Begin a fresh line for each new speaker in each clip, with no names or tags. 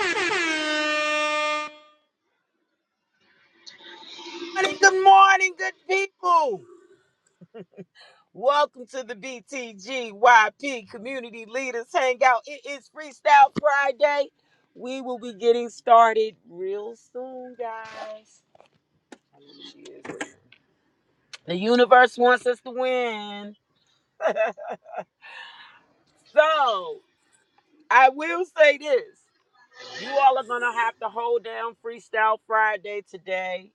So
morning, good morning, good people. Welcome to the BTGYP Community Leaders Hangout. It is Freestyle Friday. We will be getting started real soon, guys. How many she is? The universe wants us to win. So I will say this. You all are gonna have to hold down Freestyle Friday today.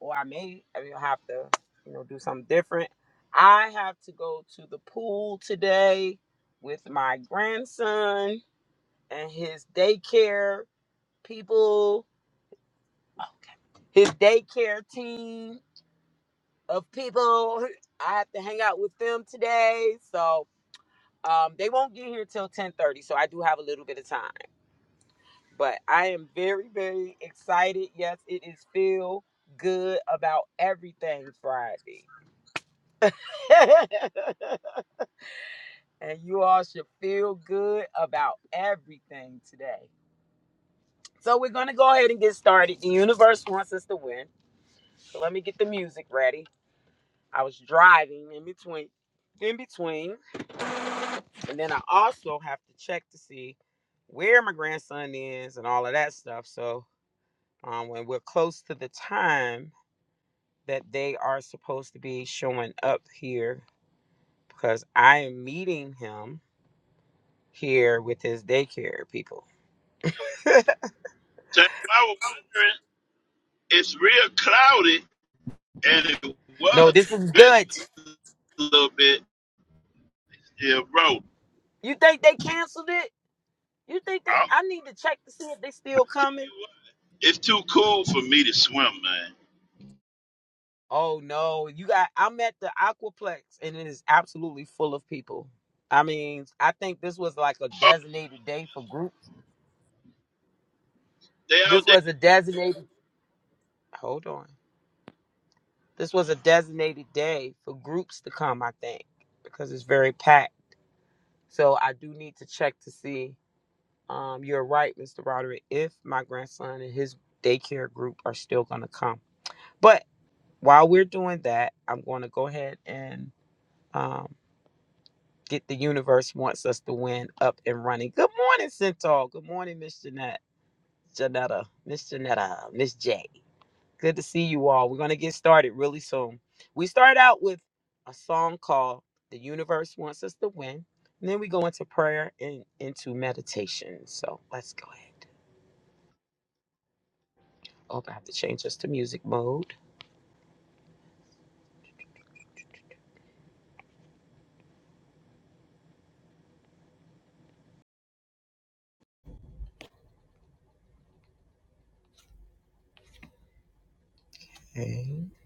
or I may I may have to, you know, do something different. I have to go to the pool today with my grandson and his daycare people, his daycare team of people. I have to hang out with them today, so um, they won't get here till ten thirty. So I do have a little bit of time, but I am very, very excited. Yes, it is feel good about everything Friday. and you all should feel good about everything today. So we're gonna go ahead and get started. The universe wants us to win. So let me get the music ready. I was driving in between in between. And then I also have to check to see where my grandson is and all of that stuff. So um, when we're close to the time that they are supposed to be showing up here, because I am meeting him here with his daycare people.
if I was wondering, it's real cloudy, and it
No,
was
this is good.
drizzling a little bit. Yeah, bro.
You think they canceled it? You think they?
I'll
I need to check to see if they still
tell
coming.
you what, it's too cool for me to swim, man.
Oh no, you got. I'm at the Aquaplex and it is absolutely full of people. I mean, I think this was like a
Oh,
designated day for groups.
they
This
out there.
was a designated. Hold on. This was a designated day for groups to come. I think because it's very packed. So I do need to check to see. Um, you're right, Mr. Roderick. If my grandson and his daycare group are still gonna come, but while we're doing that, I'm going to go ahead and um, get the universe wants us to win up and running. Good morning, Centaur. Good morning, Miss Jeanette, Janetta, Miss Janetta, Miss J. Good to see you all. We're going to get started really soon. We start out with a song called "The Universe Wants Us to Win," and then we go into prayer and into meditation. So let's go ahead. Oh, I have to change this to music mode. Okay.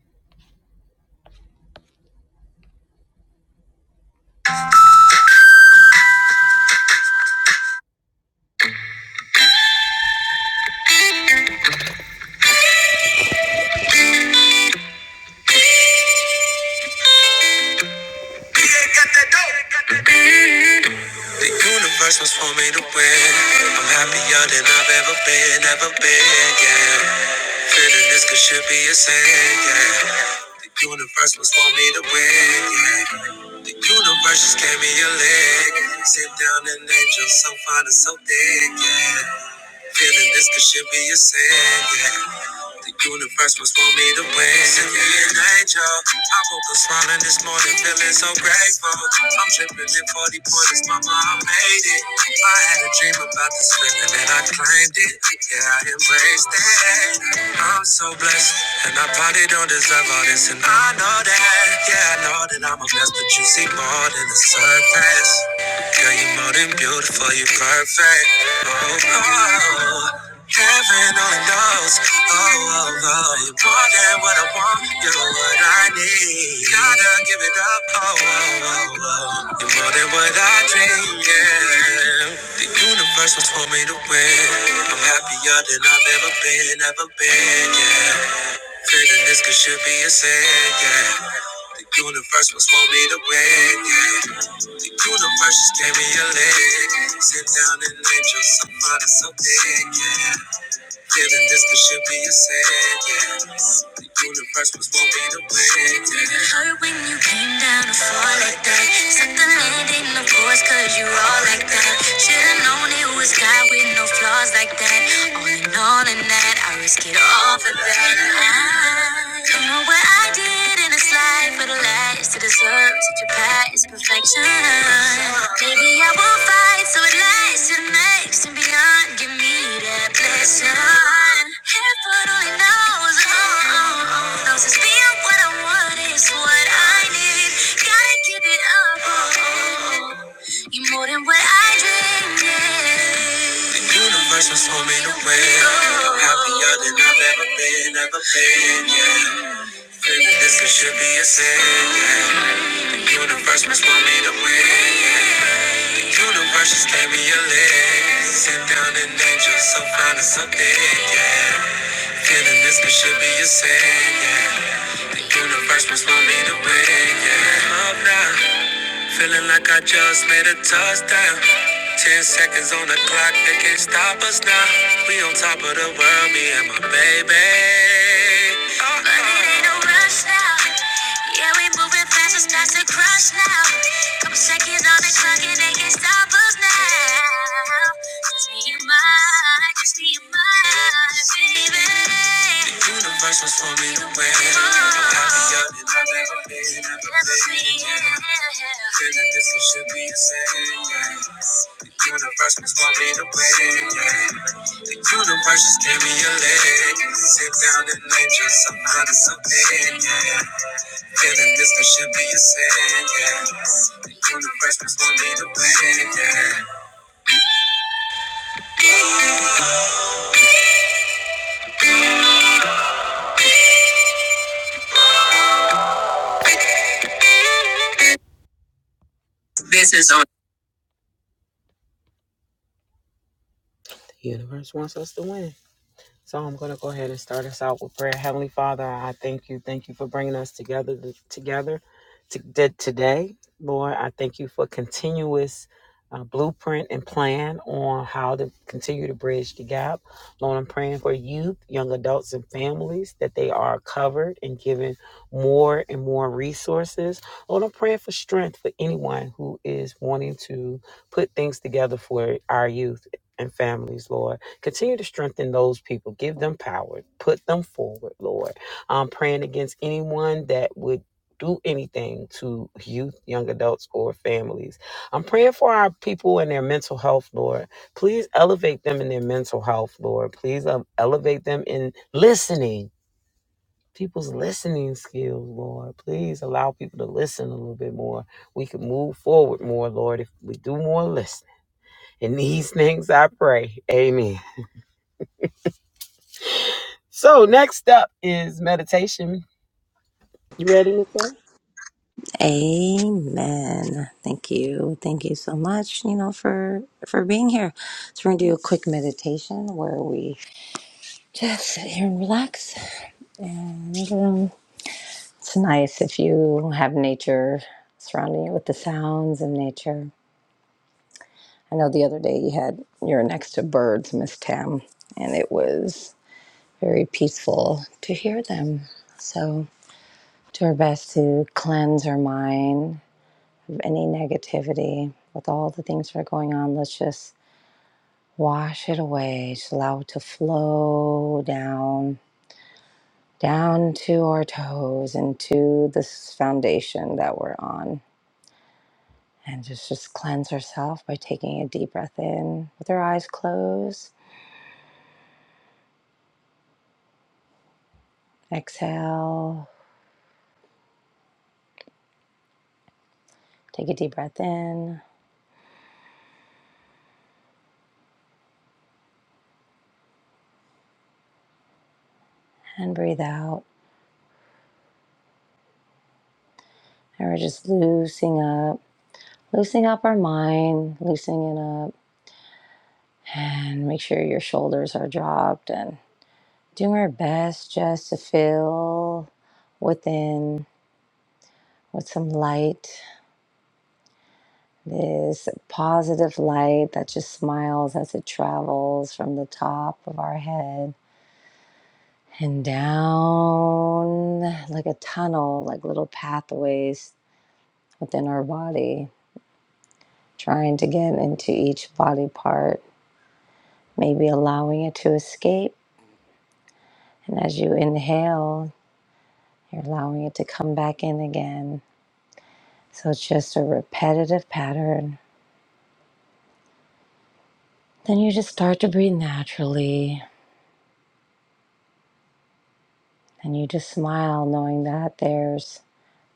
The universe was for me to win. I'm happier than I've ever been, ever been, yeah. Feeling this could should be a sin, yeah. The universe was for me to win, yeah. The universe just gave me a leg. Sit down and angel so fine and so thick, yeah. Feeling this could should be a sin, yeah. The universe must want me to win. Send me an angel. I woke up smiling this morning, feeling so grateful. I'm dripping in 40 pointers, mama, I made it. I had a dream about this feeling and I claimed it. Yeah, I embraced it. I'm so blessed, and I probably don't deserve all this, and I know that. Yeah, I know that I'm a mess, but you see more than the surface. Girl, you're more than beautiful, you're perfect. Oh, oh, oh. heaven only knows. Oh, oh, oh, you're more than what I want, you're what I need. Gotta give it up. Oh, oh, oh, oh, you're more than what I dream. Yeah, the universe was for me to win. I'm happier than I've ever been, ever been. Yeah. Feeling this could should be a sin, yeah. The universe was for me to win, yeah. The universe just gave me a leg. Sit down and angel, somebody so big, yeah. Feeling this could should be a sentence. The universe was won't be the witness. It hurt when you came down to fall like that. Set the landing, of course, cause you all like that. Should've known it was God with no flaws like that. All in all, in that, I risk it all for that. I don't know what I did. in a in this life for the last to deserve such a past perfection. Maybe I will fight so it lasts and makes and beyond. Give me that blessing. Heaven only knows, oh, oh, oh, knows it's being what I want is what I need. Gotta give it up, oh, oh, oh. you more than what I dreamed. yeah. The universe was homemade away. Happier than I've ever been, ever been, yeah. Feel this could should be a sin. yeah. Universe must want me to win. yeah. Universe just gave me a leg. Sit down and angel, so fine and so yeah. Feeling this could should be a sin, yeah. Universe must want me to win, yeah. Up now, feeling like I just made a touchdown. Ten seconds on the clock, they can't stop us now. We on top of the world, me and my baby. Uh-uh. But it ain't no rush now. Yeah, we moving fast, it's not to crush now. Couple seconds on the clock, and they can't stop us now. Just me and my, just me and my baby. The universe was for me to win. I'm happier than I've ever been, ever been. Feeling this, it should be a sin. Universe must want me to win, yeah. The universe just gave me a leg. Sit down and name just some honest opinion. yeah. Feeling this could should be a sin, yeah. The universe must want me to win, yeah. This is on. The universe wants us to win. So I'm going to go ahead and start us out with prayer. Heavenly Father, I thank you. Thank you for bringing us together together to, to- today. Lord, I thank you for continuous uh, blueprint and plan on how to continue to bridge the gap. Lord, I'm praying for youth, young adults, and families that they are covered and given more and more resources. Lord, I'm praying for strength for anyone who is wanting to put things together for our youth and families, Lord. Continue to strengthen those people. Give them power. Put them forward, Lord. I'm praying against anyone that would do anything to youth, young adults, or families. I'm praying for our people and their mental health, Lord. Please elevate them in their mental health, Lord. Please um, elevate them in listening. People's listening skills, Lord. Please allow people to listen a little bit more. We can move forward more, Lord, if we do more listening. In these things I pray. Amen. So next up is meditation. You ready, Nicole?
Amen. Thank you. Thank you so much, you know, for for being here. So we're gonna do a quick meditation where we just sit here and relax. Um, It's nice if you have nature surrounding you with the sounds of nature. I know the other day you had you were next to birds, Miss Tam, and it was very peaceful to hear them. So do our best to cleanse our mind of any negativity with all the things that are going on. Let's just Wash it away. Just allow it to flow down, down to our toes and to this foundation that we're on. And just, just cleanse ourselves by taking a deep breath in with our eyes closed. Exhale, take a deep breath in and breathe out. And we're just loosening up, loosening up our mind, loosening it up. And make sure your shoulders are dropped and doing our best just to feel within with some light, this positive light that just smiles as it travels from the top of our head and down like a tunnel, like little pathways within our body, trying to get into each body part, maybe allowing it to escape. And as you inhale, you're allowing it to come back in again. So it's just a repetitive pattern. Then you just start to breathe naturally And you just smile knowing that there's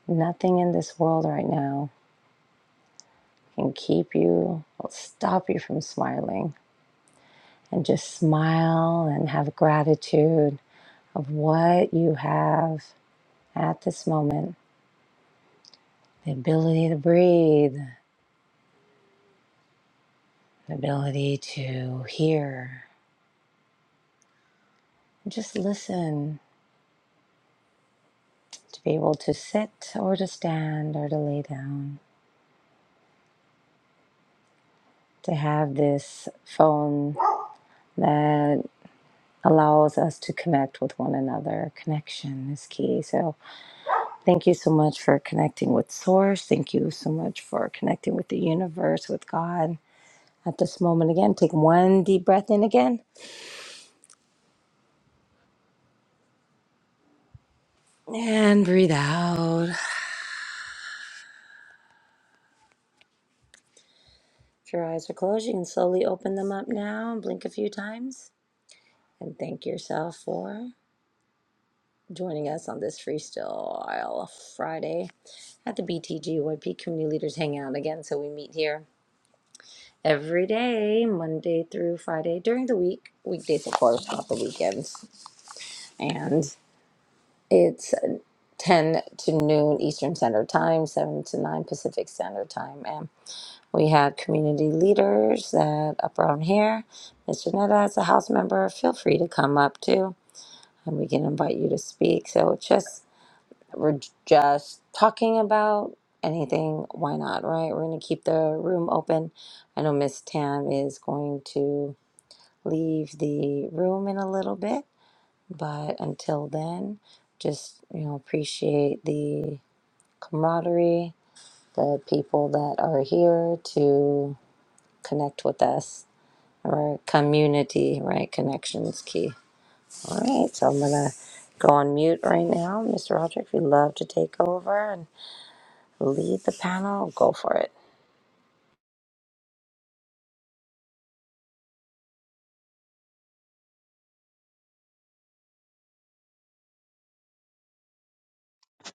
nothing in this world right now can keep you, will stop you from smiling. And just smile and have gratitude of what you have at this moment the ability to breathe, the ability to hear, just listen, to be able to sit or to stand or to lay down, to have this phone. that. allows us to connect with one another. Connection is key. So, thank you so much for connecting with Source. Thank you so much for connecting with the universe, with God. At this moment, again, take one deep breath in again and breathe out. If your eyes are closed, you can slowly open them up now and blink a few times. And thank yourself for joining us on this Freestyle Friday at the BTGYP Community Leaders Hangout again. So, we meet here every day, Monday through Friday during the week, weekdays, of course, not the weekends. And it's 10 to noon Eastern Standard Time, 7 to 9 Pacific Standard Time. And we had community leaders that up around here. Ms. Janetta, as a house member, feel free to come up too, and we can invite you to speak. So it's just, we're just talking about anything. Why not, right? We're going to keep the room open. I know Miss Tam is going to. leave the room in a little bit. But until then, just you know, appreciate the camaraderie, the people that are here to connect with us, our community, right? Connections key. All right, so I'm gonna go on mute right now, Mr. Roderick. If you'd love to take over and lead the panel, go for it.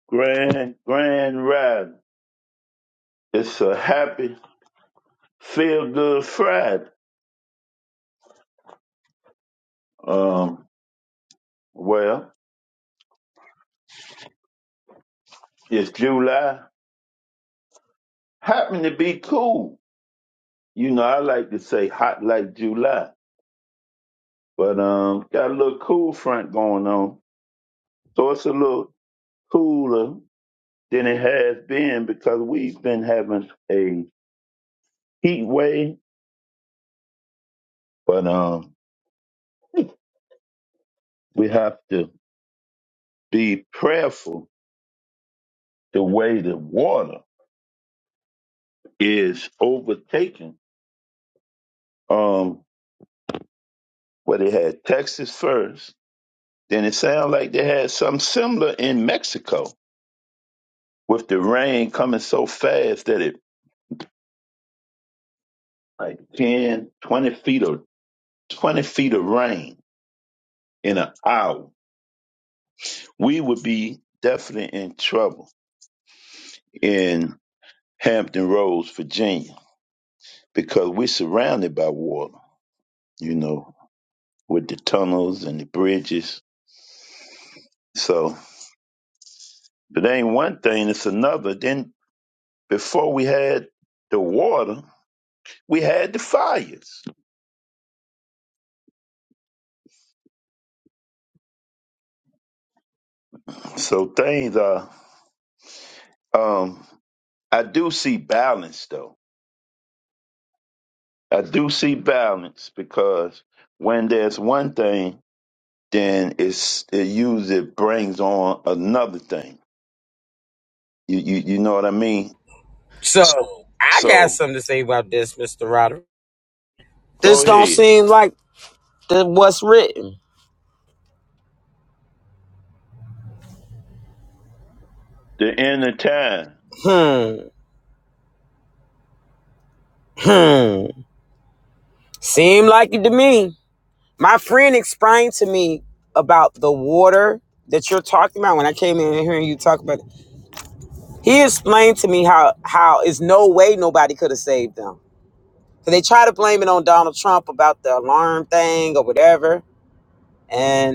Grand, grand ride. It's a happy, feel good Friday. Um, well, it's July. Happen to be cool. You know, I like to say hot like July, but um, got a little cool front going on. So it's a little cooler than it has been because we've been having a heat wave, but um, we have to be prayerful the way the water is overtaken. Um, where they had Texas first, then it sounded like they had something similar in Mexico with the rain coming so fast that it like 10, 20 feet of 20 feet of rain in an hour. We would be definitely in trouble in Hampton Roads, Virginia, because we're surrounded by water, you know, with the tunnels and the bridges. So it ain't one thing, it's another. Then before we had the water, we had the fires. So things are um I do see balance though. I do see balance because when there's one thing, then it's it usually brings on another thing. You you you know what I mean?
So I got
So.
something to say about this, Mister Roderick. This
Go
don't
ahead.
seem like the, what's written.
The end of time.
Hmm. Hmm. Seem like it to me. My friend explained to me about the water that you're talking about when I came in and hearing you talk about it. He explained to me how how is no way nobody could have saved them. So they try to blame it on Donald Trump about the alarm thing or whatever. and.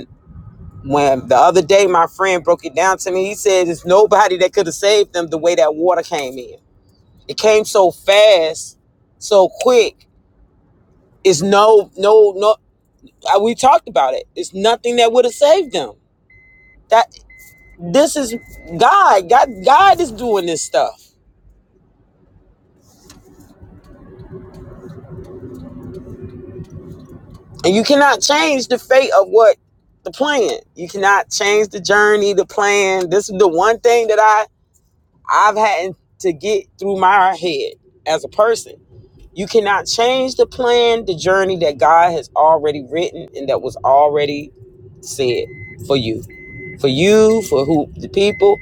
when the other day my friend broke it down to me, he said there's nobody that could have saved them the way that water came in. It came so fast, so quick. It's no, no, no. uh, We talked about it. It's nothing that would have saved them. That this is God. God, God is doing this stuff, and you cannot change the fate of what the plan. You cannot change the journey, the plan. This is the one thing that I I've had to get through my head as a person You cannot change the plan, the journey that God has already written and that was already said for you. For you, for who the people.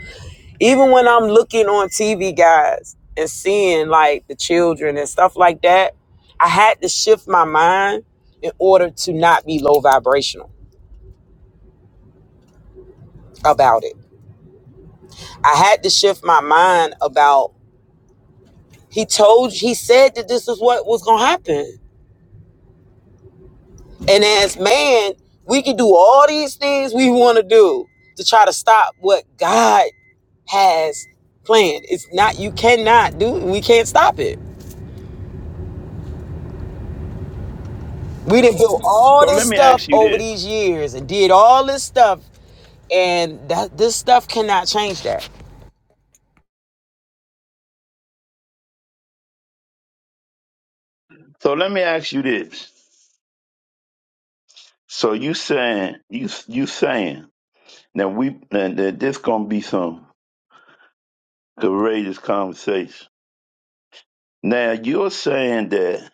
Even when I'm looking on TV, guys, and seeing like the children and stuff like that, I had to shift my mind in order to not be low vibrational about it. I had to shift my mind about he told he said that this is what was gonna happen. And as man, we can do all these things we want to do to try to stop what God has planned. It's not, you cannot do, we can't stop it. We didn't all
So
this
let me
stuff
ask you
over
this.
these years and did all this stuff, and that this stuff cannot change that.
So let me ask you this. So you saying you you saying that we that, that this gonna be some courageous conversation. Now you're saying that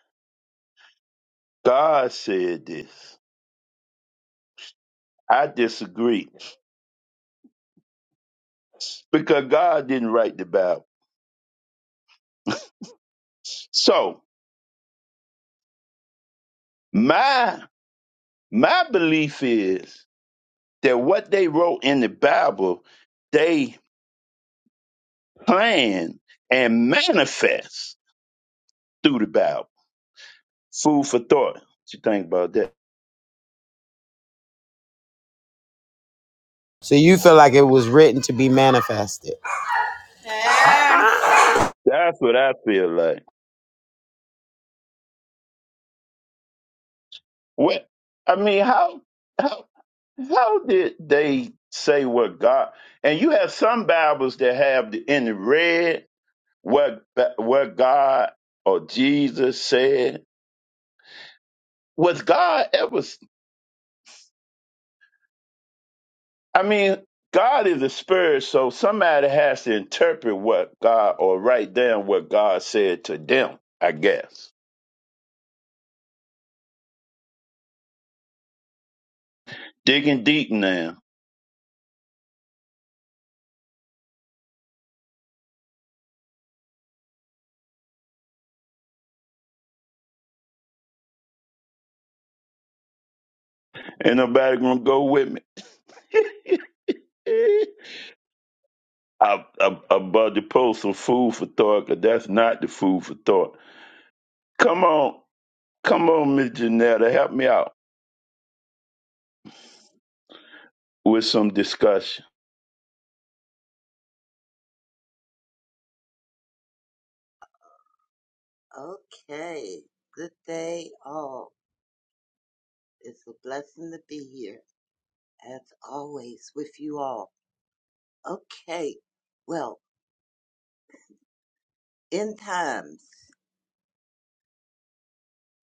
God said this. I disagree because God didn't write the Bible. So my my belief is that what they wrote in the Bible, they planned and manifest through the Bible. Food for thought. What you think about that?
So you feel like it was written to be manifested.
That's what I feel like. What I mean, how how how did they say what God? And you have some Bibles that have the, in the red what what God or Jesus said. Was God ever? I mean, God is a spirit, so somebody has to interpret what God or write down what God said to them. I guess digging deep now. Ain't nobody gonna go with me. I, I, I'm about to post some food for thought, 'cause that's not the food for thought. Come on, come on, Miss Janetta, help me out with some discussion.
Okay. Good day, all. It's a blessing to be here, as always, with you all. Okay. Well, end times,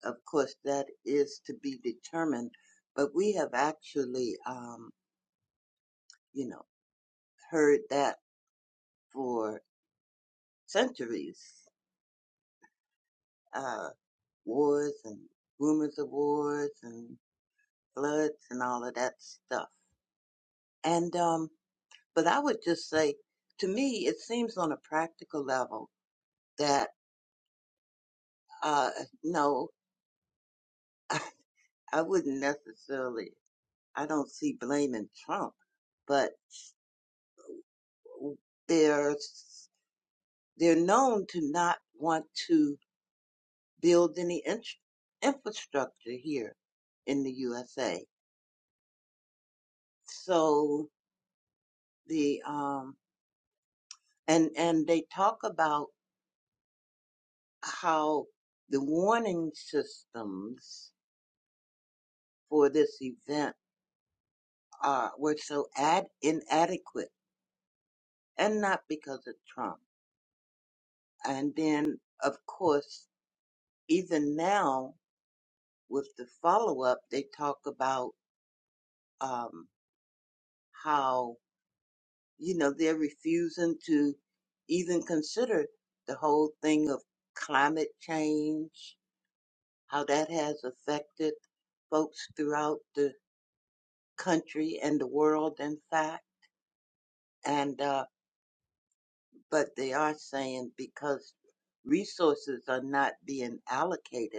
of course, that is to be determined, but we have actually, um, you know, heard that for centuries. Uh, wars and rumors of wars and floods and all of that stuff. And, um, but I would just say, to me, it seems on a practical level that uh no I wouldn't necessarily I don't see blaming Trump, but they're they're known to not want to build any in- infrastructure here in the USA. So the um and and they talk about how the warning systems for this event are were so ad inadequate and not because of Trump And then, of course, even now with the follow up, they talk about um, how, you know, they're refusing to even consider the whole thing of climate change, how that has affected folks throughout the country and the world, in fact. And, uh, but they are saying because resources are not being allocated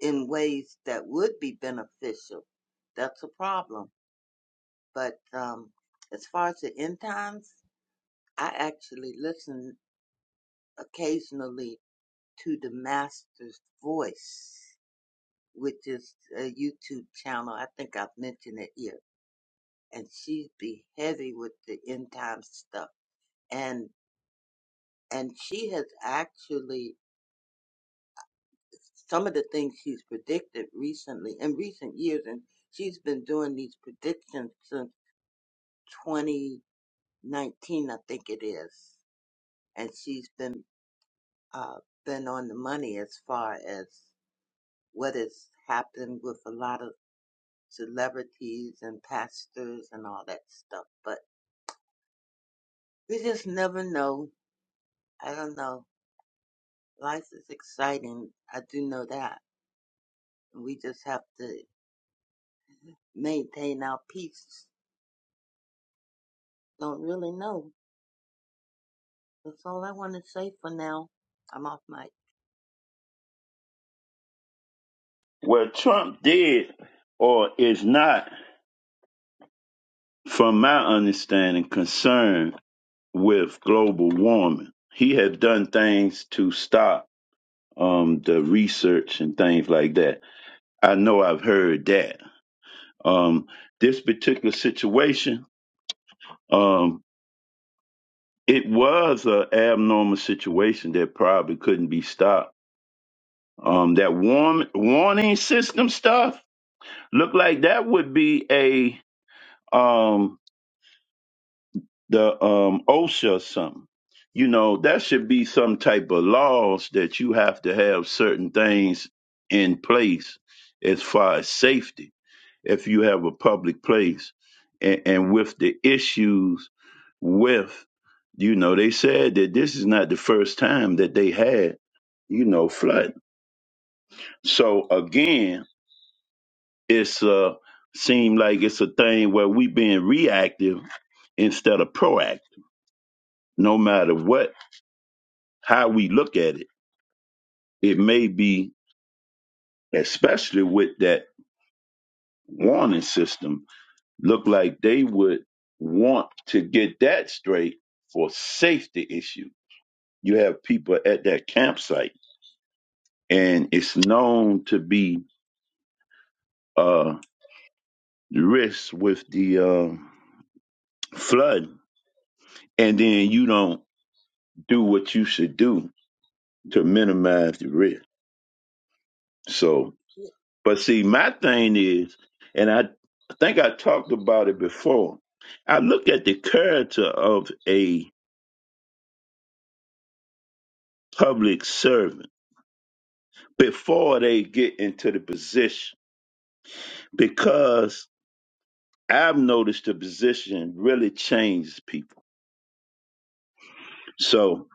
in ways that would be beneficial. That's a problem. But um, as far as the end times, I actually listen occasionally to the Master's Voice, which is a YouTube channel. I think I've mentioned it here. And she be heavy with the end time stuff. And and she has actually some of the things she's predicted recently in recent years and she's been doing these predictions since 19, I think it is, and she's been uh, been on the money as far as what has happened with a lot of celebrities and pastors and all that stuff. But we just never know. I don't know. Life is exciting. I do know that. We just have to maintain our peace. Don't really know. That's all I want to say for now. I'm off my.
What Trump did or is not, from my understanding, concerned with global warming. He has done things to stop um, the research and things like that. I know I've heard that. Um, this particular situation. um, it was a abnormal situation that probably couldn't be stopped. Um, that warm, warning system stuff looked like that would be a um, the um, OSHA or something. You know, that should be some type of laws that you have to have certain things in place as far as safety if you have a public place and, and with the issues with you know they said that this is not the first time that they had you know flooding so again it's uh seem like it's a thing where we being reactive instead of proactive no matter what how we look at it it may be especially with that warning system look like they would want to get that straight for safety issues you have people at that campsite, and it's known to be uh risks with the uh, flood, and then you don't do what you should do to minimize the risk. So, but see, my thing is, and I think I talked about it before. I look at the character of a public servant before they get into the position because I've noticed the position really changes people So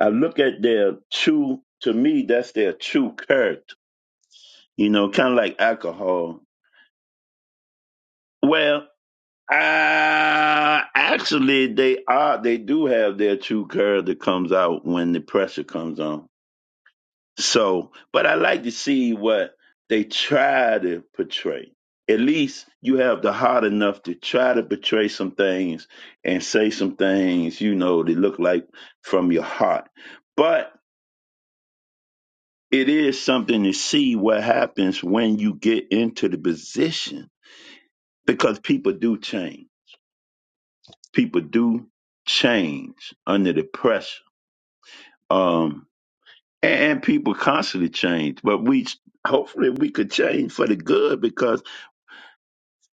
I look at their true, to me, that's their true character, you know, kind of like alcohol. Well, uh, actually, they are, they do have their true character comes out when the pressure comes on. So, but I like to see what they try to portray. At least you have the heart enough to try to portray some things and say some things, you know, that look like from your heart. But it is something to see what happens when you get into the position because people do change. People do change under the pressure. Um, and, and people constantly change, but we hopefully we could change for the good because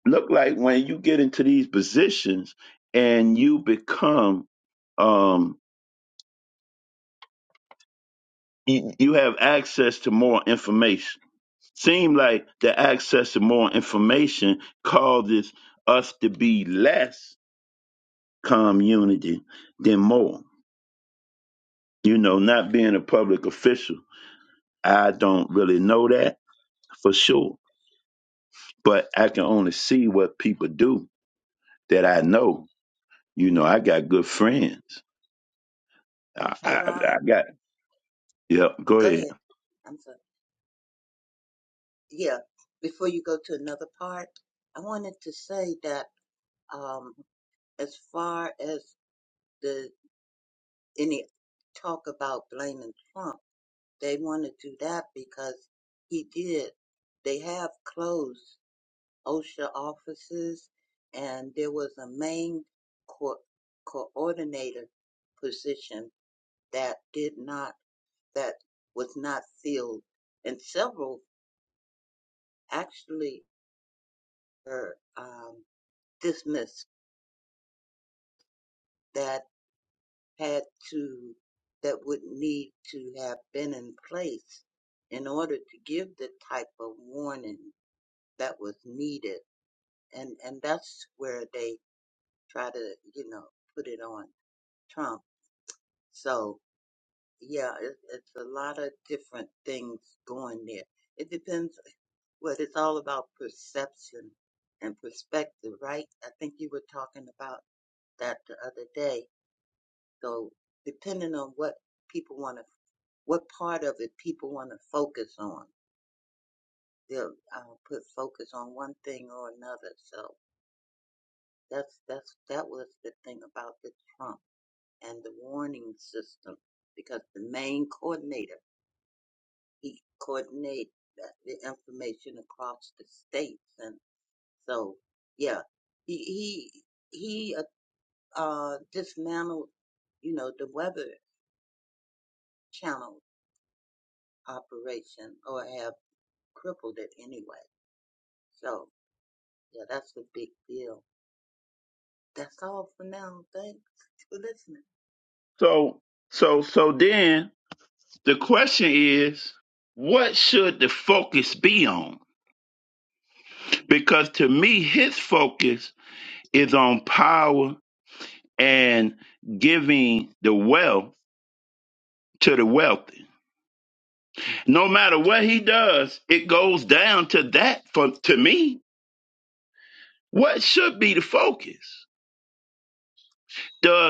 look like when you get into these positions and you become um you, you have access to more information Seem like the access to more information causes us to be less community than more. You know, not being a public official, I don't really know that for sure, but I can only see what people do that I know. You know, I got good friends. I,
Hey,
I,
Rod.
I got. Yeah, go
Go
ahead.
ahead. I'm sorry. yeah, before you go to another part, I wanted to say that um, as far as the any talk about blaming Trump, they want to do that because he did. They have closed OSHA offices, and there was a main co- coordinator position that did not that was not filled, and several actually were um, dismissed. that had to that would need to have been in place in order to give the type of warning that was needed and and that's where they try to you know put it on trump so yeah it, it's a lot of different things going there it depends what it's all about perception and perspective right i think you were talking about that the other day so depending on what people want to what part of it people want to focus on. They'll uh, put focus on one thing or another. So that's that's that was the thing about the Trump and the warning system, because the main coordinator he coordinate the the information across the states, and so yeah, he he he uh, uh, dismantled you know the weather channel operation or have crippled it anyway. So Yeah, that's a big deal. That's all for now. Thanks for listening.
So, so, so then the question is, what should the focus be on? Because to me, his focus is on power and giving the wealth to the wealthy. No matter what he does, it goes down to that for to me. What should be the focus?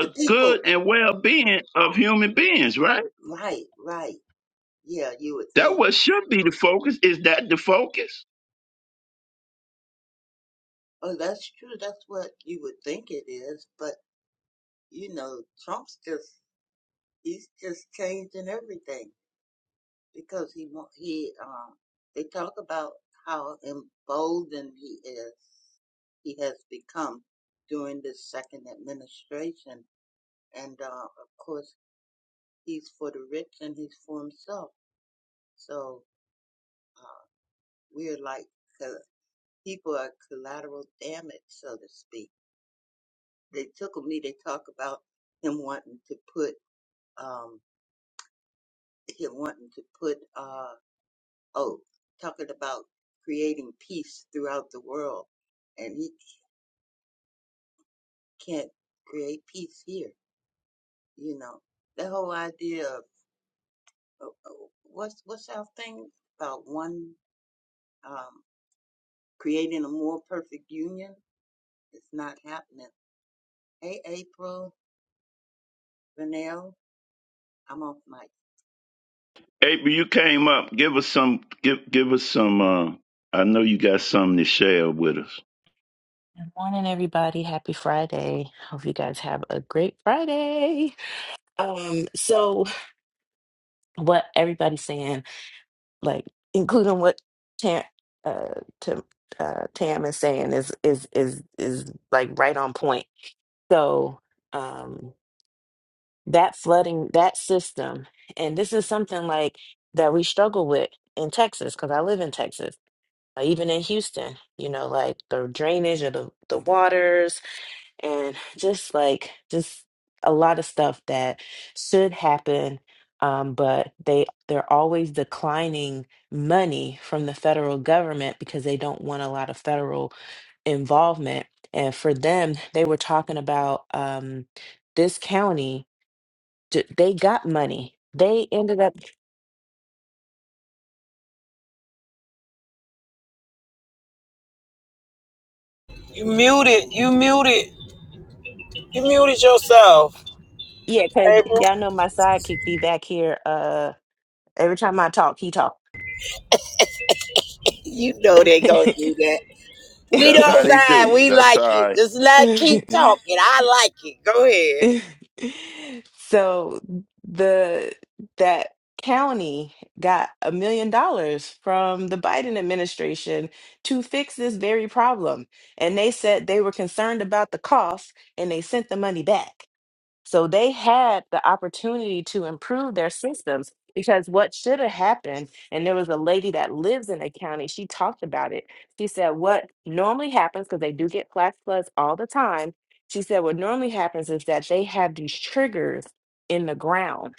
The people,
good and well being of human beings, right?
right, right. Yeah, you would
That
think.
what should be the focus. Is that the focus?
Oh, that's true. That's what you would think it is. But, you know, Trump's just, he's just changing everything because he, wa- he, um, they talk about how emboldened he is, he has become during this second administration. And, uh, of course, he's for the rich and he's for himself. So, uh, we are like col- people are collateral damage, so to speak. They tickle me. They talk about him wanting to put um him wanting to put uh oh talking about creating peace throughout the world, and he can't create peace here. You know that whole idea of of- of what's what's our thing about one um creating a more perfect union. It's not happening. Hey, April, Vanell, I'm off mic.
April, you came up. Give us some give give us some uh I know you got something to share with us.
Good morning, everybody. Happy Friday. Hope you guys have a great Friday. Um, so what everybody's saying, like including what Tam, uh, Tam, uh, Tam is saying, is is is is like right on point. So um, that flooding, that system, and this is something like that we struggle with in Texas because I live in Texas. Like, Even in Houston, you know, like the drainage of the, the waters, and just like just a lot of stuff that should happen um, but they they're always declining money from the federal government because they don't want a lot of federal involvement and for them they were talking about um, this county d- they got money they ended up
You muted, you muted, you muted yourself,
yeah because
April.
y'all know my sidekick be back here uh every time i talk he talk
You know they gonna do that. We
That's how
don't
they
mind.
do.
We
That's how.
like it. Just let keep talking. I like it. Go ahead.
So the that county got a million dollars from the Biden administration to fix this very problem. And they said they were concerned about the cost and they sent the money back. So they had the opportunity to improve their systems because what should have happened, and there was a lady that lives in the county, she talked about it. She said, What normally happens, because they do get flash floods all the time, she said, What normally happens is that they have these triggers in the ground.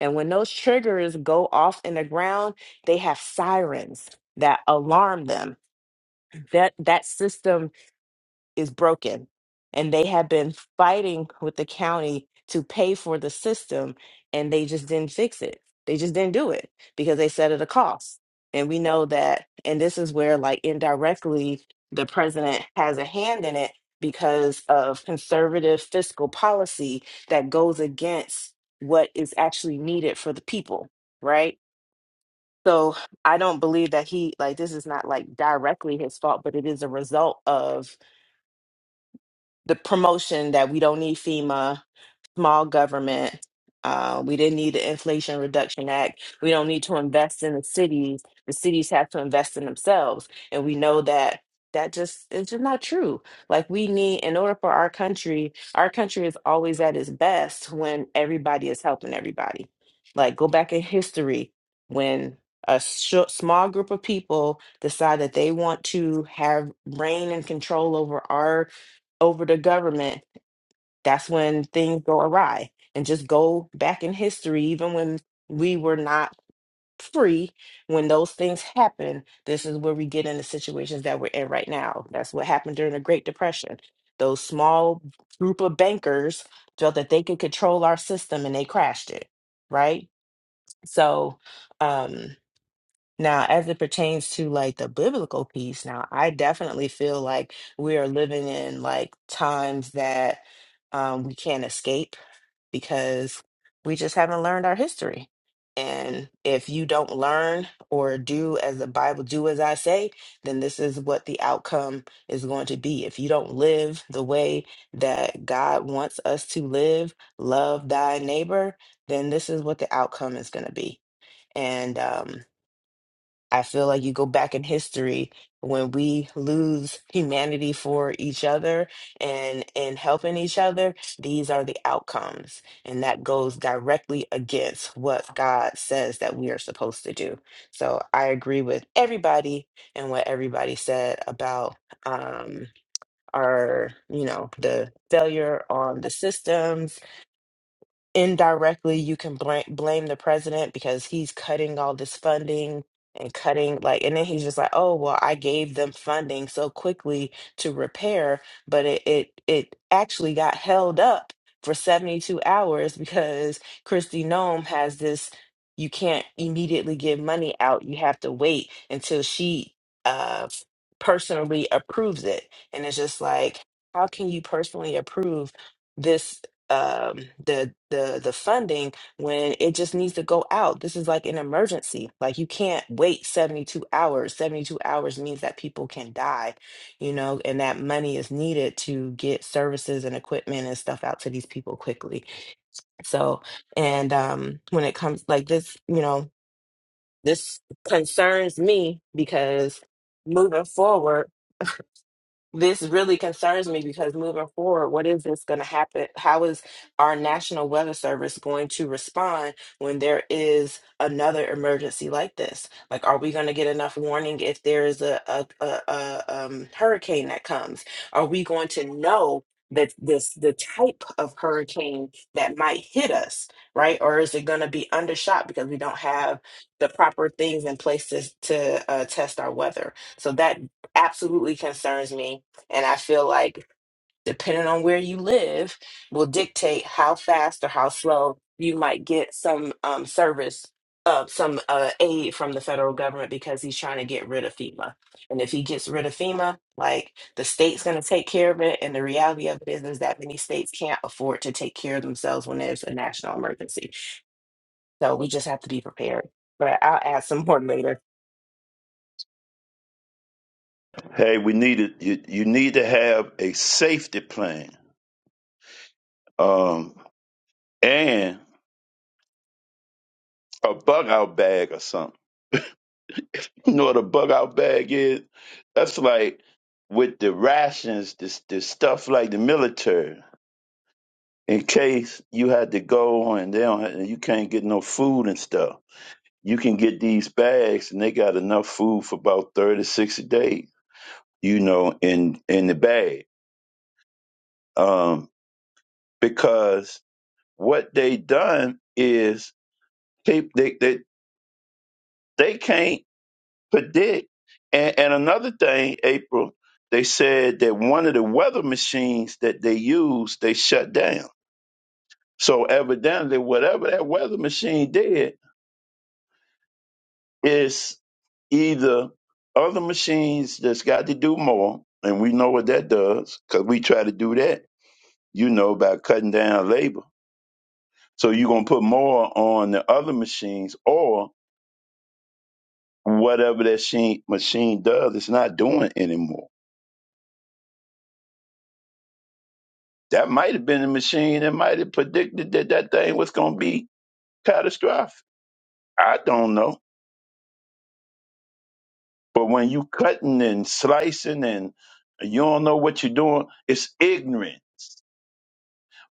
And when those triggers go off in the ground, they have sirens that alarm them. That that system is broken. And they have been fighting with the county to pay for the system, and they just didn't fix it. They just didn't do it because they said it a cost. And we know that, and this is where, like, indirectly, the president has a hand in it because of conservative fiscal policy that goes against what is actually needed for the people, right? So I don't believe that he, like, this is not like directly his fault, but it is a result of the promotion that we don't need FEMA small government. Uh, we didn't need the Inflation Reduction Act. We don't need to invest in the cities. The cities have to invest in themselves, and we know that that just is just not true. Like we need, in order for our country, our country is always at its best when everybody is helping everybody. Like go back in history when a sh- small group of people decide that they want to have reign and control over our over the government that's when things go awry and just go back in history even when we were not free when those things happen this is where we get in the situations that we're in right now that's what happened during the great depression those small group of bankers felt that they could control our system and they crashed it right so um now as it pertains to like the biblical piece now i definitely feel like we are living in like times that um, we can't escape because we just haven't learned our history. And if you don't learn or do as the Bible do as I say, then this is what the outcome is going to be. If you don't live the way that God wants us to live, love thy neighbor, then this is what the outcome is going to be. And um, I feel like you go back in history when we lose humanity for each other and and helping each other, these are the outcomes. And that goes directly against what God says that we are supposed to do. So I agree with everybody and what everybody said about um our, you know, the failure on the systems indirectly you can bl- blame the president because he's cutting all this funding and cutting like and then he's just like oh well i gave them funding so quickly to repair but it it, it actually got held up for 72 hours because christy nome has this you can't immediately give money out you have to wait until she uh personally approves it and it's just like how can you personally approve this um the the the funding when it just needs to go out this is like an emergency like you can't wait 72 hours 72 hours means that people can die you know and that money is needed to get services and equipment and stuff out to these people quickly so and um when it comes like this you know this concerns me because moving forward this really concerns me because moving forward, what is this going to happen? How is our National Weather Service going to respond when there is another emergency like this? Like, are we going to get enough warning if there is a, a, a, a um, hurricane that comes? Are we going to know? that this the type of hurricane that might hit us right or is it going to be undershot because we don't have the proper things in place to, to uh, test our weather so that absolutely concerns me and I feel like depending on where you live will dictate how fast or how slow you might get some um, service, uh, some uh, aid from the federal government because he's trying to get rid of FEMA. And if he gets rid of FEMA, like the state's going to take care of it. And the reality of it is, is that many states can't afford to take care of themselves when there's a national emergency. So we just have to be prepared. But I'll add some more later.
Hey, we need it. You, you need to have a safety plan, um, and a bug out bag or something. You know what a bug out bag is? That's like with the rations, this the stuff like the military. In case you had to go and they don't, have, and you can't get no food and stuff, you can get these bags, and they got enough food for about 30, sixty days. You know, in in the bag, um, because what they done is They they they, they can't predict. And, and another thing, April, they said that one of the weather machines that they used, they shut down. So evidently, whatever that weather machine did is either other machines that's got to do more, and we know what that does because we try to do that, you know, by cutting down labor. So you're gonna put more on the other machines, or whatever that she, machine does, it's not doing anymore. That might have been a machine that might have predicted that that thing was going to be catastrophic. I don't know. But when you cutting and slicing and you don't know what you're doing, it's ignorant.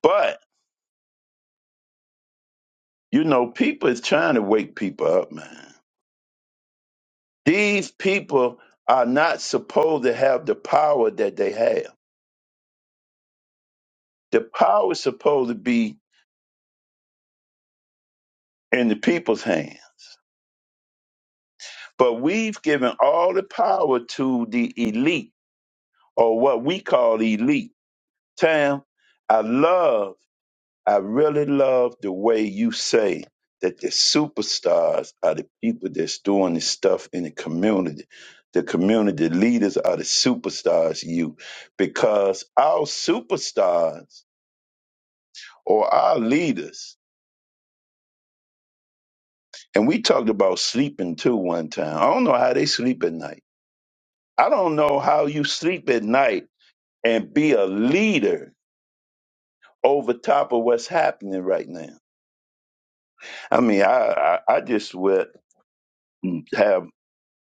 But, you know, people is trying to wake people up, man. These people are not supposed to have the power that they have. The power is supposed to be in the people's hands. But we've given all the power to the elite or what we call elite Tam, I love, I really love the way you say that the superstars are the people that's doing this stuff in the community. The community leaders are the superstars, you, because our superstars or our leaders, and we talked about sleeping too one time. I don't know how they sleep at night. I don't know how you sleep at night and be a leader over top of what's happening right now. I mean, I, I, I just went. have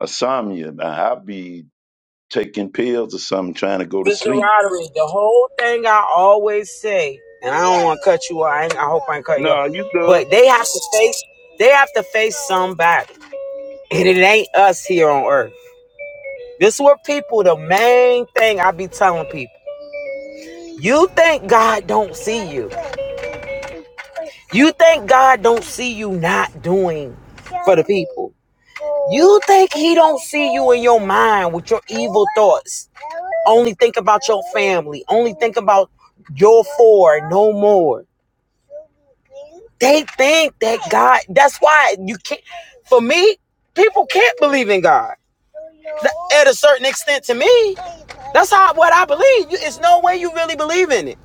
insomnia. Now I'll be taking pills or something, trying to go to
Mr.
sleep.
Roderick, the whole thing I always say, and I don't want to cut you off. I, ain't- I hope I ain't cut you off.
No, you good.
But they have to face. They have to face somebody, and it ain't us here on earth. This is what people. The main thing I be telling people. You think God don't see you. You think God don't see you not doing for the people. You think He don't see you in your mind with your evil thoughts. Only think about your family. Only think about your four, no more. They think that God, that's why you can't, for me, people can't believe in God. At a certain extent to me, that's how what I believe. It's no way you really believe in it.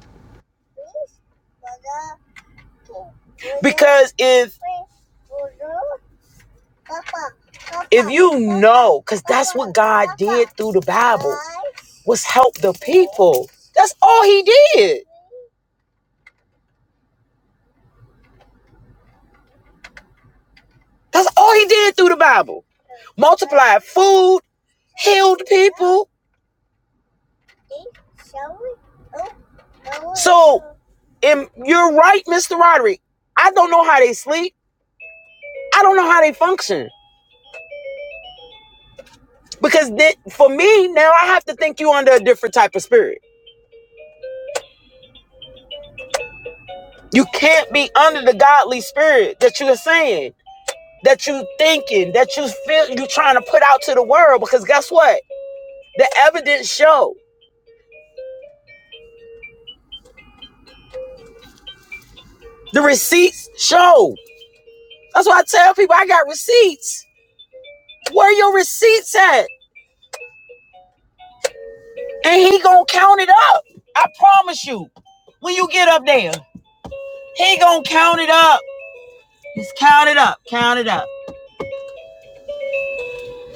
Because if if you know, because that's what God did through the Bible, was help the people. That's all he did. That's all he did through the Bible. Multiplied food, healed people, So, and you're right, Mr. Roderick. I don't know how they sleep. I don't know how they function because th- for me now, I have to think you under a different type of spirit. You can't be under the godly spirit that you're saying, that you are thinking, that you feel you are trying to put out to the world. Because guess what? The evidence show, the receipts show. That's why I tell people I got receipts. Where your receipts at? And he gonna count it up. I promise you. When you get up there. He gonna count it up. Just count it up. Count it up.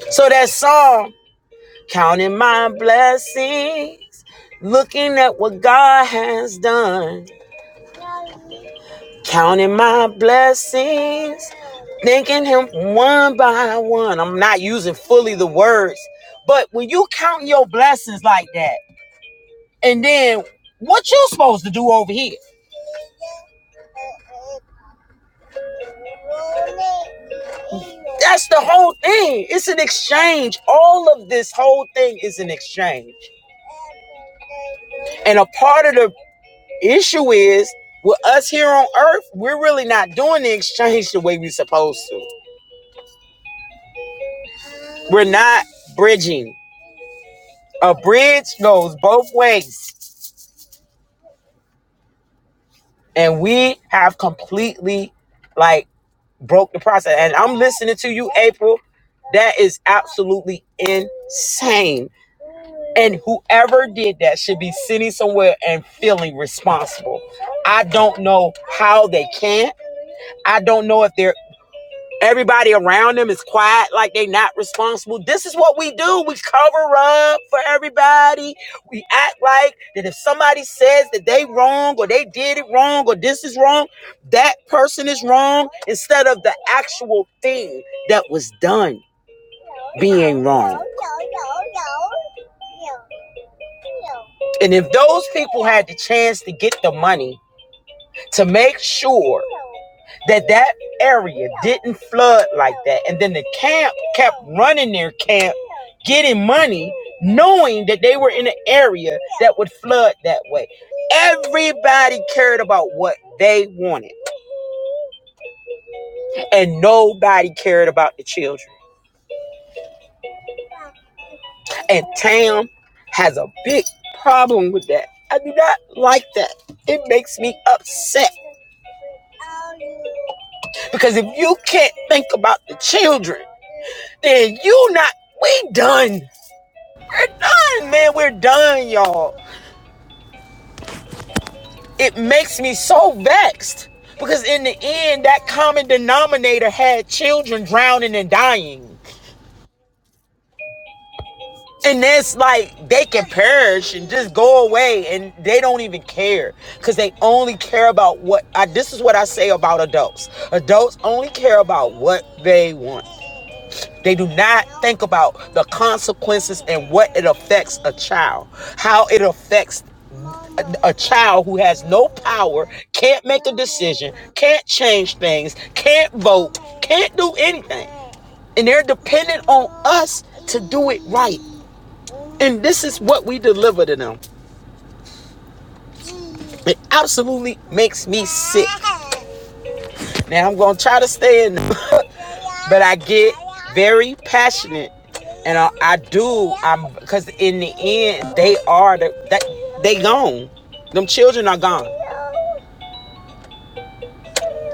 So that song, counting my blessings, looking at what God has done, counting my blessings, thanking Him one by one. I'm not using fully the words, but when you count your blessings like that, and then what you supposed to do over here? That's the whole thing. It's an exchange. All of this whole thing is an exchange. And a part of the Issue is with us here on earth, we're really not doing the exchange the way we're supposed to. We're not bridging. A bridge goes both ways. And we have completely like broke the process. And I'm listening to you, April. That is absolutely insane. And whoever did that should be sitting somewhere and feeling responsible. I don't know how they can. I don't know if they're Everybody around them is quiet, like they not responsible. This is what we do. We cover up for everybody. We act like that if somebody says that they wrong or they did it wrong or this is wrong, that person is wrong instead of the actual thing that was done being wrong. And if those people had the chance to get the money to make sure that that area didn't flood like that and then the camp kept running their camp getting money knowing that they were in an area that would flood that way everybody cared about what they wanted and nobody cared about the children and tam has a big problem with that i do not like that it makes me upset because if you can't think about the children then you not we done We're done, man. We're done, y'all. It makes me so vexed because in the end, that common denominator had children drowning and dying. And that's like they can perish and just go away and they don't even care because they only care about what I this is what I say about adults. Adults only care about what they want. They do not think about the consequences and what it affects a child, how it affects a, a child who has no power, can't make a decision, can't change things, can't vote, can't do anything. And they're dependent on us to do it right. And this is what we deliver to them. It absolutely makes me sick. Now I'm going to try to stay in but I get very passionate, and I, I do. I'm because in the end, they are the, that they gone. Them children are gone.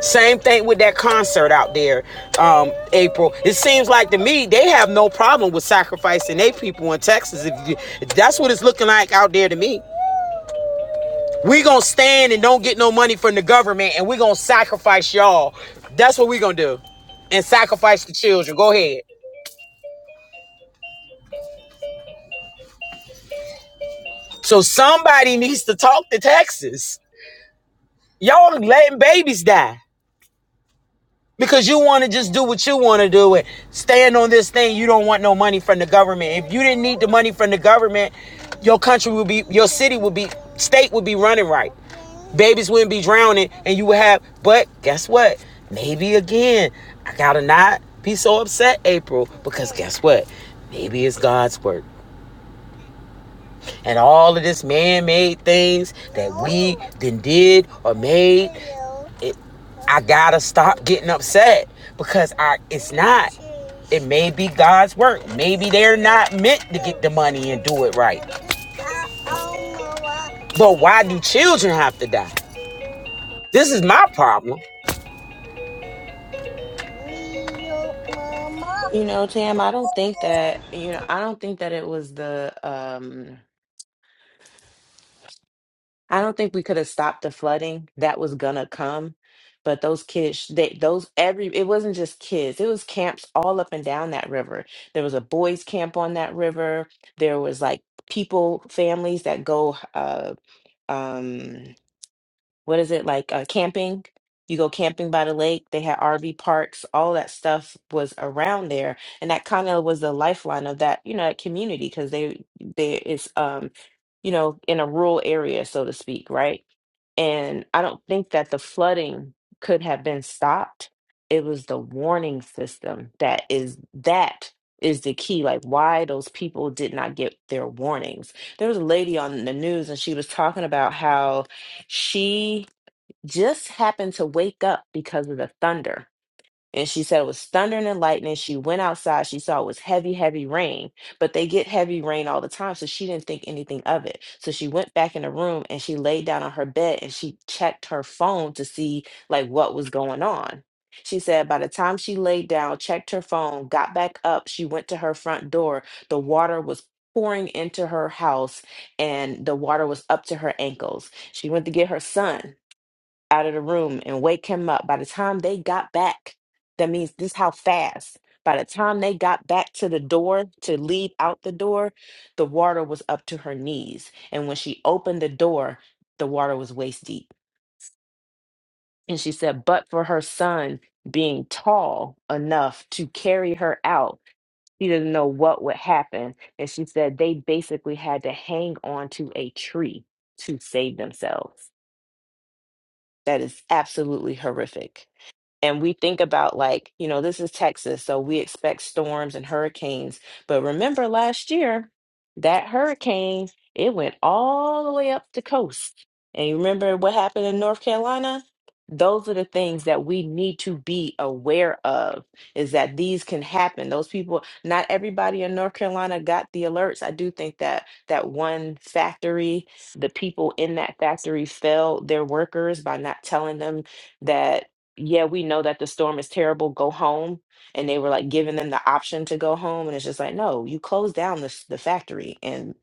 Same thing with that concert out there, um, April. It seems like to me they have no problem with sacrificing their people in Texas. If you, if that's what it's looking like out there to me. We gonna stand and don't get no money from the government, and we gonna sacrifice y'all. That's what we gonna do, and sacrifice the children. Go ahead. So somebody needs to talk to Texas. Y'all letting babies die because you want to just do what you want to do and stand on this thing. You don't want no money from the government. If you didn't need the money from the government, your country would be, your city would be, state would be running right. Babies wouldn't be drowning, and you would have. But guess what? Maybe again, I gotta not be so upset, April, because guess what? Maybe it's God's work. and all of this man-made things that we then did or made it, i gotta stop getting upset because i it's not it may be god's work maybe they're not meant to get the money and do it right but why do children have to die this is my problem
You know, Tam, I don't think that, you know, I don't think that it was the um I don't think we could have stopped the flooding that was gonna come, but those kids, they those every it wasn't just kids, it was camps all up and down that river. There was a boys' camp on that river. There was like people, families that go, uh, um, what is it like uh, camping? You go camping by the lake. They had RV parks. All that stuff was around there, and that kind of was the lifeline of that, you know, that community because they they it's um, you know, in a rural area, so to speak, right? And I don't think that the flooding could have been stopped. It was the warning system that is that is the key. Like why those people did not get their warnings. There was a lady on the news and she was talking about how she just happened to wake up because of the thunder and she said it was thundering and lightning. She went outside. She saw it was heavy, heavy rain, but they get heavy rain all the time. So she didn't think anything of it. So she went back in the room and she laid down on her bed and she checked her phone to see like what was going on. She said by the time she laid down, checked her phone, got back up, she went to her front door. The water was pouring into her house and the water was up to her ankles. She went to get her son out of the room and wake him up. By the time they got back, that means this how fast. By the time they got back to the door to leave out the door, the water was up to her knees. And when she opened the door, the water was waist deep. And she said, but for her son being tall enough to carry her out, she didn't know what would happen. And she said they basically had to hang on to a tree to save themselves. That is absolutely horrific. and we think about like you know this is texas so we expect storms and hurricanes but remember last year that hurricane it went all the way up the coast and you remember what happened in north carolina those are the things that we need to be aware of is that these can happen those people not everybody in north carolina got the alerts i do think that that one factory the people in that factory failed their workers by not telling them that yeah, we know that the storm is terrible, go home. And they were like giving them the option to go home. And it's just like, no, you close down this, the factory. And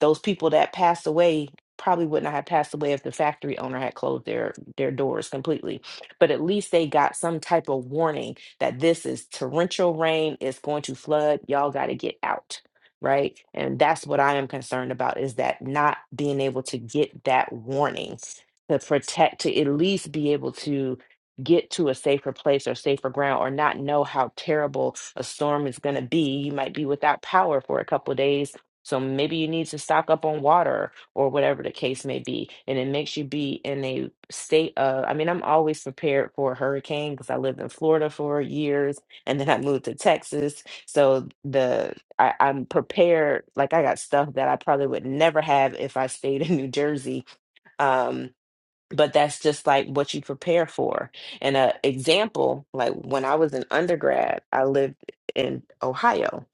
those people that passed away probably would not have passed away if the factory owner had closed their, their doors completely. But at least they got some type of warning that this is torrential rain, it's going to flood, y'all got to get out. Right. And that's what I am concerned about is that not being able to get that warning to protect, to at least be able to get to a safer place or safer ground or not know how terrible a storm is going to be. You might be without power for a couple of days. So maybe you need to stock up on water or whatever the case may be. And it makes you be in a state of, I mean, I'm always prepared for a hurricane because I lived in Florida for years and then I moved to Texas. So the, I, I'm prepared. Like I got stuff that I probably would never have if I stayed in New Jersey. Um, but that's just like what you prepare for. And a example, like when I was an undergrad, I lived in Ohio,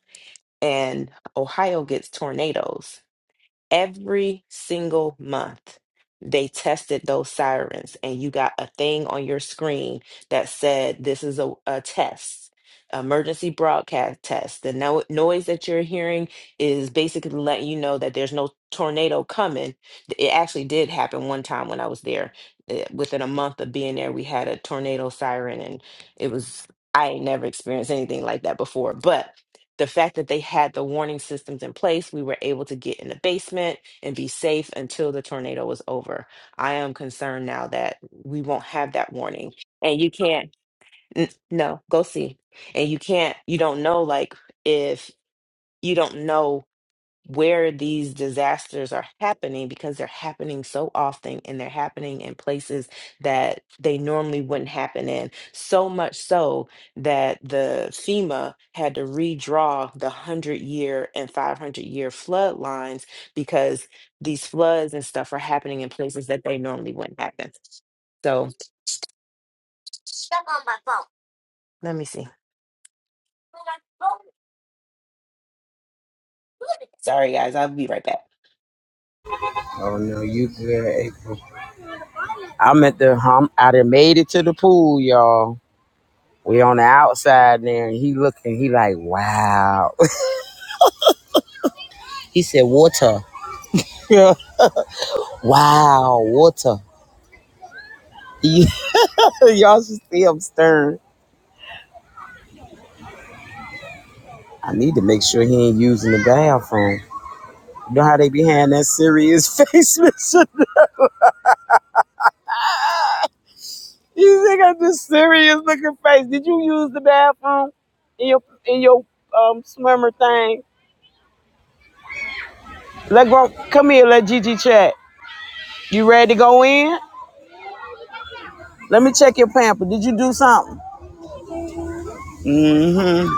and Ohio gets tornadoes every single month they tested those sirens and you got a thing on your screen that said this is a, a test emergency broadcast test the no- noise that you're hearing is basically letting you know that there's no tornado coming it actually did happen one time when i was there Eh, within a month of being there we had a tornado siren and it was i ain't never experienced anything like that before but the fact that they had the warning systems in place, we were able to get in the basement and be safe until the tornado was over. I am concerned now that we won't have that warning. And you can't, n- no, go see. And you can't, you don't know, like, if you don't know where these disasters are happening because they're happening so often and they're happening in places that they normally wouldn't happen in. So much so that the FEMA had to redraw the 100 year and 500 year flood lines because these floods and stuff are happening in places that they normally wouldn't happen. So, Step on my phone. let me see. On my phone. Sorry, guys, I'll be right back.
Oh no, you good, April. i'm at the hum i done made it to the pool y'all we on the outside there and he looking he like wow he said water Yeah. Wow, water. Y'all should see him stirring. I need to make sure he ain't using the bathroom. You know how they be having that serious face, Mister? You got this serious looking face. Did you use the bathroom in your in your um swimmer thing? Let go. Come here. Let Gigi chat. You ready to go in? Let me check your pamper. Did you do something? Mm-hmm.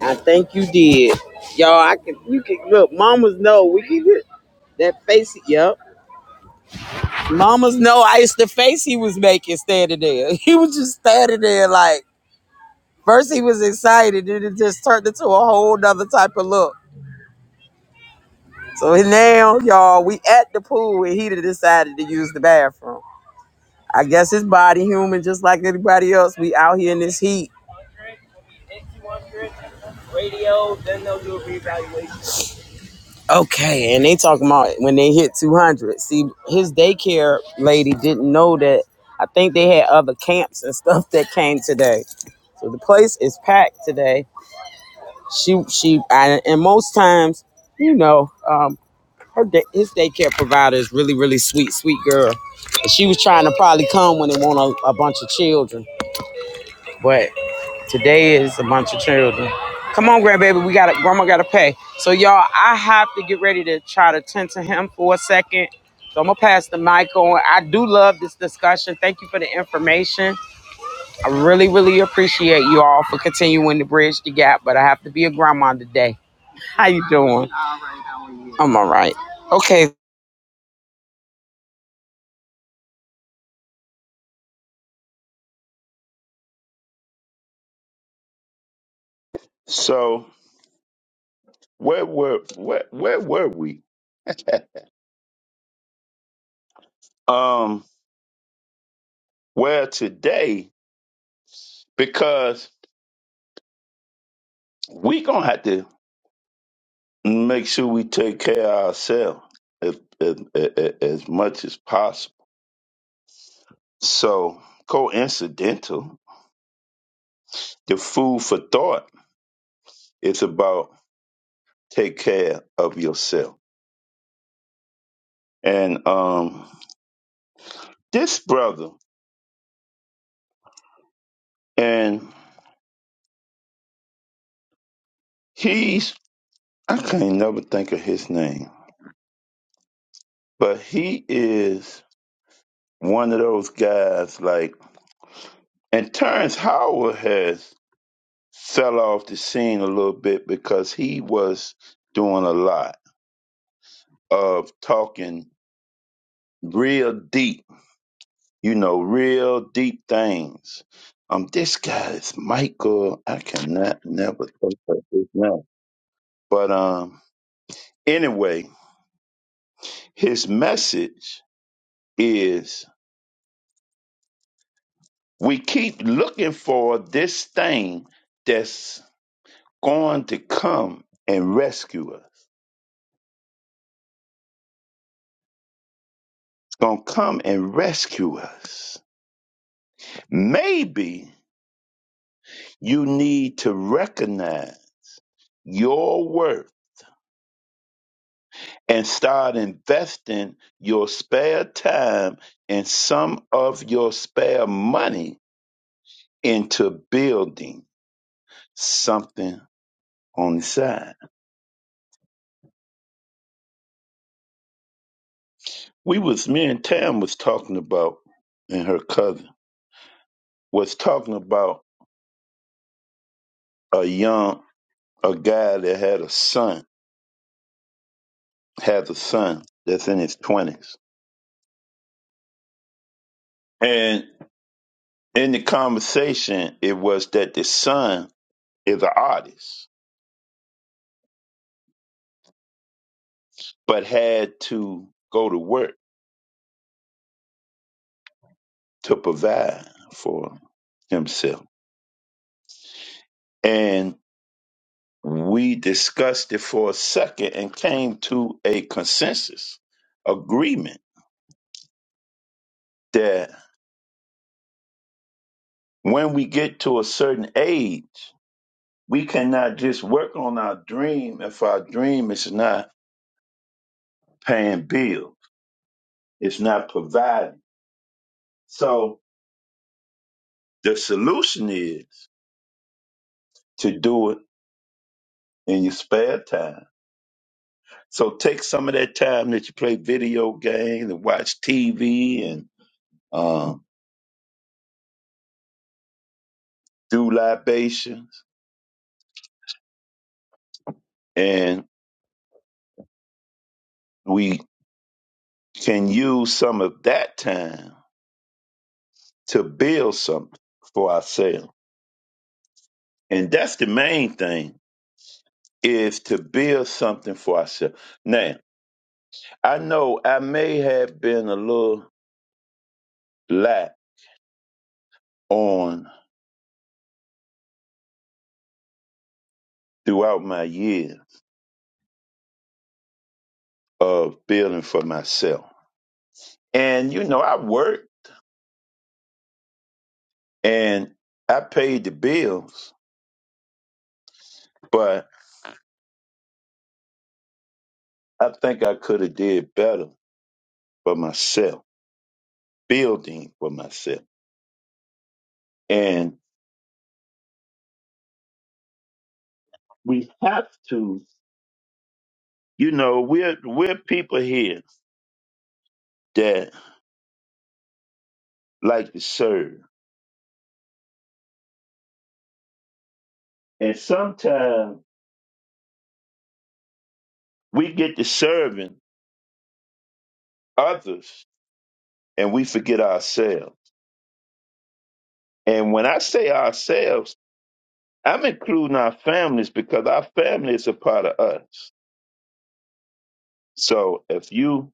I think you did. Y'all, I can. You can look. Mamas know we can. That face. Yep. Mamas know ice the face he was making standing there. He was just standing there like first he was excited, then it just turned into a whole nother type of look. So now, y'all, we at the pool and he done decided to use the bathroom. I guess his body human just like anybody else. We out here in this heat. Okay, and they talking about when they hit 200. See, his daycare lady didn't know that. I think they had other camps and stuff that came today. So the place is packed today She she I, and most times, you know, um, her da- his daycare provider is really really sweet sweet girl. And She was trying to probably come when they want a, a bunch of children, but today is a bunch of children. Come on, grandbaby, we got to grandma got to pay. So y'all, I have to get ready to try to tend to him for a second. So I'm gonna pass the mic on. I do love this discussion. Thank you for the information. I really, really appreciate you all for continuing to bridge the gap. But I have to be a grandma today. How you doing? I'm all right. Okay.
So where were where where were we? Um, where today, because we gonna have to make sure we take care of ourselves as, as, as as much as possible. So coincidental, the food for thought is about take care of yourself. And um, this brother, and He's I can't never think of his name, but he is one of those guys. Like, and Terrence Howard has fell off the scene a little bit because he was doing a lot of talking real deep, you know, real deep things. Um, this guy is Michael. I cannot never think of his name, but um, anyway, his message. is. We keep looking for this thing that's going to come and rescue us. It's going to come and rescue us. Maybe you need to recognize your worth and start investing your spare time and some of your spare money into building something on the side. We was me and Tam was talking about and her cousin was talking about a young a guy that had a son has a son that's in his twenties, and in the conversation, it was that the son is an artist, but had to go to work to provide for himself, and we discussed it for a second and came to a consensus agreement that when we get to a certain age, we cannot just work on our dream if our dream is not paying bills. It's not providing. So the solution is to do it in your spare time. So take some of that time that you play video games and watch TV and um, do libations, and we can use some of that time to build something for ourselves. And that's the main thing is to build something for ourselves. Now, I know I may have been a little lax on throughout my years of building for myself. And, you know, I worked and I paid the bills, but I think I could have did better for myself, building for myself. And we have to, you know, we're, we're people here that like to serve. And sometimes we get to serving others and we forget ourselves. And when I say ourselves, I'm including our families because our family is a part of us. So if you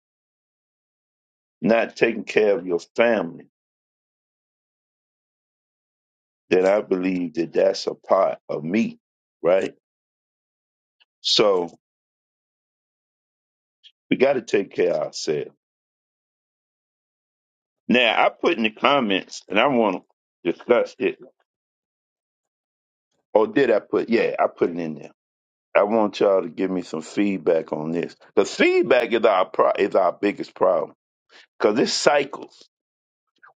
not taking care of your family, then I believe that that's a part of me, right? So we got to take care of ourselves. Now I put in the comments, and I want to discuss it. Or did I put? Yeah, I put it in there. I want y'all to give me some feedback on this. The feedback is our pro- is our biggest problem because it's cycles.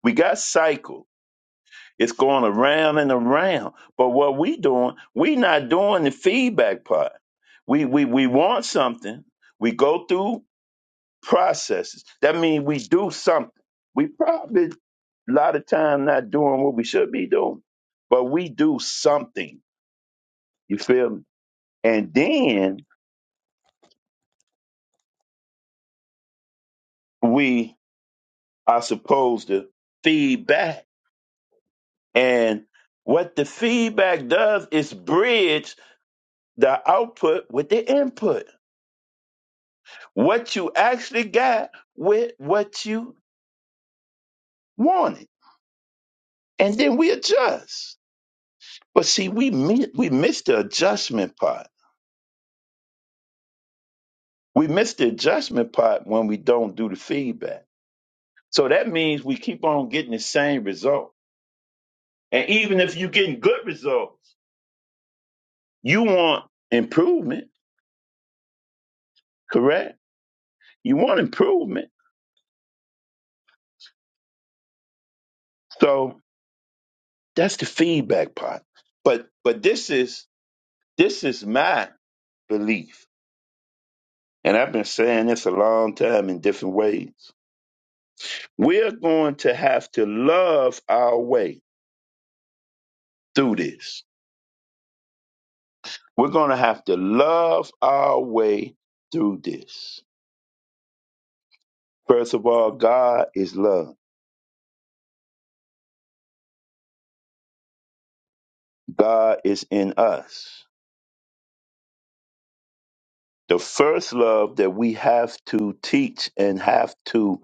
We got cycles It's going around and around. But what we doing, we not doing the feedback part. We we we want something. We go through processes. That means we do something. We probably a lot of time not doing what we should be doing, but we do something. You feel me? And then we are supposed to feedback. And what the feedback does is bridge the output with the input. what you actually got with what you wanted, and then we adjust. But see, we mi- we miss the adjustment part. We miss the adjustment part when we don't do the feedback. So that means we keep on getting the same result. And even if you're getting good results, you want improvement, correct? You want improvement. So that's the feedback part. But but this is this is my belief And I've been saying this a long time in different ways. We're going to have to love our way through this. We're going to have to love our way through this. First of all, God is love. God is in us. The first love that we have to teach and have to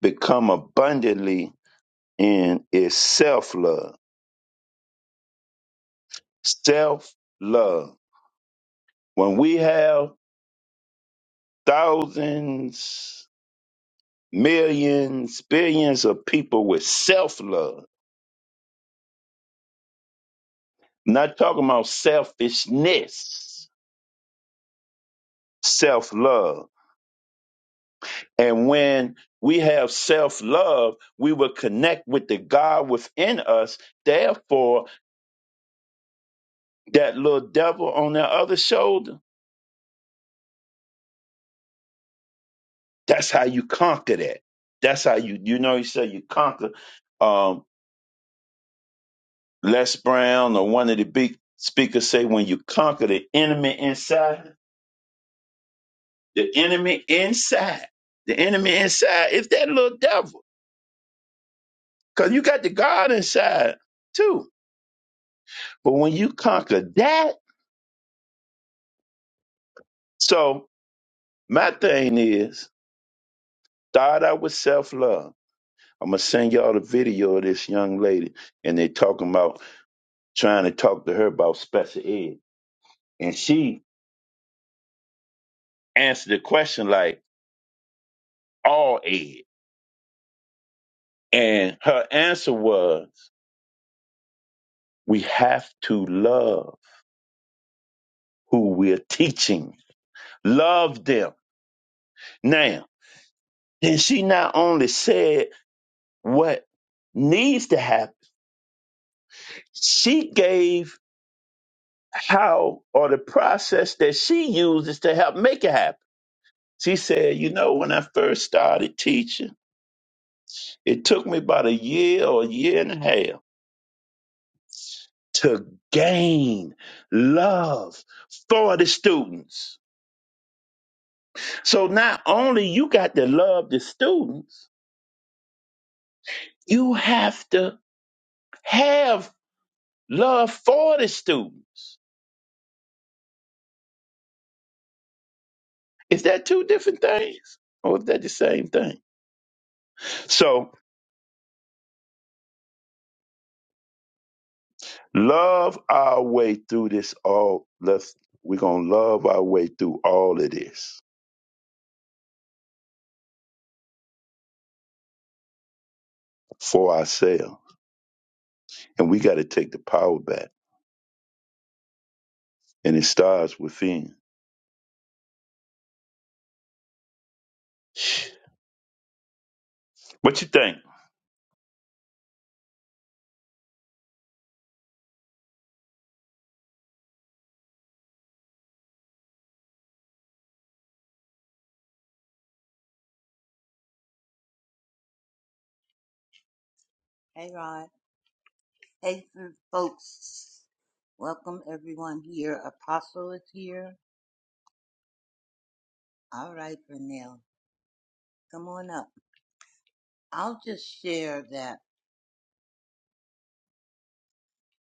become abundantly in is self love. Self love. When we have thousands millions, billions of people with self love. Not talking about selfishness, self love. And when we have self love, we will connect with the God within us. Therefore, that little devil on the other shoulder, that's how you conquer that. That's how you, you know, you say you conquer. Um, Les Brown or one of the big speakers say when you conquer the enemy inside, The enemy inside, the enemy inside is that little devil. Because you got the God inside too. But when you conquer that, so my thing is start out with self love. I'm gonna send y'all the video of this young lady, and they talking about trying to talk to her about special ed, and she answered the question like all ed, and her answer was, "We have to love who we're teaching. Love them now." then she not only said what needs to happen, she gave how or the process that she uses to help make it happen. She said, You know, when I first started teaching, it took me about a year or a year and a half to gain love for the students. So not only you got to love the students, you have to have love for the students Is that two different things? Or is that the same thing? So love our way through this all let's we're gonna love our way through all of this for ourselves. And we gotta take the power back. And it starts within. What you think?
Hey, Rod. Hey, f- folks. Welcome everyone here. Apostle is here. All right, Vernell. Come on up. I'll just share that,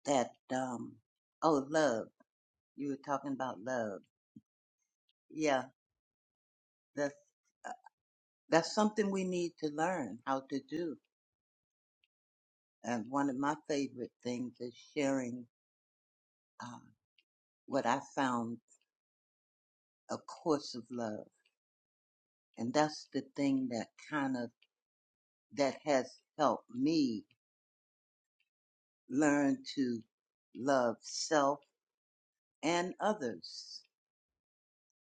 that, um, oh, love. You were talking about love. Yeah, that's, uh, that's something we need to learn how to do. And one of my favorite things is sharing, uh, what I found a course of love. And that's the thing that kind of, that has helped me learn to love self and others.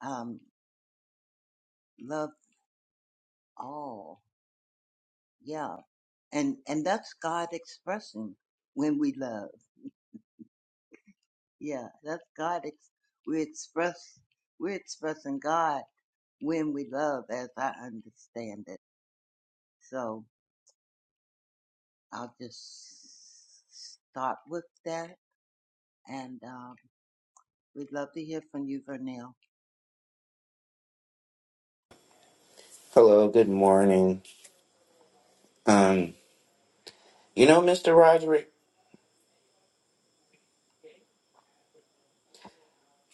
Um, love all. Yeah. And, and that's God expressing when we love. Yeah. That's God. Ex- we express, we're expressing God when we love as I understand it. So I'll just start with that. And, um, we'd love to hear from you, Vernell.
Hello, good morning. Um, you know, Mr. Roderick,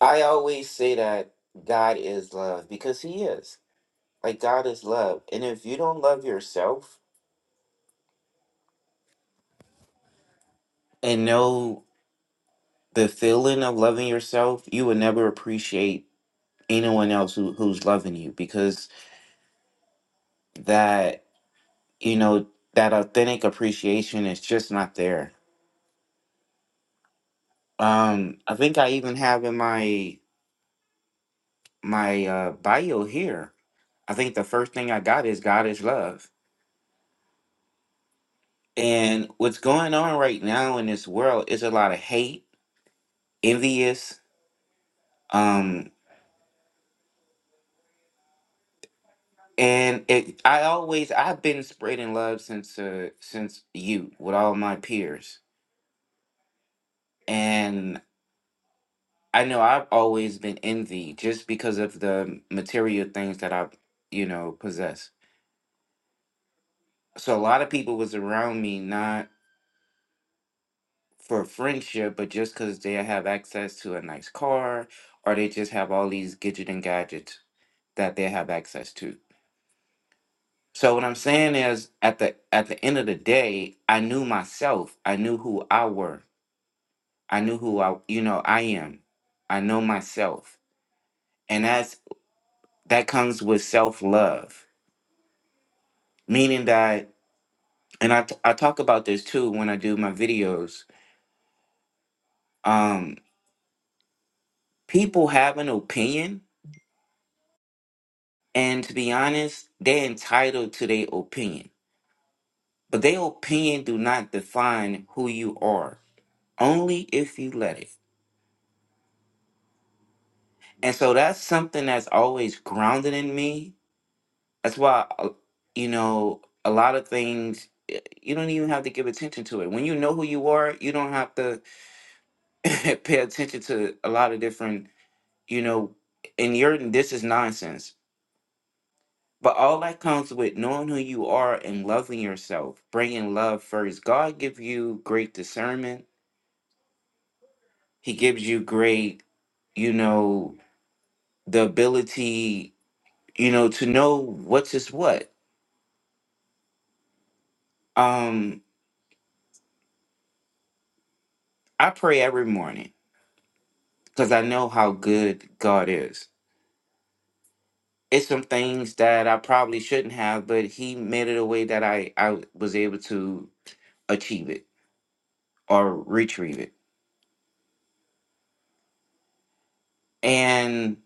I always say that God is love because He is. Like, God is love. And if you don't love yourself and know the feeling of loving yourself, you will never appreciate anyone else who, who's loving you because that, you know, that authentic appreciation is just not there. Um, I think I even have in my my uh, bio here. I think the first thing I got is God is love And what's going on right now in this world is a lot of hate, envious, um, and it. I always I've been spreading love since uh, since you with all my peers, and I know I've always been envied just because of the material things that I, you know, possess. So a lot of people was around me not for friendship, but just because they have access to a nice car, or they just have all these gadget and gadgets that they have access to. So what I'm saying is at the at the end of the day, I knew myself. I knew who I were. I knew who I you know, I am. I know myself. And that's that comes with self-love. Meaning that and I, t- I talk about this too when I do my videos. Um people have an opinion and to be honest, they're entitled to their opinion. But their opinion do not define who you are. Only if you let it. And so that's something that's always grounded in me. That's why, uh, you know, a lot of things, eh, you don't even have to give attention to it. When you know who you are, you don't have to pay attention to a lot of different, you know, and you're, this is nonsense. But all that comes with knowing who you are and loving yourself, bringing love first. God gives you great discernment. He gives you great, you know, the ability, you know, to know what's is what. Um, I pray every morning because I know how good God is. It's some things that I probably shouldn't have, but He made it a way that I, I was able to achieve it or retrieve it. And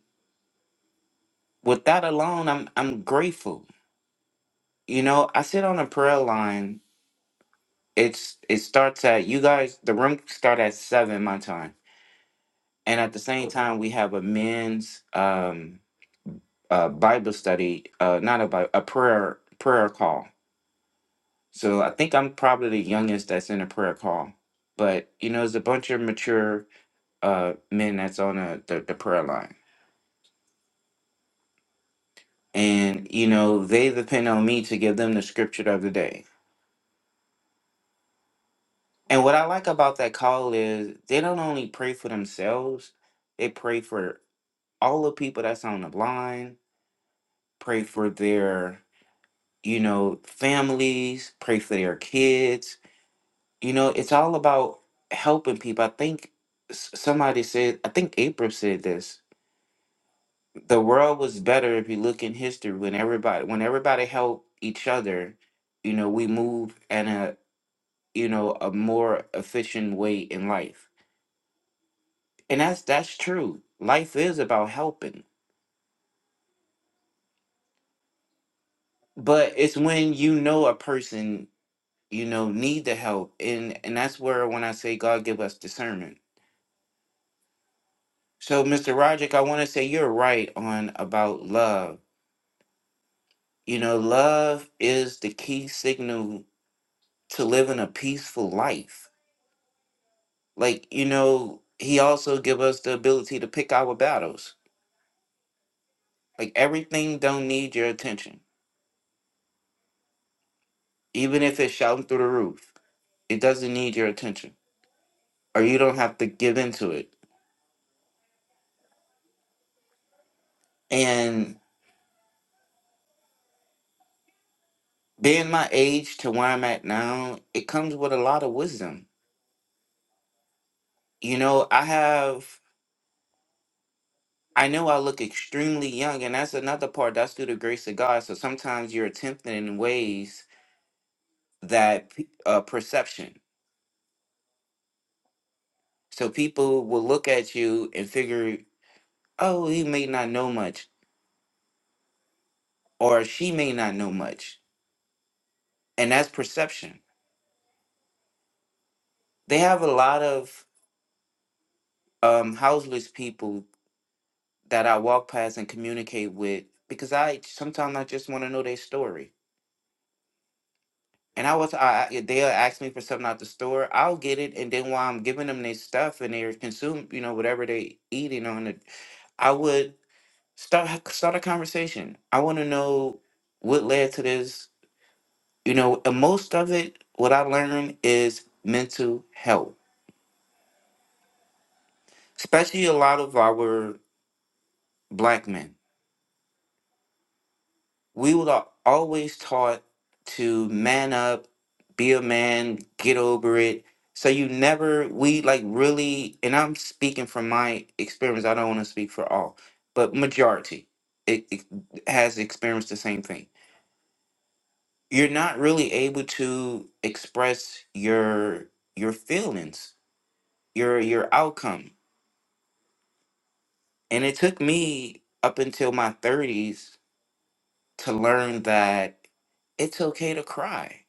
with that alone, I'm I'm grateful. You know, I sit on a prayer line. It's it starts at you guys. The room start at seven my time, and at the same time we have a men's um, uh, Bible study, uh, not a Bible, a prayer prayer call So I think I'm probably the youngest that's in a prayer call. But you know, there's a bunch of mature uh men that's on the, the, the prayer line. And you know, they depend on me to give them the scripture of the day. And what I like about that call is they don't only pray for themselves, they pray for all the people that's on the line, pray for their, you know, families, pray for their kids, You know, it's all about helping people. I think s- somebody said, I think April said this. The world was better if you look in history when everybody when everybody helped each other, you know, we move in a you know, a more efficient way in life. And that's that's true. Life is about helping. But it's when you know a person, you know, need the help. And and that's where when I say God give us discernment. So Mr. Roderick, I want to say you're right on about love You know, love is the key signal to living a peaceful life. Like, you know, he also give us the ability to pick our battles. Like everything don't need your attention. Even if it's shouting through the roof, it doesn't need your attention. Or you don't have to give into it. And being my age to where I'm at now, it comes with a lot of wisdom. You know, I have I know I look extremely young, and that's another part. That's through the grace of God. So sometimes you're tempted in ways that p- uh, perception. So people will look at you and figure, oh, he may not know much, or she may not know much, and that's perception. They have a lot of um, houseless people that I walk past and communicate with because I sometimes I just want to know their story. And I was, I I- they'll ask me for something out the store. I'll get it, and then while I'm giving them their stuff and they're consume, you know, whatever they eating on it, I would Start start a conversation. I want to know what led to this. You know, and most of it, what I learned is mental health, especially a lot of our black men. We were always taught to man up, be a man, get over it. So you never, we like really, and I'm speaking from my experience. I don't want to speak for all, but majority it, it has experienced the same thing you're not really able to express your your feelings your your outcome and it took me up until my 30s to learn that it's okay to cry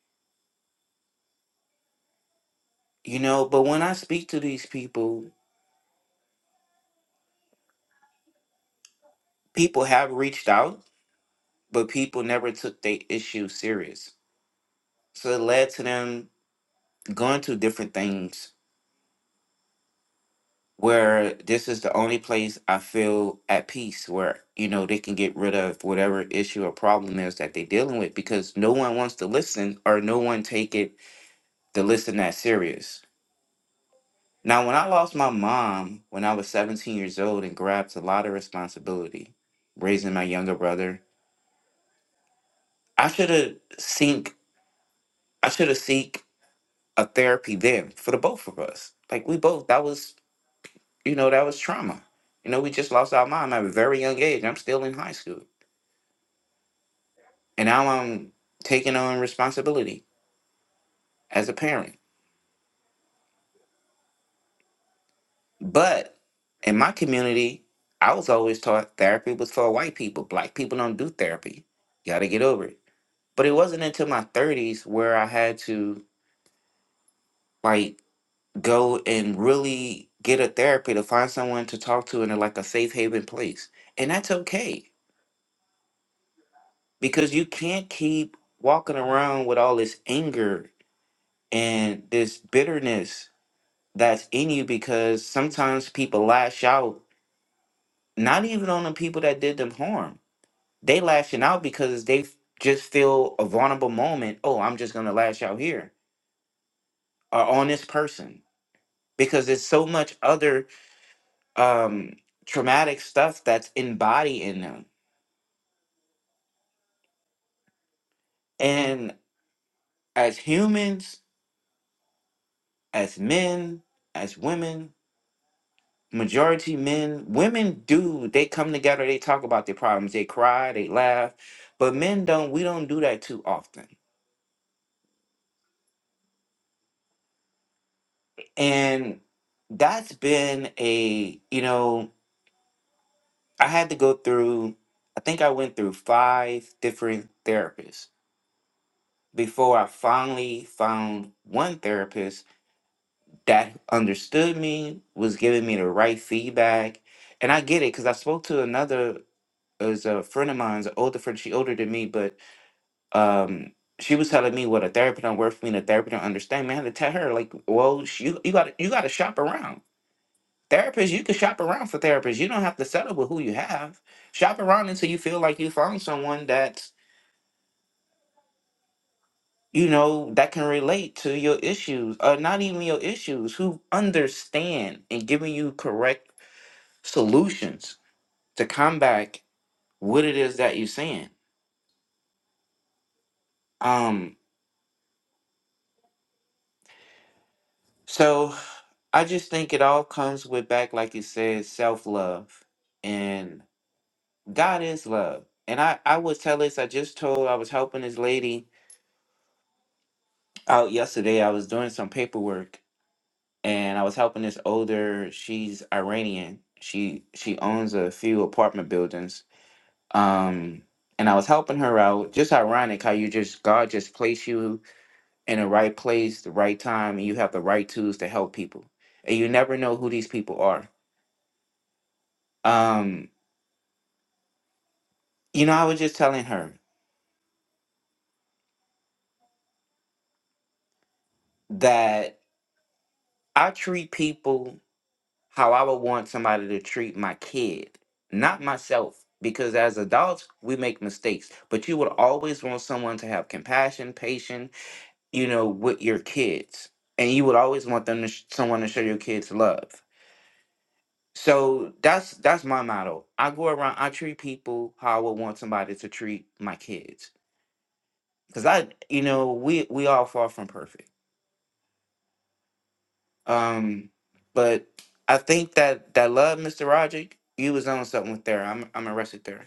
you know but when i speak to these people people have reached out but people never took their issue serious so it led to them going through different things where this is the only place I feel at peace where, you know, they can get rid of whatever issue or problem is that they're dealing with because no one wants to listen or no one take it to listen that serious. Now, when I lost my mom when I was 17 years old and grabbed a lot of responsibility, raising my younger brother, I should have seek I should have seek a therapy then for the both of us. Like we both, that was, you know, that was trauma. You know, we just lost our mom at a very young age. I'm still in high school And now I'm um, taking on responsibility as a parent. But in my community, I was always taught therapy was for white people. Black people don't do therapy. You gotta get over it. But it wasn't until my 30s where I had to like go and really get a therapy to find someone to talk to in a, like a safe haven place. And that's okay because you can't keep walking around with all this anger and this bitterness that's in you because sometimes people lash out, not even on the people that did them harm. They lashing out because they f- just feel a vulnerable moment. Oh, I'm just gonna lash out here or on this person because there's so much other um, traumatic stuff that's embodied in them. And as humans, as men, as women, majority men women do they come together they talk about their problems they cry they laugh but men don't we don't do that too often and that's been a you know i had to go through i think i went through five different therapists before i finally found one therapist that understood me was giving me the right feedback and i get it because i spoke to another as a friend of mine's older friend she older than me but um she was telling me what a therapy don't work for me and a therapy don't understand me. I had to tell her, like, well, sh- you you got you gotta shop around. Therapists, you can shop around for therapists. You don't have to settle with who you have. Shop around until you feel like you found someone that's, you know, that can relate to your issues. Or not even your issues, who understand and giving you correct solutions to combat what it is that you're saying. Um, so. I just think it all comes with back, like you said, self love. And God is love. And I, I would tell this, I just told, I was helping this lady out yesterday. I was doing some paperwork and I was helping this older, she's Iranian. She she owns a few apartment buildings. Um, and I was helping her out. Just ironic how you just God just placed you in the right place, the right time, and you have the right tools to help people. And you never know who these people are. Um, You know, I was just telling her that I treat people how I would want somebody to treat my kid, not myself. Because as adults, we make mistakes, but you would always want someone to have compassion, patience, you know, with your kids, and you would always want them to sh- someone to show your kids love. So that's that's my motto. I go around, I treat people how I would want somebody to treat my kids, because I, you know, we we all far from perfect. Um, but I think that that love, Mr. Roger, you was on something with there. I'm I'm arrested there.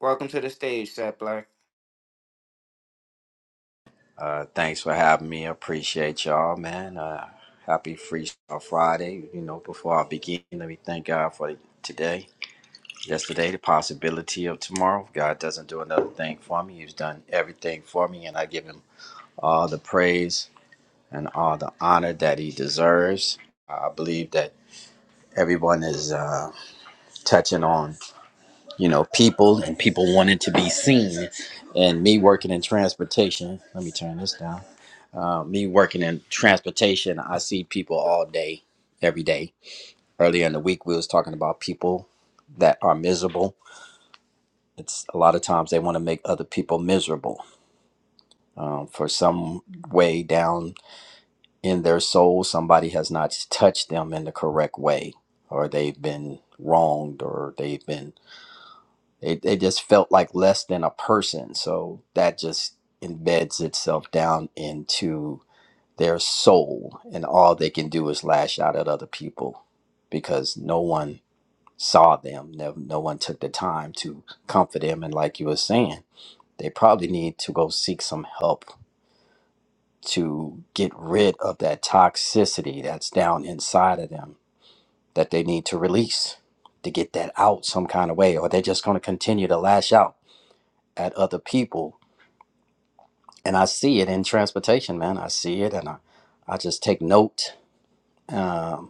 Welcome to the stage, Seth Black.
Uh, thanks for having me. I appreciate y'all, man. Uh, happy Freestyle Friday. You know, before I begin, let me thank God for today, yesterday, the possibility of tomorrow. If God doesn't do another thing for me. He's done everything for me, and I give him all the praise and all the honor that he deserves. I believe that everyone is uh, touching on, you know, people and people wanting to be seen. And me working in transportation, let me turn this down Uh, me working in transportation, I see people all day, every day. Earlier in the week, we was talking about people that are miserable. It's a lot of times they want to make other people miserable um, for some way down in their soul. Somebody has not touched them in the correct way, or they've been wronged, or they've been they, they just felt like less than a person. So that just embeds itself down their soul, and all they can do is lash out at other people because no one saw them. No, no one took the time to comfort them. And like you were saying, they probably need to go seek some help to get rid of that toxicity that's down inside of them that they need to release to get that out some kind of way, or they're just going to continue to lash out at other people. And I see it in transportation, man. I see it, and I, I just take note Um,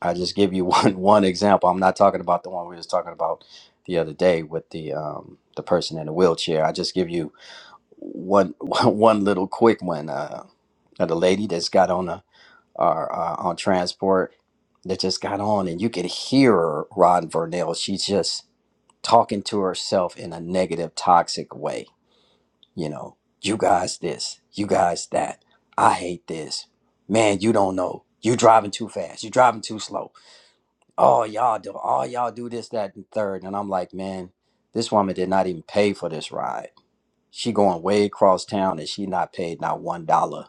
I just give you one one example. I'm not talking about the one we was talking about the other day with the um, the person in the wheelchair. I just give you one one little quick one. Uh, of the lady that's got on a or uh, on transport that just got on, and you could hear her, Ron Vernell. She's just talking to herself in a negative, toxic way. You know, you guys this, you guys that. I hate this. Man, you don't know. You driving too fast. You driving too slow oh y'all do all y'all do this that and third and i'm like man this woman did not even pay for this ride she going way across town and she not paid not one dollar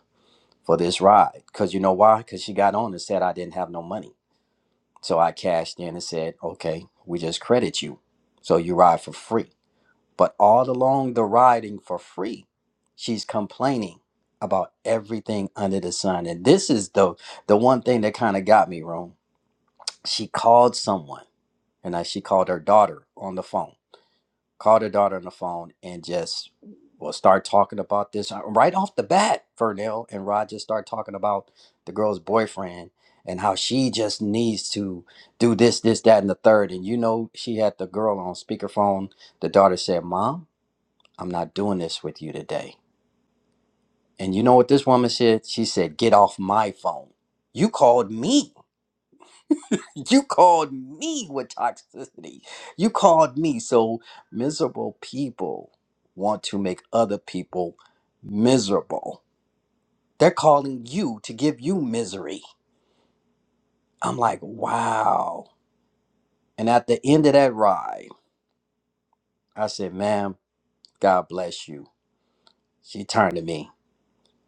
for this ride because you know why because she got on and said i didn't have no money so i cashed in and said okay we just credit you so you ride for free but all along the riding for free she's complaining about everything under the sun and this is the the one thing that kind of got me wrong she called someone and I, she called her daughter on the phone called her daughter on the phone and just will start talking about this uh, right off the bat Vernell and Rod just start talking about the girl's boyfriend and how she just needs to do this this that and the third and you know she had the girl on speakerphone the daughter said mom i'm not doing this with you today and you know what this woman said she said get off my phone you called me you called me with toxicity. You called me. So miserable people want to make other people miserable. They're calling you to give you misery. I'm like, wow. And at the end of that ride, I said, ma'am, God bless you. She turned to me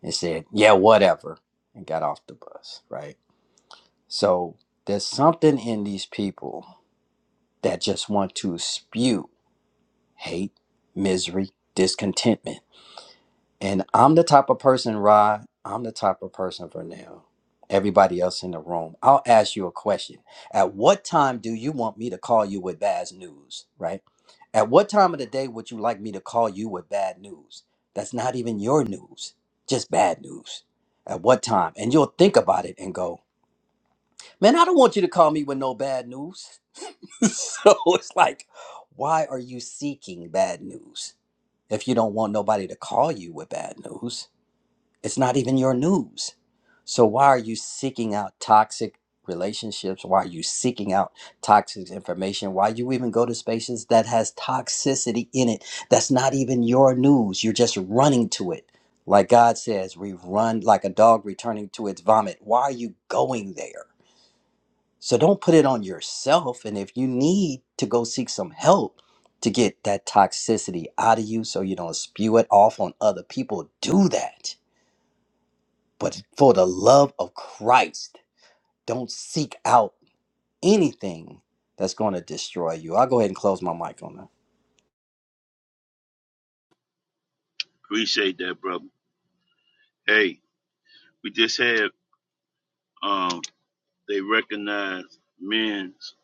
and said, yeah, whatever, and got off the bus, right? So there's something in these people that just want to spew hate, misery, discontentment And I'm the type of person, Rod, I'm the type of person for now. Everybody else in the room, I'll ask you a question. At what time do you want me to call you with bad news, right? At what time of the day would you like me to call you with bad news? That's not even your news, just bad news. At what time? And you'll think about it and go, man, I don't want you to call me with no bad news. so it's like, why are you seeking bad news if you don't want nobody to call you with bad news? It's not even your news. So why are you seeking out toxic relationships? Why are you seeking out toxic information? Why you even go to spaces that has toxicity in it? That's not even your news. You're just running to it. Like God says, we run like a dog returning to its vomit. Why are you going there? So don't put it on yourself. And if you need to go seek some help to get that toxicity out of you so you don't spew it off on other people, do that but for the love of Christ, don't seek out anything that's going to destroy you. I'll go ahead and close my mic on that.
Appreciate that, brother. Hey, we just had um they recognized men's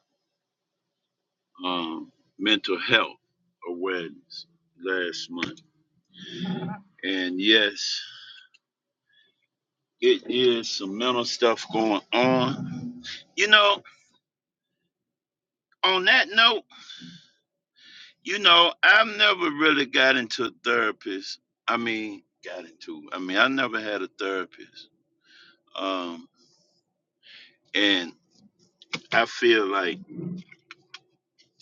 um mental health awareness last month. And yes, It is some mental stuff going on. You know, on that note, you know, I've never really got into a therapist. I mean, got into, I mean, I never had a therapist. Um, and I feel like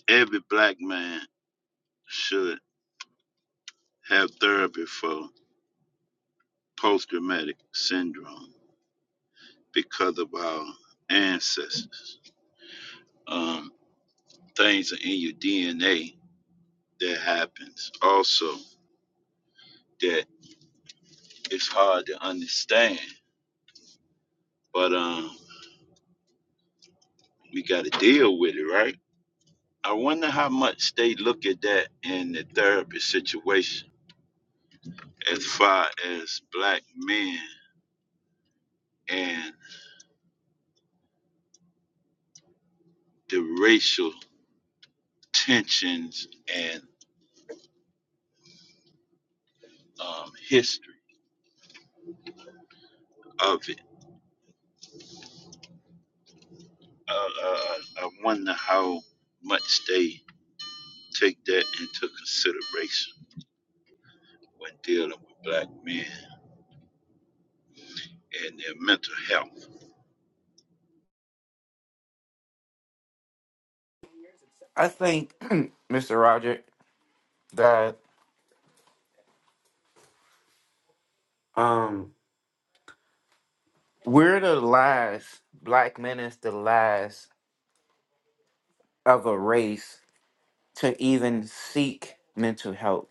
every black man should have therapy for post traumatic syndrome because of our ancestors. Um, things are in your DNA that happens also that it's hard to understand but um, we got to deal with it, right? I wonder how much they look at that in the therapy situation as far as black men and the racial tensions and um, history of it. Uh, uh, uh, I wonder how much they take that into consideration when dealing with black men and their mental health.
I think, Mr. Roger, that um we're the last black men is the last of a race to even seek mental health.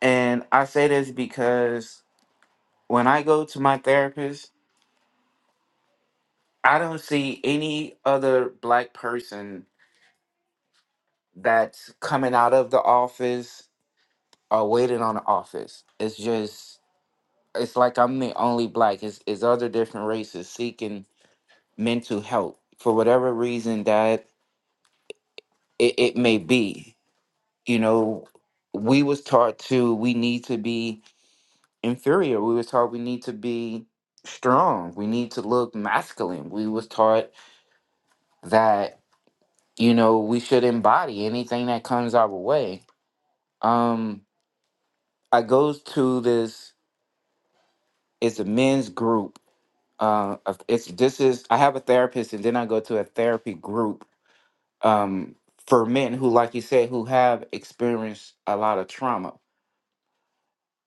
And I say this because when I go to my therapist, I don't see any other black person that's coming out of the office are waiting on the office. It's just it's like I'm the only black. It's, it's other different races seeking mental help for whatever reason that it, it may be. You know, we was taught to we need to be inferior. We was taught we need to be strong. We need to look masculine. We was taught that, you know, we should embody anything that comes our way. Um, I goes to this it's a men's group uh, it's this is I have a therapist, and then I go to a therapy group um, for men who, like you said, who have experienced a lot of trauma,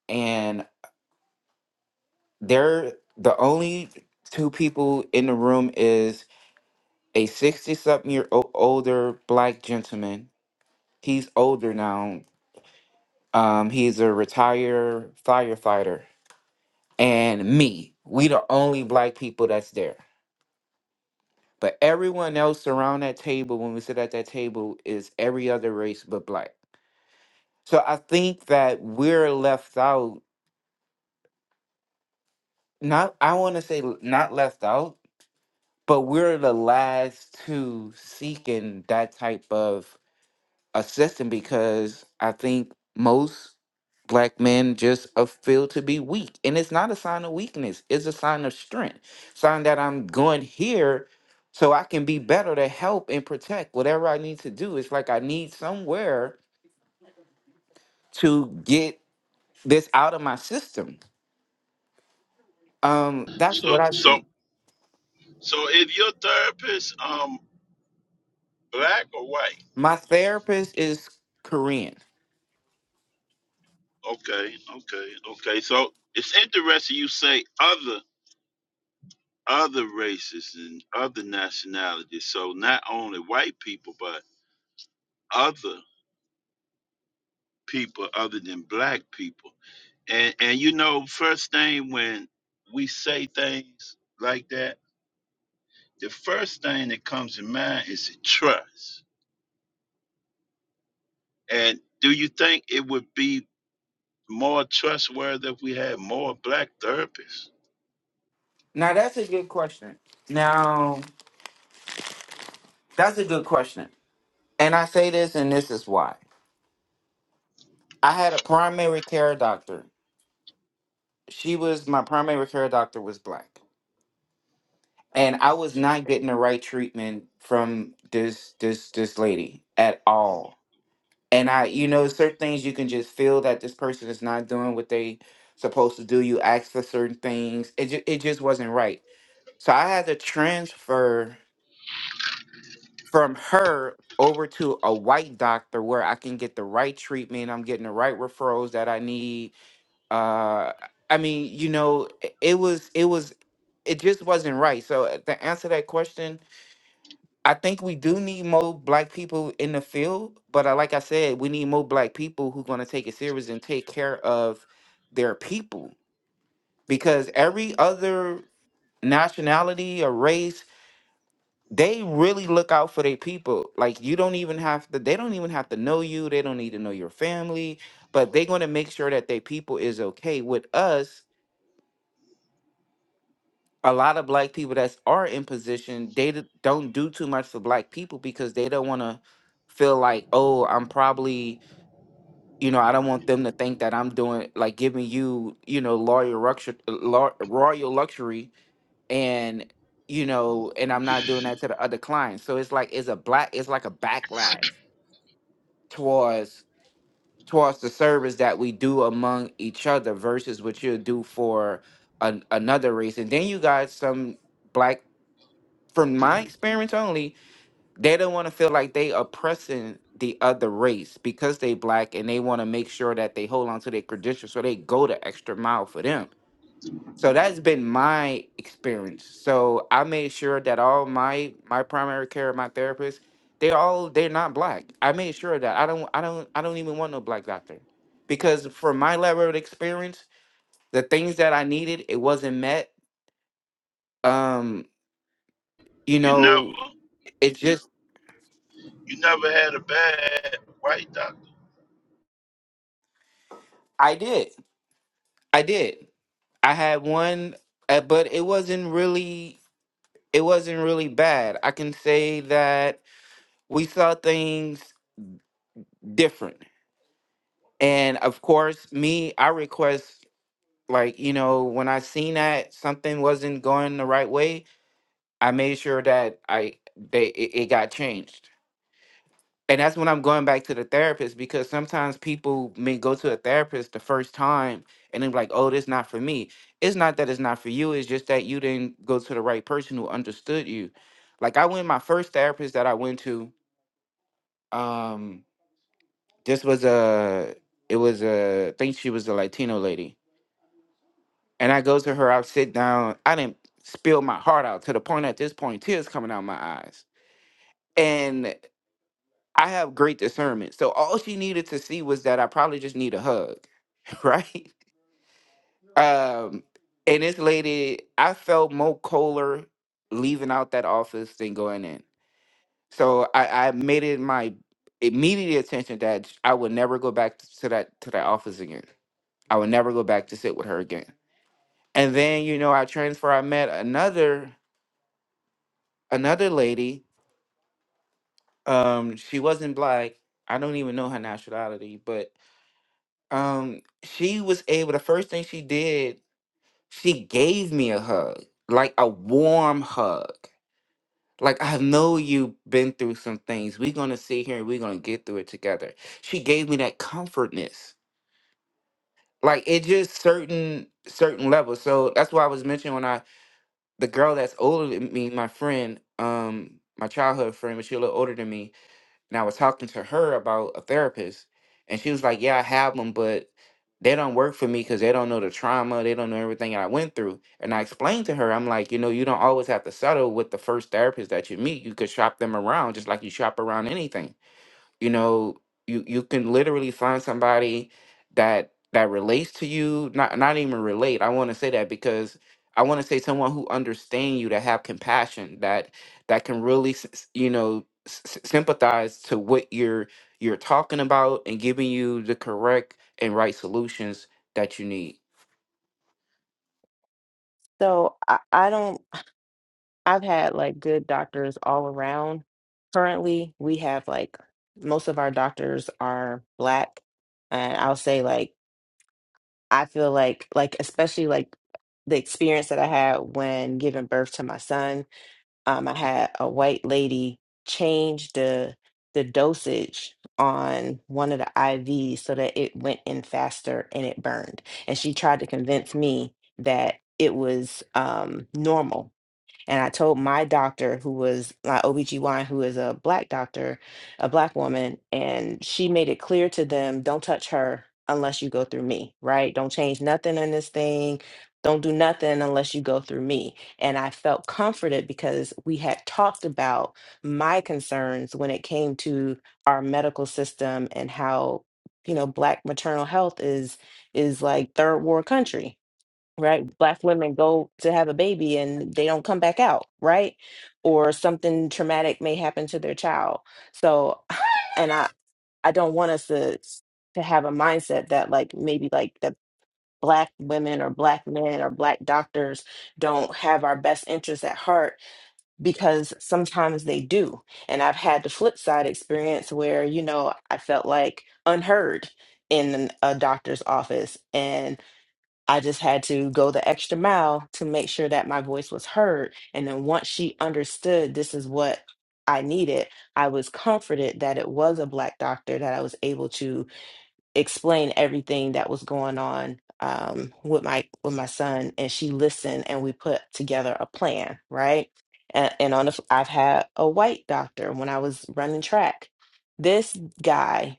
and they're the only two people in the room is a sixty-something year old older black gentleman. He's older now. Um, he's a retired firefighter, and me. We the only black people that's there But everyone else around that table, when we sit at that table, is every other race but black. So I think that we're left out. Not, I want to say l- not left out, but we're the last to seeking that type of assistance because I think most black men just uh, feel to be weak and it's not a sign of weakness it's a sign of strength sign that i'm going here so i can be better to help and protect whatever i need to do it's like i need somewhere to get this out of my system um that's what
So,
i see
so, so, is your therapist um black or white?
my therapist is korean
Okay, okay, okay. So it's interesting you say other other races and other nationalities. So not only white people, but other people other than black people. And and you know, first thing when we say things like that, the first thing that comes to mind is trust. And do you think it would be more trustworthy if we had more black therapists?
now that's a good question now that's a good question and i say this and this is why i had a primary care doctor she was my primary care doctor was black and I was not getting the right treatment from this this this lady at all. And I, you know, certain things you can just feel that this person is not doing what they supposed to do. You ask for certain things. It ju- it just wasn't right. So I had to transfer from her over to a white doctor where I can get the right treatment. I'm getting the right referrals that I need. Uh, I mean, you know, it it was it was it just wasn't right. So uh, to answer that question, I think we do need more black people in the field, but I, like I said, we need more black people who going to take it serious and take care of their people because every other nationality or race, they really look out for their people. Like you don't even have to they don't even have to know you, they don't need to know your family, but they're going to make sure that their people is okay with us a lot of black people that are in position they d- don't do too much for black people because they don't want to feel like oh i'm probably you know i don't want them to think that i'm doing like giving you you know royal luxury royal luxury and you know and i'm not doing that to the other clients so it's like it's a black it's like a backlash towards towards the service that we do among each other versus what you'll do for an, another race and then you got some black from my experience only, they don't want to feel like they oppressing the other race because they black and they want to make sure that they hold on to their credentials so they go the extra mile for them. So that's been my experience. So I made sure that all my my primary care, my therapist, they all they're not black. I made sure that I don't I don't I don't even want no black doctor. Because from my level of experience, the things that I needed, it wasn't met. Um, you
You
know,
never
it just
you never had a bad white doctor.
I did. I did. I had one, uh, but it wasn't really it wasn't really bad. I can say that we saw things different. And of course, me, I request like, you know, when I seen that something wasn't going the right way, I made sure that I they it, it got changed. And that's when I'm going back to the therapist because sometimes people may go to a therapist the first time and they're like, oh, this not for me. It's not that it's not for you, it's just that you didn't go to the right person who understood you. Like I went my first therapist that I went to, um, this was a it was a I think she was a Latino lady. And I go to her, I sit down, I didn't spill my heart out to the point at this point, tears coming out my eyes. And I have great discernment. So all she needed to see was that I probably just need a hug. right? Um, and this lady, I felt Mo Kohler leaving out that office than going in. So I, I made it my immediate attention that I would never go back to that to that office again. I would never go back to sit with her again. And then you know, I transfer. I met another another lady. Um, she wasn't black. I don't even know her nationality, but um, she was able. The first thing she did She gave me a hug, like a warm hug. Like, I know you've been through some things. We're going to sit here and we're going to get through it together. She gave me that comfortness. Like it just certain certain levels. So that's why I was mentioning when I the girl that's older than me, my friend, um, my childhood friend, but she a little older than me and I was talking to her about a therapist, and she was like, "Yeah, I have them, but they don't work for me because they don't know the trauma, they don't know everything I went through." And I explained to her, I'm like, you know, you don't always have to settle with the first therapist that you meet. You could shop them around, just like you shop around anything you know you you can literally find somebody that that relates to you not not even relate i want to say that because i want to say someone who understands you that have compassion that that can really s- s- you know s- s- sympathize to what you're you're talking about and giving you the correct and right solutions that you need
So I, I don't, I've had like good doctors all around. Currently, we have like most of our doctors are black. And I'll say like, I feel like, like, especially like the experience that I had when giving birth to my son, um, I had a white lady change the the dosage on one of the IVs so that it went in faster and it burned. And she tried to convince me that it was um normal and I told my doctor, who was my OBGYN, who is a black doctor, a black woman, and she made it clear to them don't touch her unless you go through me, right? Don't change nothing in this thing. Don't do nothing unless you go through me. And I felt comforted because we had talked about my concerns when it came to our medical system and how you know black maternal health is is like third world country right? Black women go to have a baby and they don't come back out, right? Or something traumatic may happen to their child. So, and I I don't want us to to have a mindset that like maybe like the black women or black men or black doctors don't have our best interests at heart because sometimes they do. And I've had the flip side experience where, you know, I felt like unheard in a doctor's office and. I just had to go the extra mile to make sure that my voice was heard. And then once she understood this is what I needed, I was comforted that it was a Black doctor, that I was able to explain everything that was going on um, with my with my son. And she listened, and we put together a plan, right? And, and on the, f- I've had a white doctor when I was running track. This guy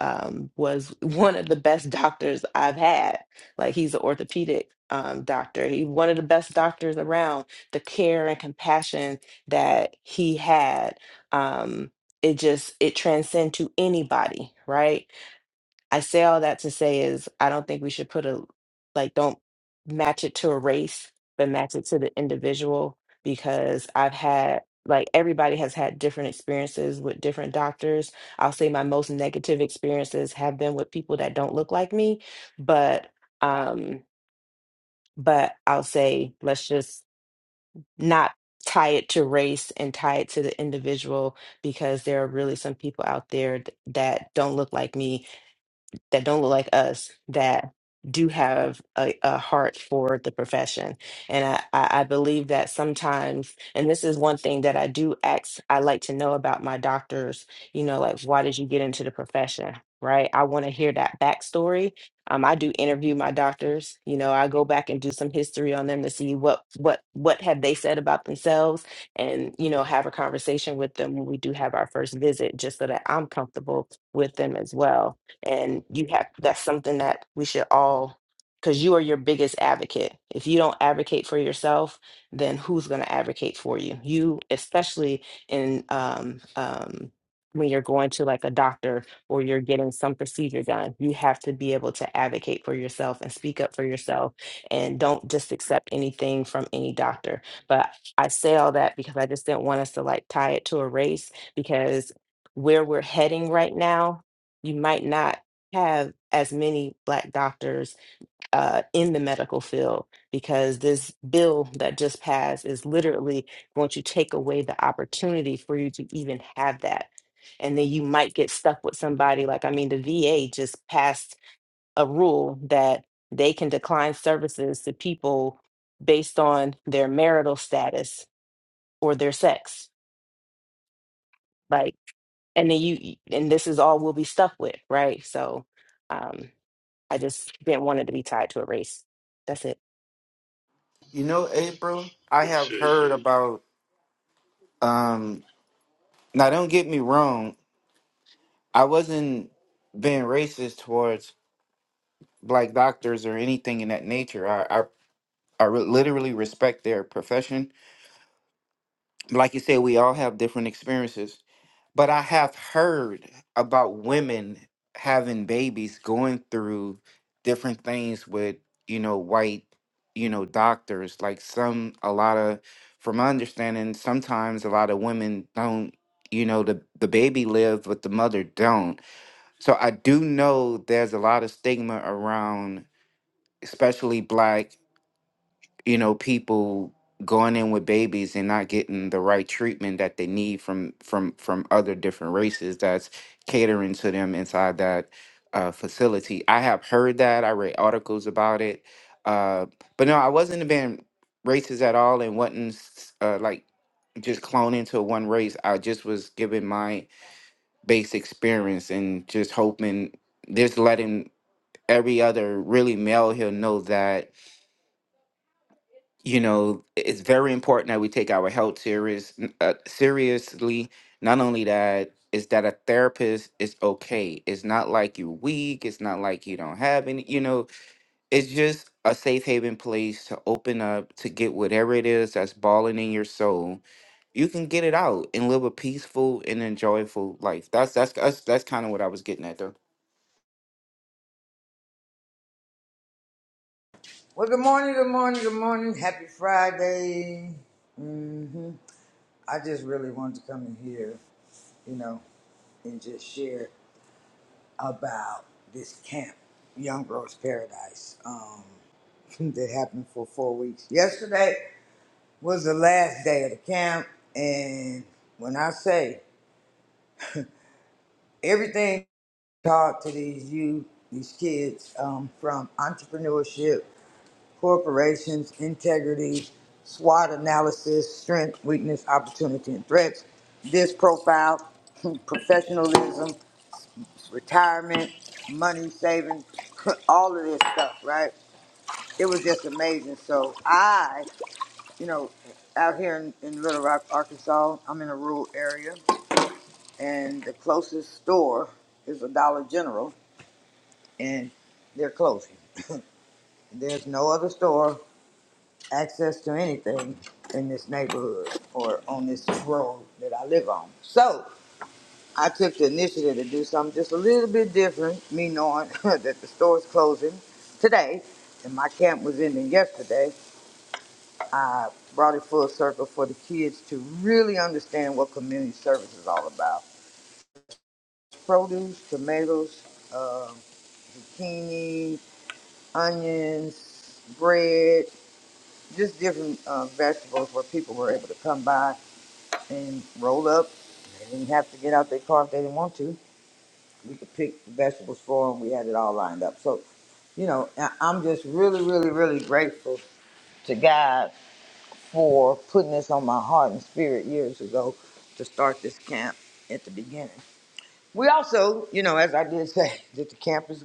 um, was one of the best doctors I've had. Like he's an orthopedic um, doctor. He one of the best doctors around. The care and compassion that he had, um, it just it transcend to anybody, right? I say all that to say is I don't think we should put a like don't match it to a race, but match it to the individual because I've had like everybody has had different experiences with different doctors. I'll say my most negative experiences have been with people that don't look like me, but um but I'll say let's just not tie it to race and tie it to the individual because there are really some people out there th- that don't look like me that don't look like us that do have a, a heart for the profession. And I, I I believe that sometimes, and this is one thing that I do ask, I like to know about my doctors, you know, like, why did you get into the profession? Right. I want to hear that backstory. Um, I do interview my doctors, you know, I go back and do some history on them to see what, what, what have they said about themselves and, you know, have a conversation with them when we do have our first visit, just so that I'm comfortable with them as well and you have that's something that we should all because you are your biggest advocate if you don't advocate for yourself then who's going to advocate for you you especially in um, um, when you're going to like a doctor or you're getting some procedure done you have to be able to advocate for yourself and speak up for yourself and don't just accept anything from any doctor but i say all that because i just didn't want us to like tie it to a race because where we're heading right now you might not have as many black doctors uh, in the medical field because this bill that just passed is literally going to take away the opportunity for you to even have that. And then you might get stuck with somebody like, I mean, the VA just passed a rule that they can decline services to people based on their marital status or their sex. Like, and then you, and this is all we'll be stuck with, right? So, um, I just didn't want it to be tied to a race. That's it.
you know april i have
Appreciate it.
heard about um now don't get me wrong i wasn't being racist towards black doctors or anything in that nature. I, I, I re- literally respect their profession. Like you said, we all have different experiences. But I have heard about women having babies going through different things with, you know, white, you know, doctors. Like some, a lot of, from my understanding, sometimes a lot of women don't, you know, the, the baby live, but the mother don't. So I do know there's a lot of stigma around especially black you know people going in with babies and not getting the right treatment that they need from from from other different races that's catering to them inside that uh, facility i have heard that i read articles about it uh, but no i wasn't being racist at all and wasn't s- uh, like just cloned into one race i just was giving my base experience and just hoping just letting every other really male here know that you know, it's very important that we take our health serious uh, seriously. Not only that, is that a therapist is okay. It's not like you're weak. It's not like you don't have any. You know, it's just a safe haven place to open up to get whatever it is that's balling in your soul. You can get it out and live a peaceful and enjoyable life. That's that's that's, that's kind of what I was getting at, though.
Well, good morning, good morning, good morning. Happy Friday. hmm I just really wanted to come in here, you know, and just share about this camp, Young Girls Paradise, um, that happened for four weeks. Yesterday was the last day of the camp, and when I say everything taught to these youth, these kids, um, from entrepreneurship corporations, integrity, SWOT analysis, strength, weakness, opportunity, and threats, this profile, professionalism, retirement, money saving, all of this stuff, right? It was just amazing. So I, you know, out here in, in Little Rock, Arkansas, I'm in a rural area, and the closest store is a Dollar General, and they're closing. There's no other store access to anything in this neighborhood or on this road that I live on. So I took the initiative to do something just a little bit different, me knowing that the store's closing today and my camp was ending yesterday. I brought it full circle for the kids to really understand what community service is all about. Produce, tomatoes, um zucchini, onions, bread, just different uh, vegetables where people were able to come by and roll up. They didn't have to get out their car if they didn't want to. We could pick the vegetables for them. We had it all lined up. So, you know, I- I'm just really, really, really grateful to God for putting this on my heart and spirit years ago to start this camp at the beginning. We also, you know, as I did say, that the camp is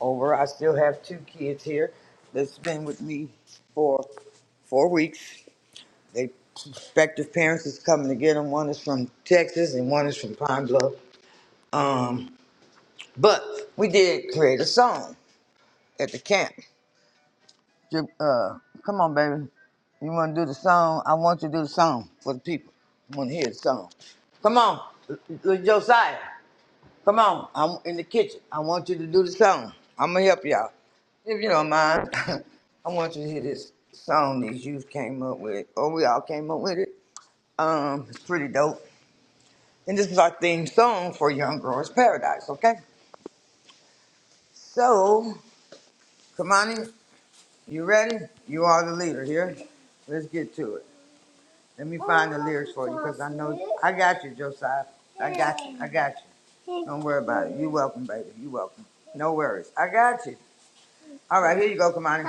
over. I still have two kids here that's been with me for four weeks. They prospective parents is coming to get them. One is from Texas and one is from Pine Bluff. Um, but we did create a song at the camp. Ju- Uh, come on, baby. You want to do the song? I want you to do the song for the people. I want to hear the song. Come on, L- L- Josiah. Come on. I'm in the kitchen. I want you to do the song. I'm gonna help y'all if you don't mind. I want you to hear this song these youth came up with, or we all came up with it. Um, it's pretty dope. And this is our theme song for Young Girls Paradise, okay? So, Kamani, you ready? You are the leader here. Let's get to it. Let me. I got you, Josiah. I got you. Don't worry about it. You're welcome, baby. You're welcome. No worries. I got you. All right, here you go, Kamani.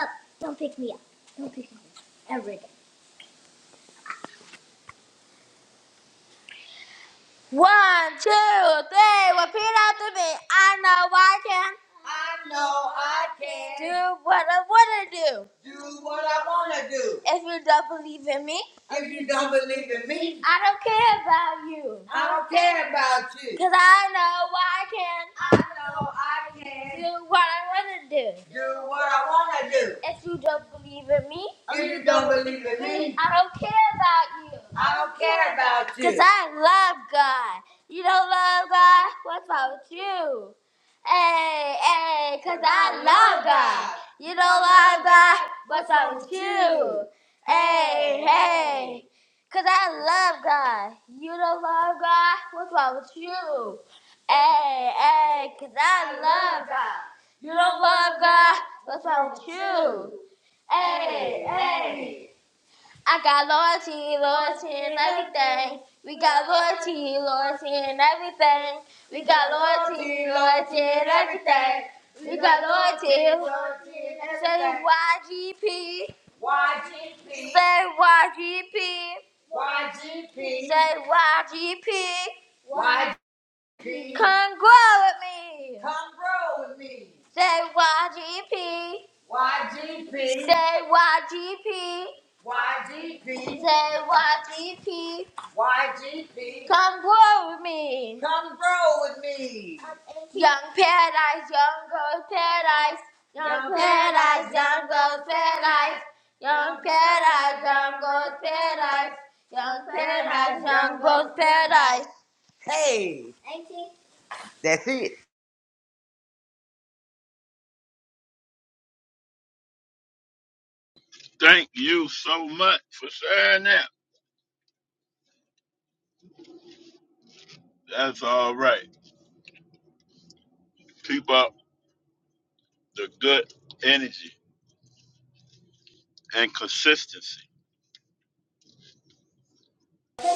One, two, three. Repeat after me. I know I can. I know I can. Do what I want to do. Do what I want to do. If you don't believe in me. If you don't believe in me. I don't care about you. I don't care about you. Because I know I can. I know I can. Do what I want to do. Do what I want to do. If you don't believe in me. If you don't believe in me, I don't care about you. I don't care about you. Because I love God. You don't love God? What's wrong with you? Hey, hey, because I love God. You don't love God? What's wrong with you? Hey, hey, because I love God. You don't love God? What's wrong with you? Hey, hey, because I love God. You don't love God? What's wrong with you? Hey, hey. I got loyalty, loyalty in everything. We got loyalty, loyalty in everything. We got loyalty, loyalty in everything. We got loyalty. Say YGP. YGP, Say YGP. YGP, Say YGP. Come grow with me. Come grow with me. Say YGP. YGP. Say YGP. YGP. Say YGP. YGP. Come grow with me. Come grow with me. Young paradise, young girls paradise. Young paradise, young girls paradise. Young paradise, young girls paradise. Young paradise, young girls paradise. Hey. That's it.
Thank you so much for sharing that. That's all right. Keep up the good energy and consistency.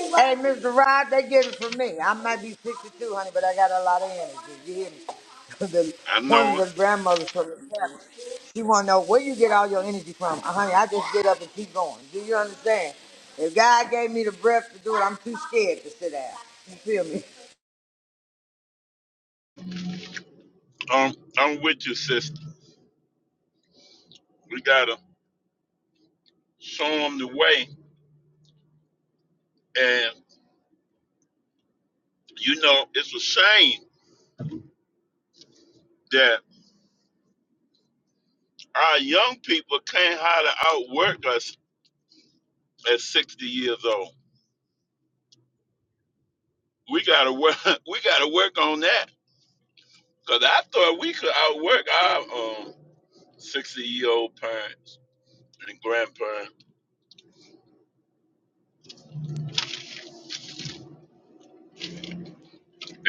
Hey, Mr. Rod, they get it from me. I might be 62, honey, but I got a lot of energy. You hear me? the,
I
one of
know
the
it.
grandmothers from the family, she want to know where you get all your energy from. Uh, honey, I just get up and keep going. Do you understand? If God gave me the breath to do it, I'm too scared to sit down. You feel me?
um, I'm with you, sister. We got to show them the way. And, you know, it's a shame that our young people can't hardly outwork us at 60,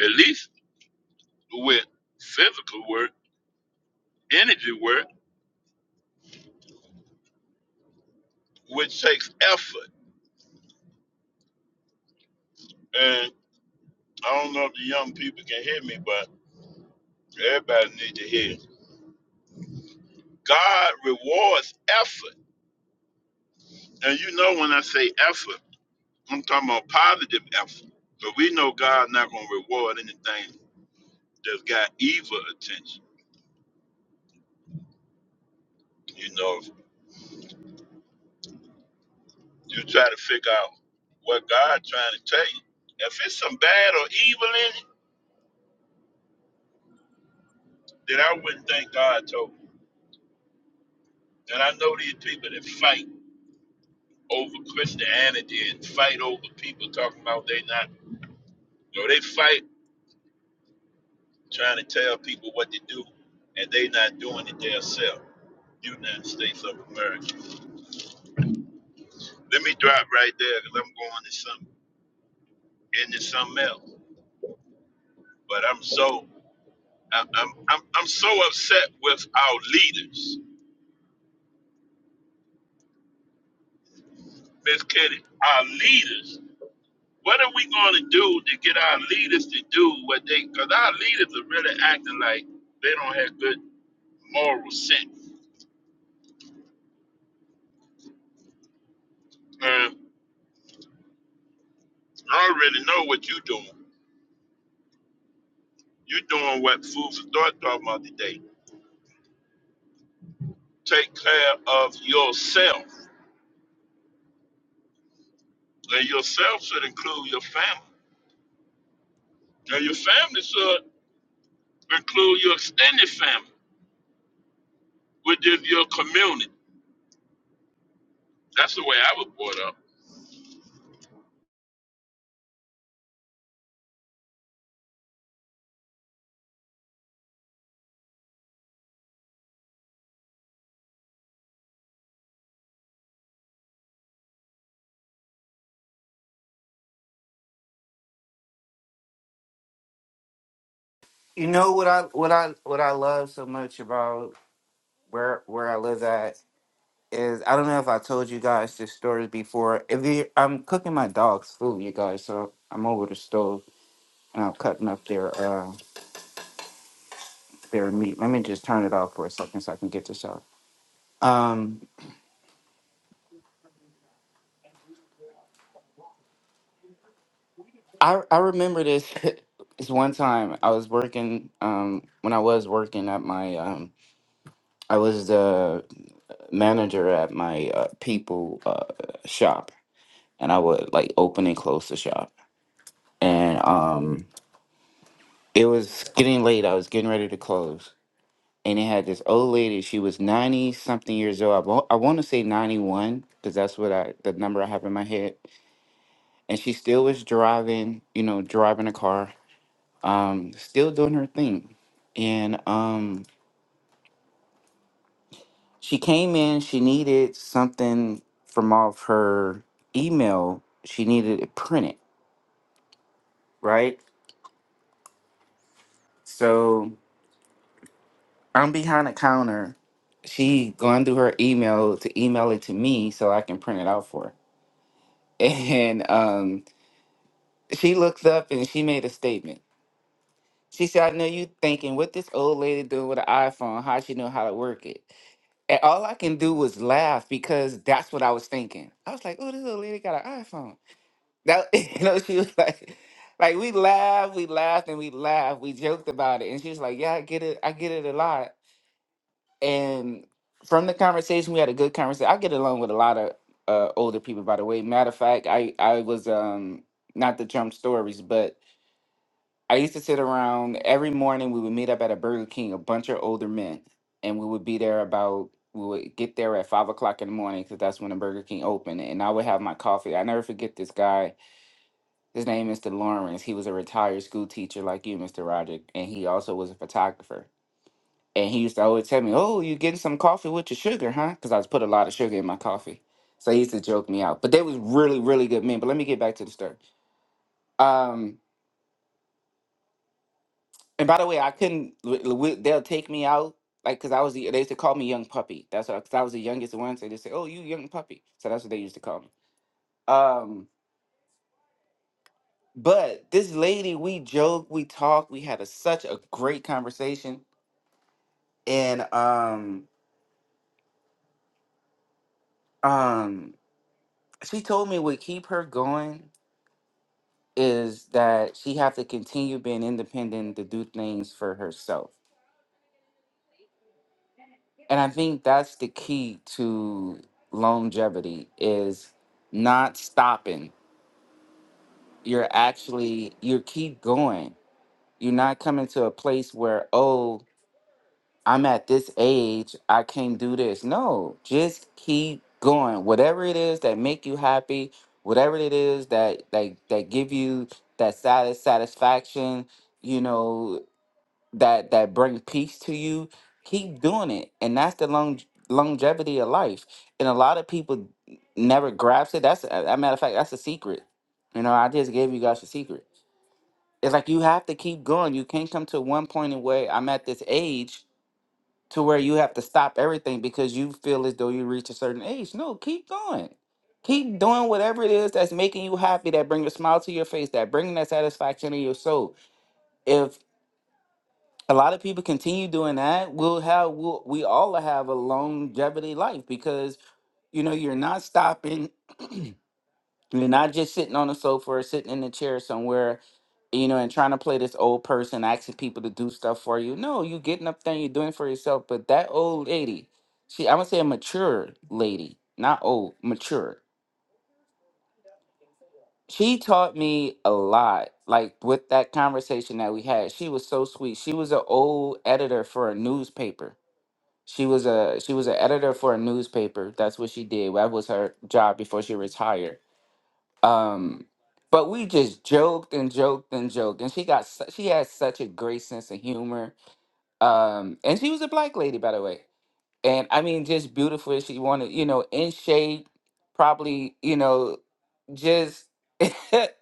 at least with where we were, which takes effort. And I don't know if the young people can hear me, but I need to hear. God rewards effort And you know when I say effort, I'm talking about positive effort. But we know God's not gonna reward anything that's got evil attention. You know, if you try to figure out what God trying to tell you. If it's some bad or evil in it, then I wouldn't think God told me. And I know these people that fight over Christianity and fight over people talking about they not you know, they fight trying to tell people what to do and they not doing it themselves. United States of America. Let me drop right there because I'm going to some into something else. But I'm so I'm I'm I'm I'm so upset with our leaders, Miss Kitty. Our leaders. What are we going to do to get our leaders to do what they? Because our leaders are really acting like they don't have good moral sense. Um, I already know what you're doing. You're doing what food for thought talking about today. Take care of yourself, and yourself should include your family. and your family should. include your extended family within your community. That's the way I was brought up.
You know what I what I what I love so much about where where I live at is I don't know if I told you guys this story before. If you, I'm cooking my dog's food, you guys, so I'm over the stove and I'm cutting up their uh their meat. Let me just turn it off for a second so I can get this out. Um, I I remember this. This one time I was working. Um, when I was working at my um, I was the manager at my uh, people uh shop, and I would like open and close the shop, and um. It was getting late. I was getting ready to close, and it had this old lady. She was ninety something years old. I, wa- I want to say ninety one because that's what I the number I have in my head. And she still was driving, you know, driving a car, um, still doing her thing. And um, she came in. She needed something from off her email. She needed it printed, right? So I'm behind the counter. She going through her email to email it to me so I can print it out for her. And um, She looks up and she made a statement. She said, I know you thinking what this old lady doing with an iPhone, how she know how to work it. And all I can do was laugh because that's what I was thinking. I was like, oh, this old lady got an iPhone. That you know, she was like like we laughed, we laughed and we laughed. We joked about it. And she was like, Yeah, I get it, I get it a lot. And from the conversation, we had a good conversation. I get along with a lot of uh, older people, by the way. Matter of fact, I I was um not the Trump stories, but I used to sit around every morning. We would meet up at a Burger King, a bunch of older men, and we would be there about. We would get there at five o'clock in the morning because that's when the Burger King opened, and I would have my coffee. I never forget this guy. His name is Mr. Lawrence. He was a retired school teacher like you, Mr. Roger, and he also was a photographer. And he used to always tell me, "Oh, you getting some coffee with your sugar, huh?" Because I was put a lot of sugar in my coffee. So he used to joke me out. But they was really, really good men. But let me get back to the story. Um, And by the way, I couldn't. w- w- They'll take me out like because I was the they used to call me young puppy. That's what because I was the youngest one. So they say, "Oh, you young puppy." So that's what they used to call me. Um, but this lady, we joked, we talked, we had a, such a great conversation, and um, um, she told me what keep her going is that she have to continue being independent to do things for herself. And I think that's the key to longevity is not stopping you're actually you keep going. You're not coming to a place where oh I'm at this age I can't do this. No, just keep going. Whatever it is that make you happy, whatever it is that that that give you that satis- satisfaction, you know that that bring peace to you. Keep doing it, and that's the long longevity of life. And a lot of people never grasp it. That's a a matter of fact. That's a secret. You know, I just gave you guys a secret it's like you have to keep going. You can't come to one point in where I'm at this age to where you have to stop everything because you feel as though you reach a certain age. No, keep going. Keep doing whatever it is that's making you happy, that bring a smile to your face, that bringing that satisfaction in your soul. If a lot of people continue doing that, we'll have we'll, we all have a longevity life because you know you're not stopping You're not just sitting on the sofa or sitting in a chair somewhere, you know, and trying to play this old person, asking people to do stuff for you. No, you getting up there and you're doing for yourself. But that old lady, she, I would say a mature lady, not old, mature. She taught me a lot, like with that conversation that we had. She was so sweet. She was an old editor for a newspaper. She was a she was an editor for a newspaper. That's what she did. That was her job before she retired Um, but we just joked and joked and joked, and she got su- she had such a great sense of humor. Um, and she was a black lady, by the way and I mean, just beautiful. She wanted, you know, in shape, probably, you know, just it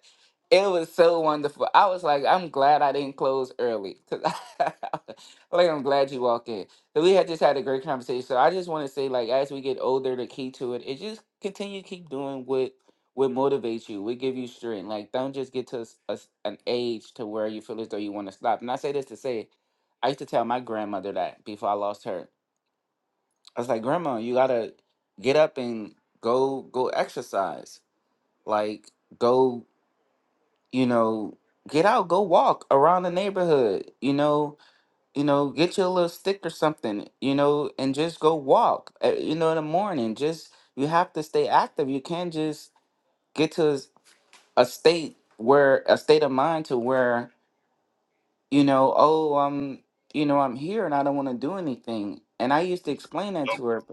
was so wonderful. I was like, I'm glad I didn't close early because like I'm glad you walked in. So we had just had a great conversation. So I just want to say, like, as we get older, the key to it is just continue to keep doing what what motivates you, what give you strength. Like, don't just get to a s- a s- an age to where you feel as though you want to stop. And I say this to say, I used to tell my grandmother that before I lost her I was like, Grandma, you gotta get up and go go exercise. Like go, you know, get out, go walk around the neighborhood, you know, you know, get you a little stick or something, you know, and just go walk. uh, You know, in the morning. Just you have to stay active. You can't just get to a s- a state where a state of mind to where, you know, oh, I'm you know, I'm here and I don't wanna do anything. And I used to explain that
So,
to her.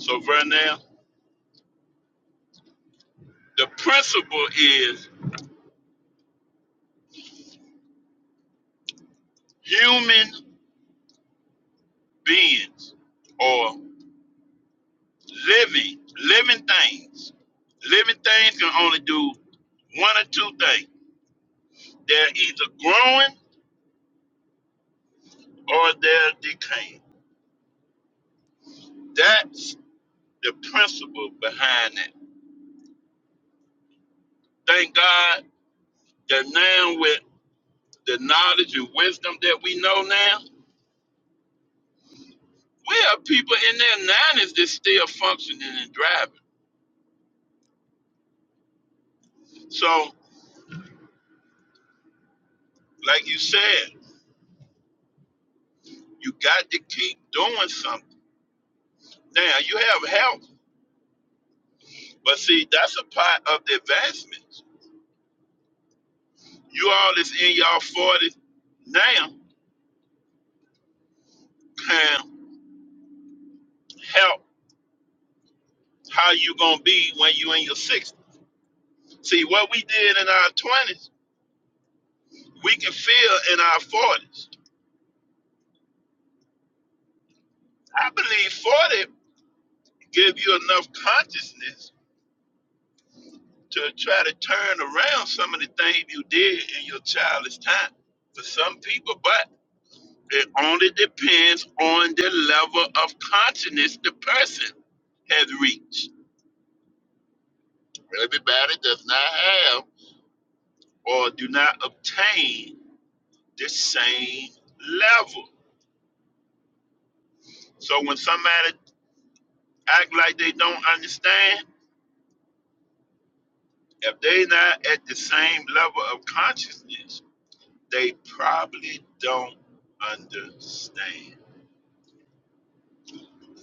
so Vernell, the principle is human beings or living, living things. Living things can only do one or two things. They're either growing or they're decaying. That's the principle behind that. Thank God that now with the knowledge and wisdom that we know now, We have people in their 90s that still functioning and driving. So, like you said, you got to keep doing something. Now, you have help, but see, that's a part of the advancements. You all is in your 40s now, Can help how you going to be when you in your 60s. See, what we did in our 20s, we can feel in our 40s. I believe 40 give you enough consciousness to try to turn around some of the things you did in your childish time for some people, but it only depends on the level of consciousness the person has reached. Everybody does not have or do not obtain the same level. So when somebody act like they don't understand, if they not at the same level of consciousness, they probably don't understand.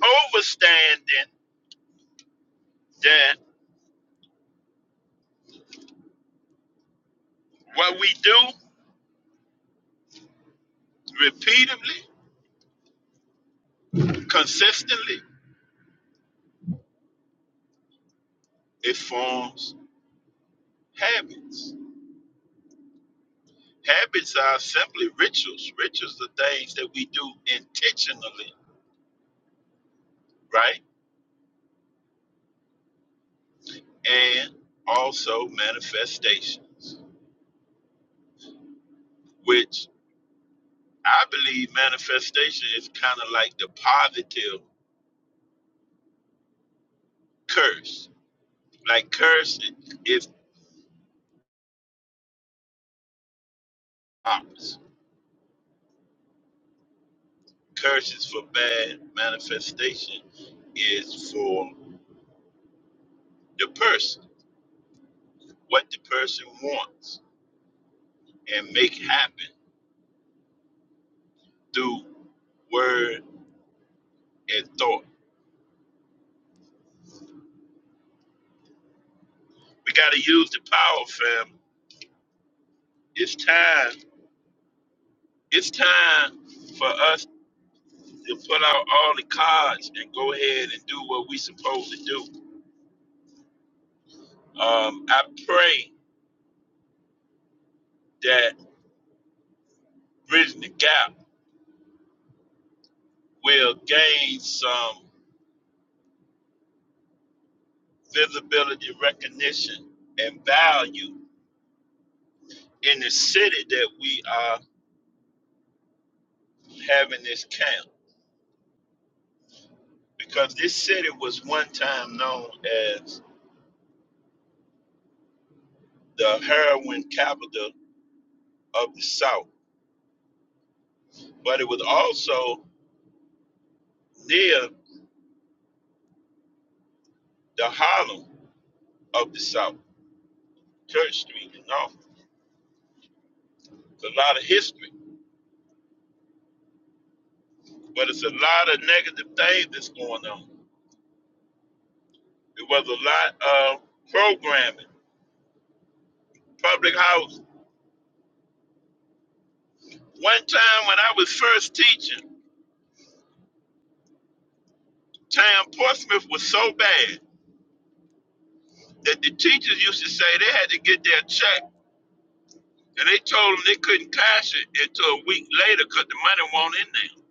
overstanding that what we do repeatedly, consistently, it forms habits. Habits are simply rituals. Rituals are things that we do intentionally, right? And also manifestations, which I believe manifestation is kind of like the positive curse. Like curse is opposite. Curse is for bad, manifestation is for the person, what the person wants, and make happen through word and thought. We got to use the power, fam. It's time. It's time for us to put out all the cards and go ahead and do what we supposed to do. Um, I pray that Bridging the Gap will gain some visibility, recognition, and value in the city that we are having this camp. because this city was one time known as the heroin capital of the South, but it was also near the Harlem of the South, Church Street and all. It's a lot of history, but it's a lot of negative things that's going on. It was a lot of programming, public housing. One time when I was first teaching, town Portsmouth was so bad that the teachers used to say they had to get their check And they told them they couldn't cash it until a week later because the money won't in there.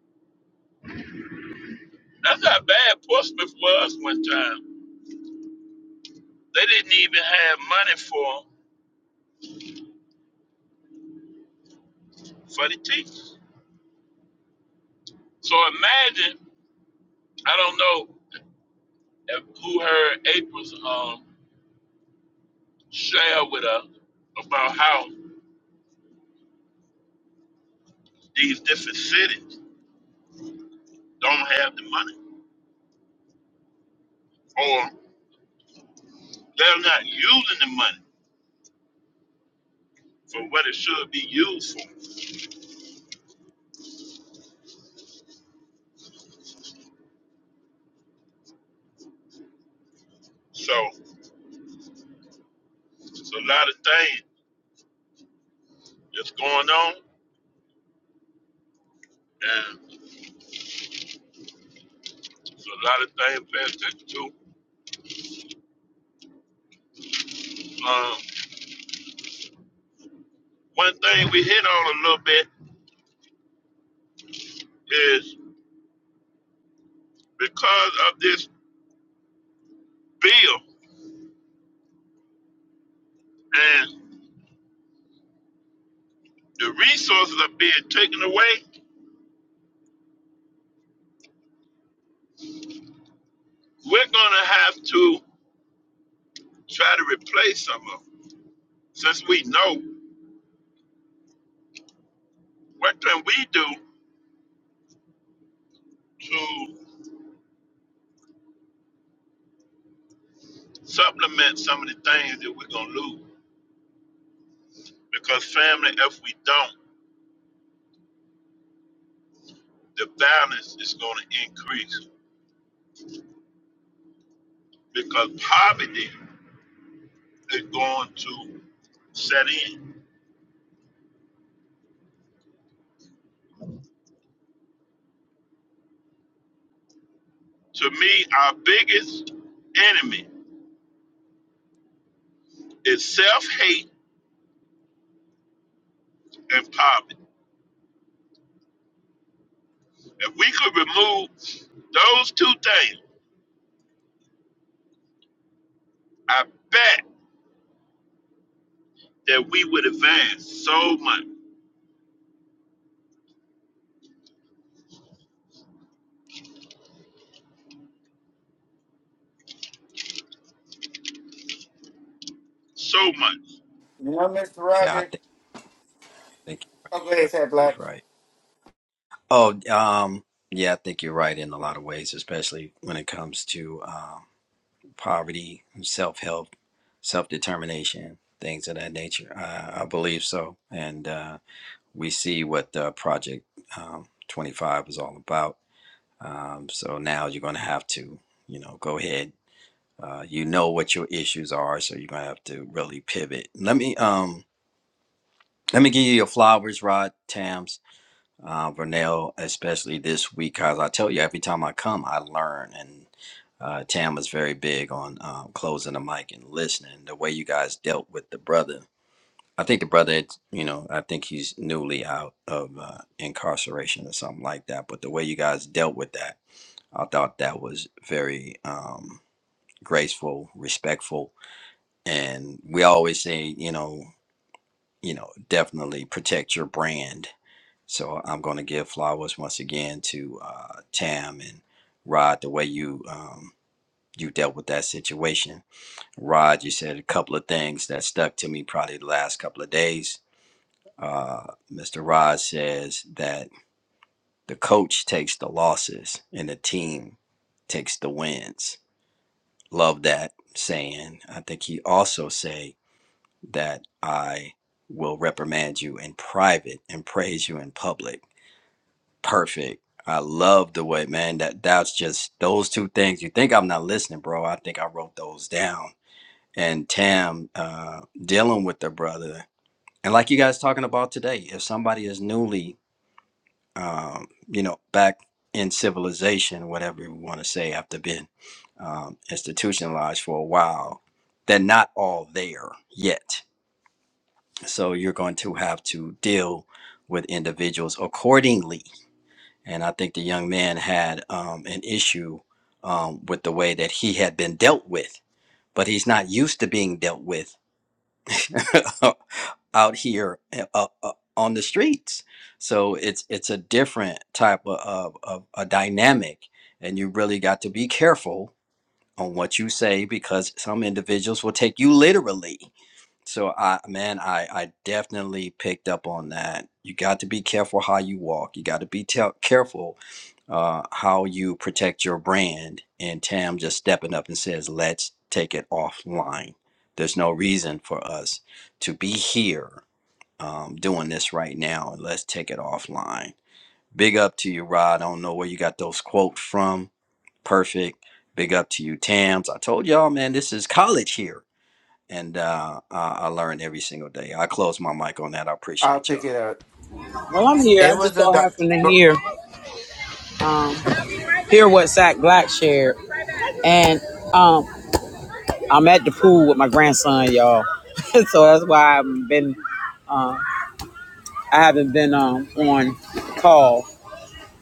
That's how bad Portsmouth was one time. They didn't even have money for for the teachers. So imagine, I don't know if, who heard April's um, share with us about how these different cities don't have the money or they're not using the money for what it should be used for. So it's a lot of things that's going on and. There's a lot of things paying attention to. Um, one thing we hit on a little bit is because of this bill and the resources are being taken away, we're gonna have to try to replace some of them. Since we know what can we do to supplement some of the things that we're gonna lose. Because family, if we don't, the violence is gonna increase because poverty is going to set in. To me, our biggest enemy is self hate and poverty. If we could remove those two things, I bet that we would advance so much, so much.
Yeah, I
Roger,
think think
okay, said Black.
he's right. Oh, um, yeah, I think you're right in a lot of ways, especially when it comes to um, poverty, self help, self determination, things of that nature. Uh, I believe so, and uh, we see what uh, Project um, Twenty Five was all about. Um, now you're going to have to, you know, go ahead Uh, you know what your issues are, so you're gonna have to really pivot. Let me um let me give you your flowers, Rod, Tams, uh, Vernell, especially this week, cause I tell you every time I come, I learn, and uh, Tam was very big on um, closing the mic and listening. The way you guys dealt with the brother, I think the brother, you know, I think he's newly out of uh, incarceration or something like that. But the way you guys dealt with that, I thought that was very um, graceful, respectful and we always say you know you know definitely protect your brand so i'm going to give flowers once again to uh, tam and rod the way you um, you dealt with that situation rod you said a couple of things that stuck to me probably the last couple of days uh, mr rod says that the coach takes the losses and the team takes the wins love that saying i think he also said that I will reprimand you in private and praise you in public. Perfect. I love the way, man. That that's just those two things. You think I'm not listening, bro? I think I wrote those down. And Tam uh, dealing with the brother, and like you guys talking about today, if somebody is newly, um, you know, back in civilization, whatever you want to say, after being um, institutionalized for a while, they're not all there yet So you're going to have to deal with individuals accordingly. And I think the young man had um, an issue um, with the way that he had been dealt with, but he's not used to being dealt with out here uh, uh, on the streets. So it's it's a different type of, of, of a dynamic, and you really got to be careful on what you say because some individuals will take you literally so I man, I I definitely picked up on that. You got to be careful how you walk. You got to be tel- careful uh, how you protect your brand. And Tam just stepping up and says, "Let's take it offline. There's no reason for us to be here um, doing this right now. Let's take it offline." Big up to you, Rod. I don't know where you got those quotes from. Perfect. Big up to you, Tams. I told y'all, man, this is college here and uh, I, I learn every single day. I close my mic on that. I
I'll
appreciate
pick
y'all.
it up.
Well, I'm here. I
It
just
was a.
so
doc-
happened to
go-
hear um, hear what Zach Black shared, and um, I'm at the pool with my grandson, y'all. so that's why I've been I haven't been um, on call,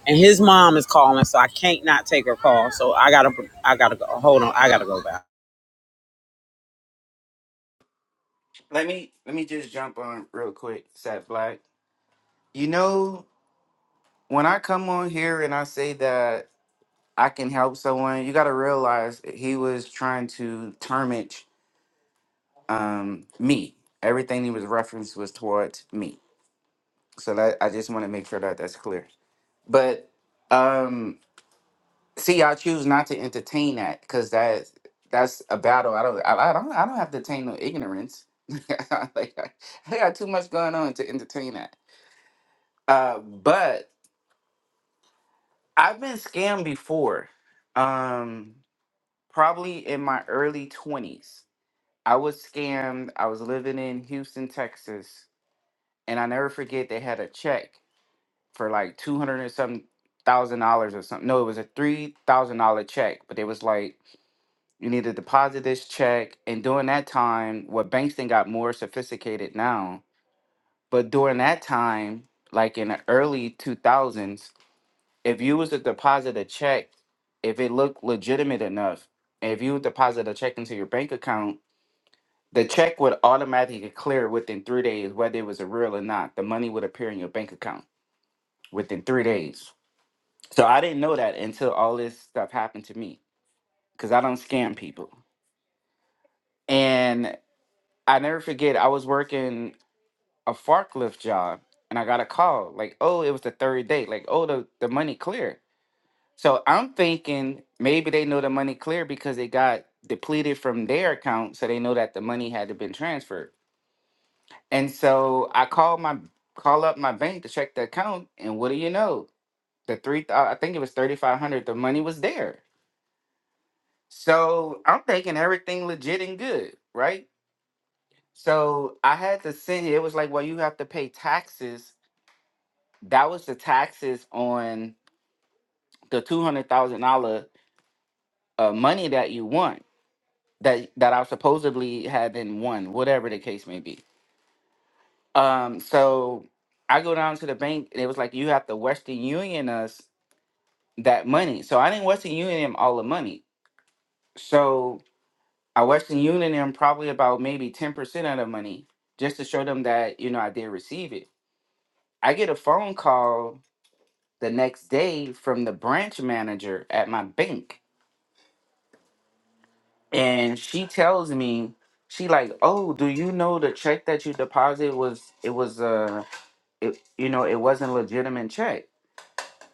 and his mom is calling, so I can't not take her call. So I gotta I gotta go. Hold on, I gotta go back.
Let me let me just jump on real quick, Sat Black. You know, when I come on here and I say that I can help someone, you got to realize he was trying to tarnish um, me. Everything he was referenced was towards me. So that I just want to make sure that that's clear. But um See, I choose not to entertain that because that that's a battle. I don't. I, I don't. I don't have to entertain no ignorance. like I, I got too much going on to entertain that. Uh, but I've been scammed before. Um, probably in my early twenties, I was scammed. I was living in Houston, Texas, and I never forget they had a check for like two hundred and some thousand dollars or something. No, it was a three thousand dollar check, but it was like. You need to deposit this check. And during that time, what banks then got more sophisticated now. But during that time, like in the early 2000s, if you was to deposit a check, if it looked legitimate enough, and if you would deposit a check into your bank account, the check would automatically clear within three days, whether it was a real or not. The money would appear in your bank account within three days. So I didn't know that until all this stuff happened to me because I don't scam people. and. I never forget I was working a forklift job and I got a call like, oh, it was the third day, like, oh, the, the money clear. So I'm thinking maybe they know the money clear because they got depleted from their account, so they know that the money had to been transferred. And so I called my call up my bank to check the account, and what do you know? The three, thou- I think it was thirty five hundred. The money was there. So I'm thinking everything legit and good, right? So I had to send it. It was like, well, you have to pay taxes that was the taxes on the two hundred thousand dollar uh, money that you won that that I supposedly had been won, whatever the case may be. Um, so I go down to the bank and it was like you have to Western Union us that money. So I didn't Western Union him all the money. So I Western Union him probably about maybe ten percent of the money just to show them that you know I did receive it. I get a phone call the next day from the branch manager at my bank and she tells me she like oh do you know the check that you deposited was it was uh it, you know it wasn't a legitimate check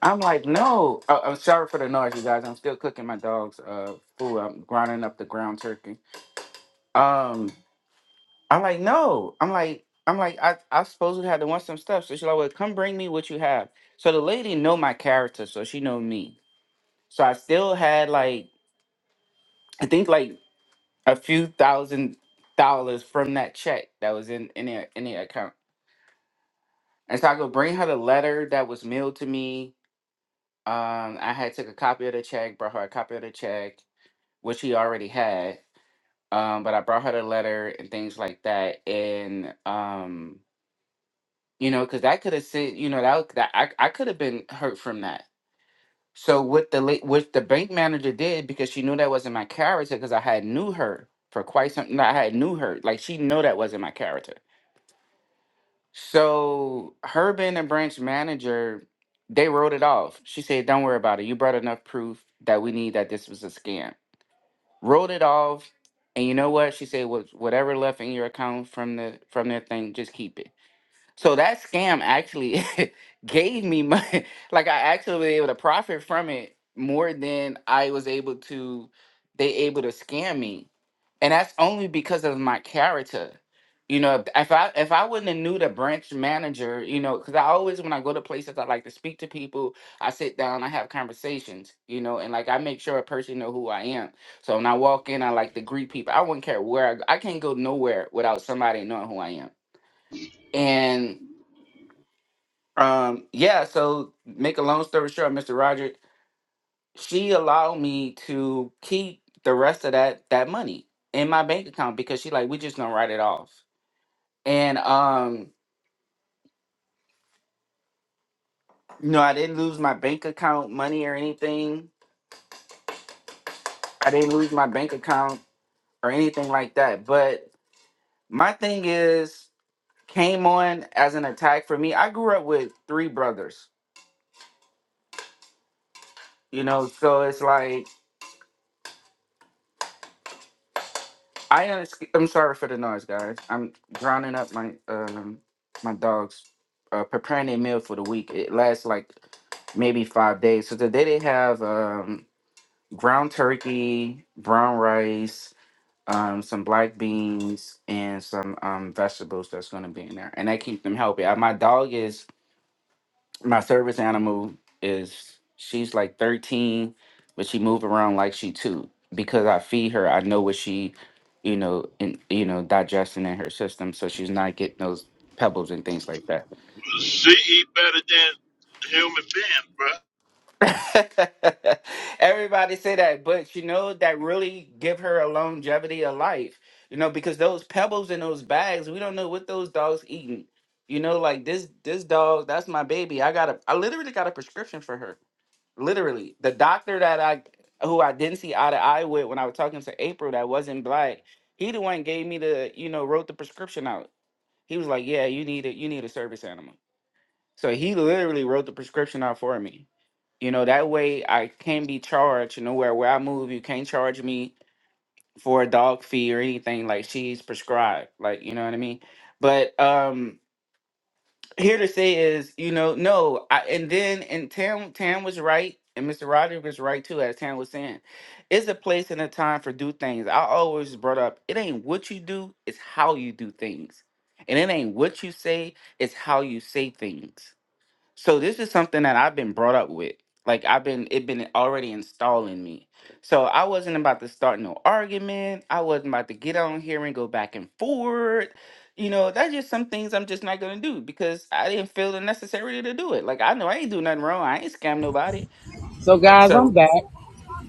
i'm like no I, i'm sorry for the noise you guys i'm still cooking my dog's uh food i'm grinding up the ground turkey um i'm like no i'm like i'm like i i supposedly had to want some stuff so she's like well come bring me what you have so the lady know my character so she know me so i still had like i think like a few thousand dollars from that check that was in in their in their account. And so I go bring her the letter that was mailed to me. Um, I had took a copy of the check, brought her a copy of the check, which she already had. Um, but I brought her the letter and things like that. And um, you know, because that could have said, you know, that, that I I could have been hurt from that. So what the late what the bank manager did because she knew that wasn't my character because I had knew her for quite some I had knew her like she know that wasn't my character. So her being a branch manager, they wrote it off. She said, "Don't worry about it. You brought enough proof that we need that this was a scam." Wrote it off, and you know what? She said, "What whatever left in your account from the from that thing, just keep it." So that scam actually gave me money. Like I actually was able to profit from it more than I was able to. They able to scam me, and that's only because of my character. You know, if if I if I wouldn't have knew the branch manager, you know, because I always when I go to places I like to speak to people, I sit down, I have conversations, you know, and like I make sure a person know who I am. So when I walk in, I like to greet people. I wouldn't care where I go. I can't go nowhere without somebody knowing who I am. And um, yeah, so make a long story short, Mr. Roger, she allowed me to keep the rest of that that money in my bank account because she like, we just gonna write it off. And um, you know, I didn't lose my bank account money or anything. I didn't lose my bank account or anything like that. But my thing is came on as an attack for me. I grew up with three brothers, you know, so it's like I honestly, I'm sorry for the noise, guys. I'm drowning up my um my dogs, uh, preparing their meal for the week. It lasts like maybe five days. So today they have um ground turkey, brown rice, um some black beans, and some um vegetables that's gonna be in there, and I keep them healthy. Uh, My dog is my service animal is she's like 13 but she move around like she two because i feed her i know what she you know in you know digesting in her system so she's not getting those pebbles and things like that
She eat better than human beings, bro.
everybody say that but you know that really give her a longevity of life you know because those pebbles in those bags we don't know what those dogs eating you know like this this dog that's my baby i got a i literally got a prescription for her literally the doctor that I who I didn't see eye to eye with when I was talking to April that wasn't black, he the one gave me the you know wrote the prescription out. He was like, yeah, you need it, you need a service animal. So he literally wrote the prescription out for me. You know that way I can not be charged. You know where where I move, you can't charge me for a dog fee or anything like she's prescribed. Like you know what I mean. But um here to say is, you know, no, I, and then and Tam Tam was right, and Mr. Rogers was right too, as Tam was saying. It's a place and a time for do things. I always brought up it ain't what you do, it's how you do things. And it ain't what you say, it's how you say things. So this is something that I've been brought up with. Like I've been it been already installed in me. So I wasn't about to start no argument. I wasn't about to get on here and go back and forth. You know, that's just some things I'm just not gonna do because I didn't feel the necessary to do it. Like I know I ain't do nothing wrong. I ain't scam nobody.
So
Like
guys, I'm
so
back.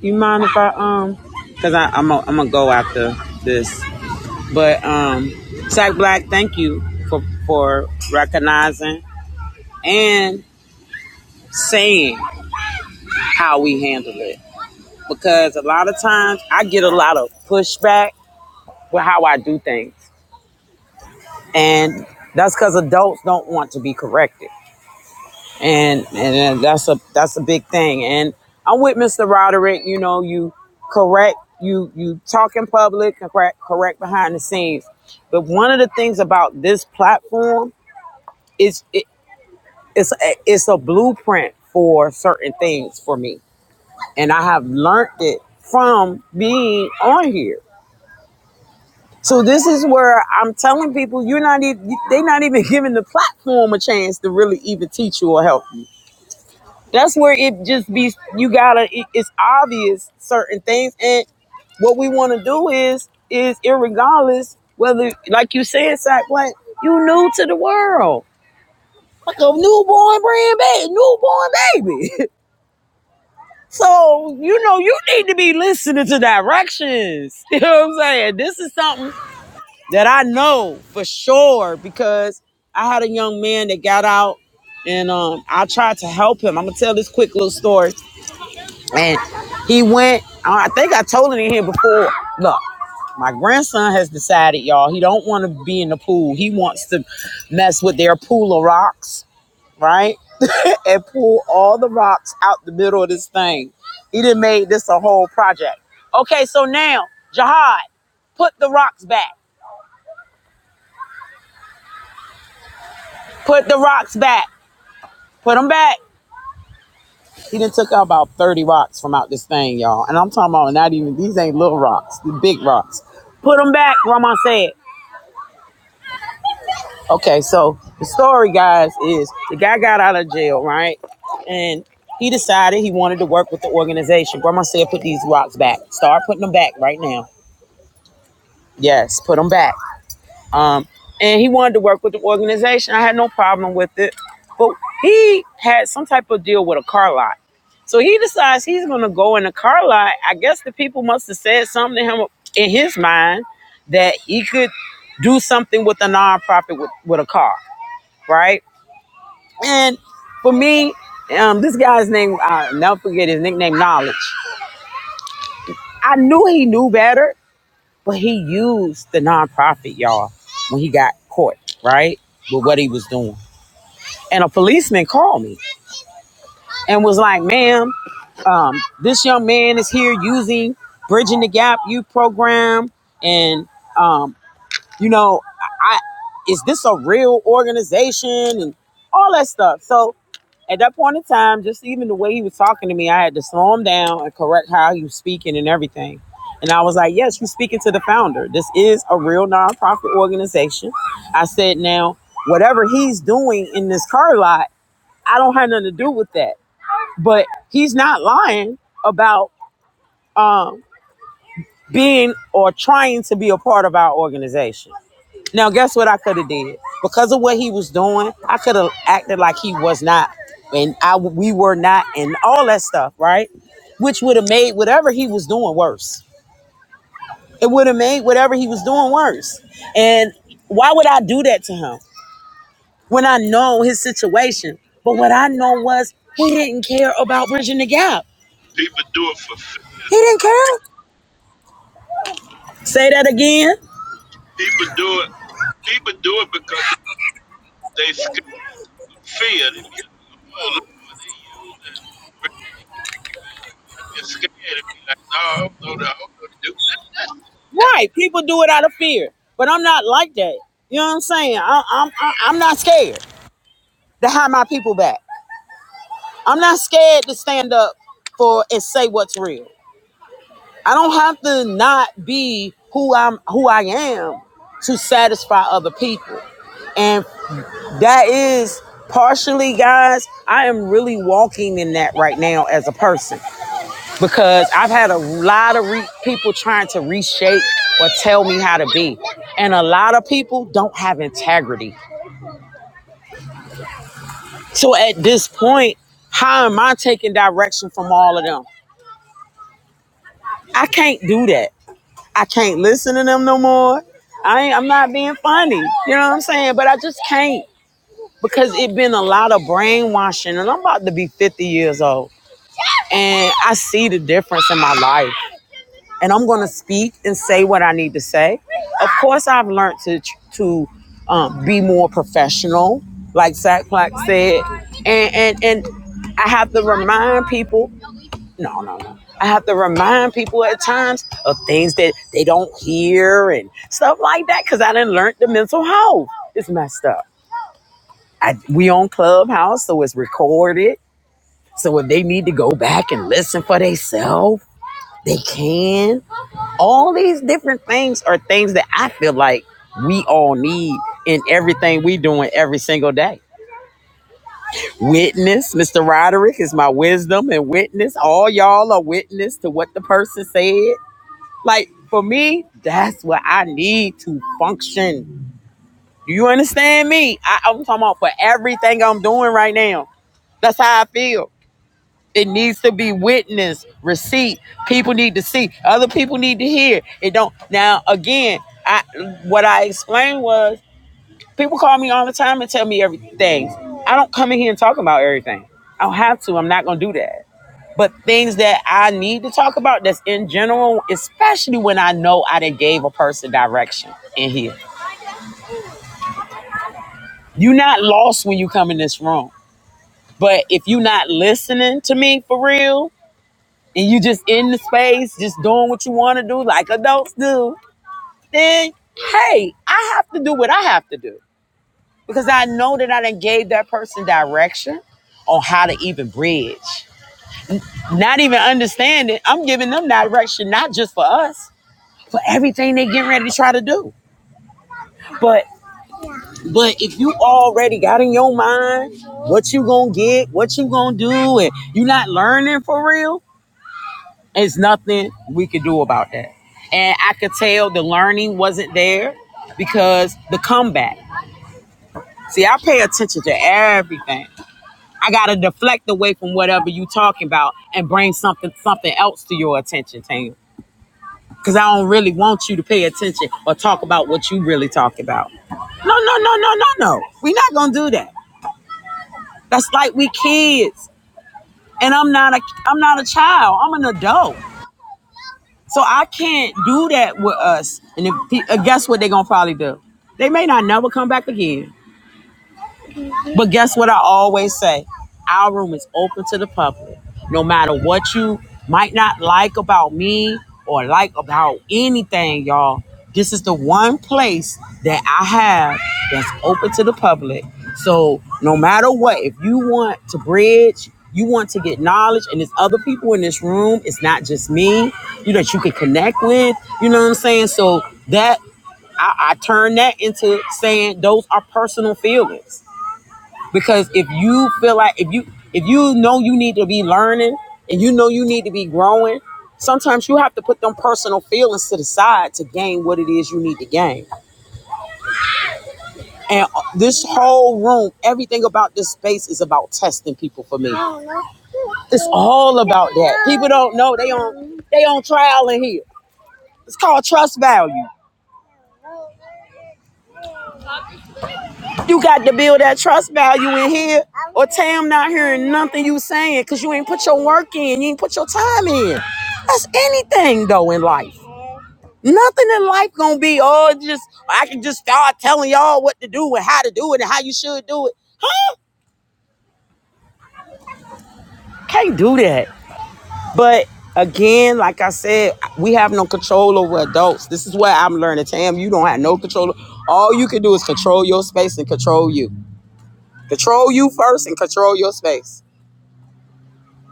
You mind if I um? Cause I, I'm i am i gonna go after this, but um, Zach Black, thank you for for recognizing. and saying how we handle it. Because a lot of times I get a lot of pushback with how I do things. And that's because adults don't want to be corrected. And and that's a that's a big thing. And I'm with Mr. Roderick, you know, you correct, you you talk in public, correct correct behind the scenes. But one of the things about this platform is it, it's it's a blueprint for certain things for me and I have learned it from being on here. So this is where I'm telling people you're not even they're not even giving the platform a chance to really even teach you or help you. That's where it just be you gotta it- it's obvious certain things and what we want to do is is irregardless whether like you said Sack Black you new to the world like a newborn brand baby newborn baby So, you know, you need to be listening to directions. You know what I'm saying? This is something that I know for sure because I had a young man that got out and um, I tried to help him. I'm going to tell this quick little story. And he went, I think I told it in here before. Look, my grandson has decided, y'all, he don't want to be in the pool. He wants to mess with their pool of rocks right? and pull all the rocks out the middle of this thing. He done made this a whole project. Okay, so now, Jihad, put the rocks back. Put the rocks back. Put them back. He done took out about 30 rocks from out this thing, y'all. And I'm talking about not even, these ain't little rocks, the big rocks. Put them back, Grandma said. Okay, so the story, guys, is the guy got out of jail, right? And he decided he wanted to work with the organization. Grandma said, put these rocks back. Start putting them back right now. Yes, put him back. Um, and he wanted to work with the organization. I had no problem with it, but he had some type of deal with a car lot. So he decides he's going to go in a car lot. I guess the people must have said something to him in his mind that he could do something with a nonprofit with, with a car, right? And for me, um, this guy's name, I'll never forget his nickname, Knowledge. I knew he knew better, Well, he used the nonprofit, y'all, when he got caught, right? With what he was doing. And a policeman called me and was like, ma'am, um, this young man is here using Bridging the Gap Youth Program. And, um, you know, I, is this a real organization? And all that stuff. So at that point in time, just even the way he was talking to me, I had to slow him down and correct how he was speaking and everything. And I was like, yes, you're speaking to the founder. This is a real nonprofit organization. I said, now, whatever he's doing in this car lot, I don't have nothing to do with that. But he's not lying about um, being or trying to be a part of our organization. Now, guess what I could have did? Because of what he was doing, I could have acted like he was not, and I we were not, and all that stuff, right? Which would have made whatever he was doing worse. It would have made whatever he was doing worse. And why would I do that to him when I know his situation? But what I know was he didn't care about bridging the gap.
People do it for
He didn't
fear.
care. Say that again.
People do it. People do it because They scared of fear. They be like, oh, Lord, they using religion. They be scared and be like, no, I don't know that. I don't know to do
Right. People do it out of fear, but I'm not like that. You know what I'm saying? I, I'm I, I'm not scared. to have my people back. I'm not scared to stand up for and say what's real. I don't have to not be who I'm who I am to satisfy other people. And that is partially guys, I am really walking in that right now as a person because I've had a lot of re- people trying to reshape or tell me how to be. And a lot of people don't have integrity. So at this point, how am I taking direction from all of them? I can't do that. I can't listen to them no more. I ain't, I'm not being funny. You know what I'm saying? But I just can't because it been a lot of brainwashing and I'm about to be 50 years old and I see the difference in my life and I'm going to speak and say what I need to say. Of course, I've learned to, to um, be more professional, like Zach Black said, and, and, and I have to remind people no, no, no. I have to remind people at times of things that they don't hear and stuff like that because I didn't learn the mental health. is messed up. I, we on Clubhouse, so it's recorded. So if they need to go back and listen for themselves, they can. All these different things are things that I feel like we all need in everything we doing every single day. Witness, Mr. Roderick is my wisdom and witness. All y'all are witness to what the person said. Like for me, that's what I need to function. Do you understand me? I, I'm talking about for everything I'm doing right now. That's how I feel. It needs to be witnessed, receipt. People need to see. Other people need to hear. It don't. Now again, I what I explained was people call me all the time and tell me everything. I don't come in here and talk about everything. I don't have to. I'm not gonna do that. But things that I need to talk about that's in general, especially when I know I done gave a person direction in here. you are not lost when you come in this room. But if you are not listening to me for real and you just in the space, just doing what you want to do like adults do, then hey, I have to do what I have to do. Because I know that I done gave that person direction on how to even bridge. Not even understanding, I'm giving them direction, not just for us for everything they getting ready to try to do. But but if you already got in your mind what you gonna get, what you gonna do, and you not learning for real, it's nothing we could do about that. And I could tell the learning wasn't there because the comeback. See, I pay attention to everything. I gotta deflect away from whatever you talking about and bring something something else to your attention, Tam. because I don't really want you to pay attention or talk about what you really talk about. No, no, no, no, no, no. We're not gonna do that. That's like we kids, and I'm not a I'm not a child. I'm an adult, so I can't do that with us. And if, uh, guess what they're gonna probably do? They may not never come back again. But guess what I always say? Our room is open to the public. No matter what you might not like about me or like about anything, y'all, this is the one place that I have that's open to the public. So no matter what, if you want to bridge, you want to get knowledge, and there's other people in this room, it's not just me, you know, that you can connect with, you know what I'm saying? So that I, I turn that into saying those are personal feelings. Because if you feel like if you if you know you need to be learning and you know you need to be growing, sometimes you have to put them personal feelings to the side to gain what it is you need to gain. And uh, this whole room, everything about this space is about testing people for me. It's all about that. People don't know they on they on trial in here. It's called trust value. You got to build that trust value in here, or Tam not hearing nothing you saying because you ain't put your work in, you ain't put your time in. That's anything though in life. Nothing in life gonna be oh just I can just start telling y'all what to do and how to do it and how you should do it. Huh? Can't do that. But again, like I said, we have no control over adults. This is what I'm learning. Tam, you don't have no control. All you can do is control your space and control you. Control you first and control your space.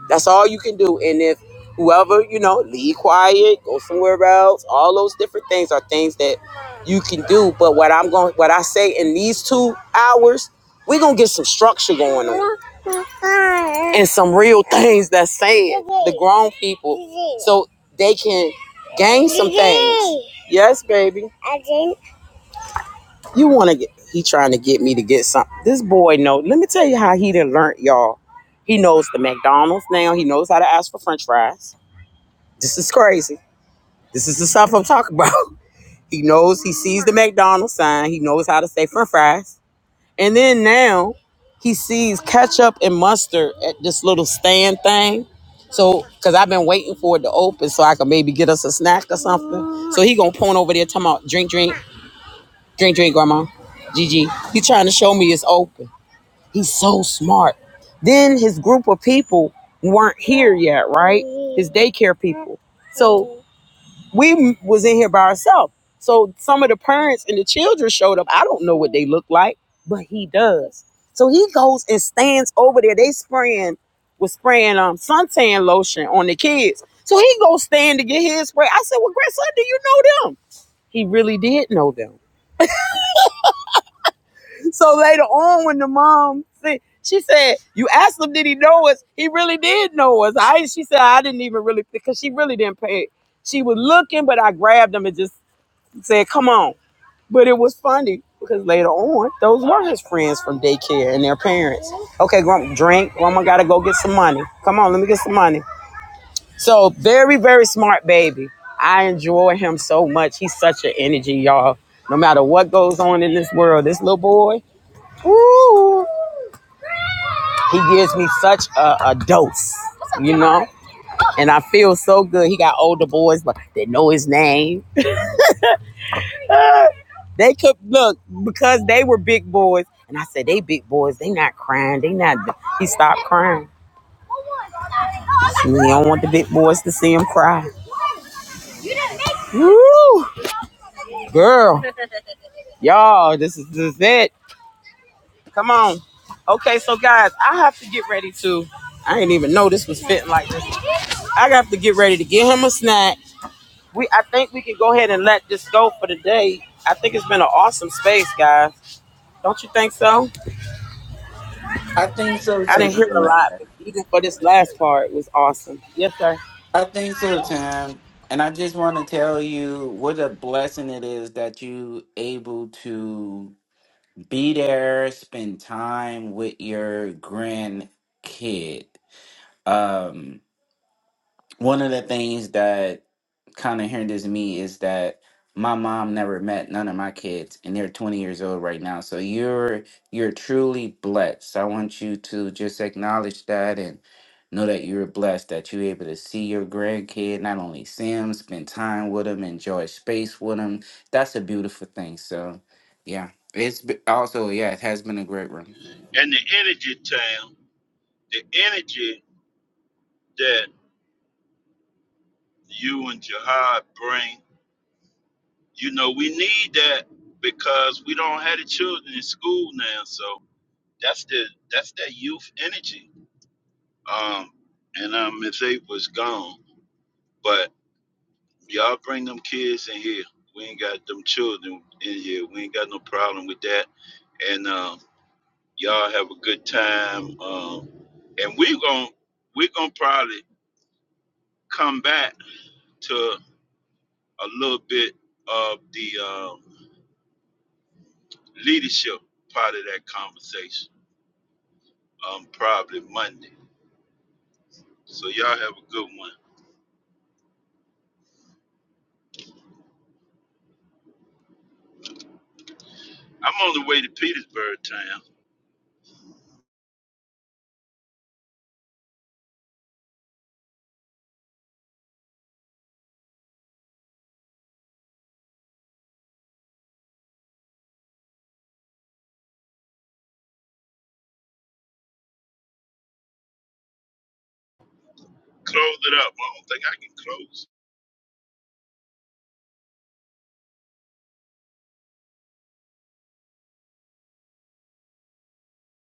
That's all you can do. And if whoever, you know, leave quiet, go somewhere else, all those different things are things that you can do. But what I'm going what I say in these two hours, we're gonna get some structure going on. And some real things that's said. The grown people. So they can gain some things. Yes, baby. You wanna get he trying to get me to get something. This boy know. Let me tell you how he done learned, y'all. He knows the McDonald's now. He knows how to ask for French fries. This is crazy. This is the stuff I'm talking about. He knows, he sees the McDonald's sign. He knows how to say french fries. And then now he sees ketchup and mustard at this little stand thing. So, because I've been waiting for it to open so I can maybe get us a snack or something. So he going to point over there talking about drink, drink, drink, drink, grandma. Gigi. He trying to show me it's open. He's so smart. Then his group of people weren't here yet, right? His daycare people. So we was in here by ourselves. So some of the parents and the children showed up. I don't know what they look like, but he does. So he goes and stands over there. They spraying was spraying um suntan lotion on the kids. So he goes stand to get his spray. I said, "Well, grandson, do you know them?" He really did know them. So later on, when the mom said, she said, "You asked him, did he know us? He really did know us." I she said, "I didn't even really because she really didn't pay." She was looking, but I grabbed him and just said, "Come on." But it was funny because later on, those were his friends from daycare and their parents. Okay, grandma, drink. Grandma gotta go get some money. Come on, let me get some money. So very, very smart baby. I enjoy him so much. He's such an energy, y'all. No matter what goes on in this world, this little boy, ooh, he gives me such a, a dose, you know. And I feel so good. He got older boys, but they know his name. They could look because they were big boys, and I said they big boys. They not crying. They not. He stopped crying. He don't want the big boys to see him cry. Woo, girl, y'all, this is this is it. Come on. Okay, so guys, I have to get ready to. I didn't even know this was fitting like this. I have to get ready to get him a snack. We, I think we can go ahead and let this go for the day. I think it's been an awesome space, guys. Don't you think so?
I think so
I didn't
Tim.
hear a
Excellent.
lot, but even for this last part, it was awesome. Yes, sir.
I think so, Tim. And I just want to tell you what a blessing it is that you able to Be there, spend time with your grandkid. Um, one of the things that kind of hinders me is that my mom never met none of my kids and they're 20 years old right now so you're you're truly blessed i want you to just acknowledge that and know that you're blessed that you're able to see your grandkid not only see him spend time with him enjoy space with him that's a beautiful thing so yeah it's be- also yeah it has been a great room
that. And the energy, Tam, the energy that you and Jihad bring, you know, we need that because we don't have the children in school now. So that's the that's that youth energy. Um, and um, if they was gone. but. Y'all bring them kids in here. We ain't got them children in here. We ain't got no problem with that. And um, y'all have a good time. Um, and we are gon' we are gonna probably come back to a little bit of the um, leadership part of that conversation. Um, probably Monday. So y'all have a good one. I'm on the way to Petersburg town. Close it up. I don't think I can close.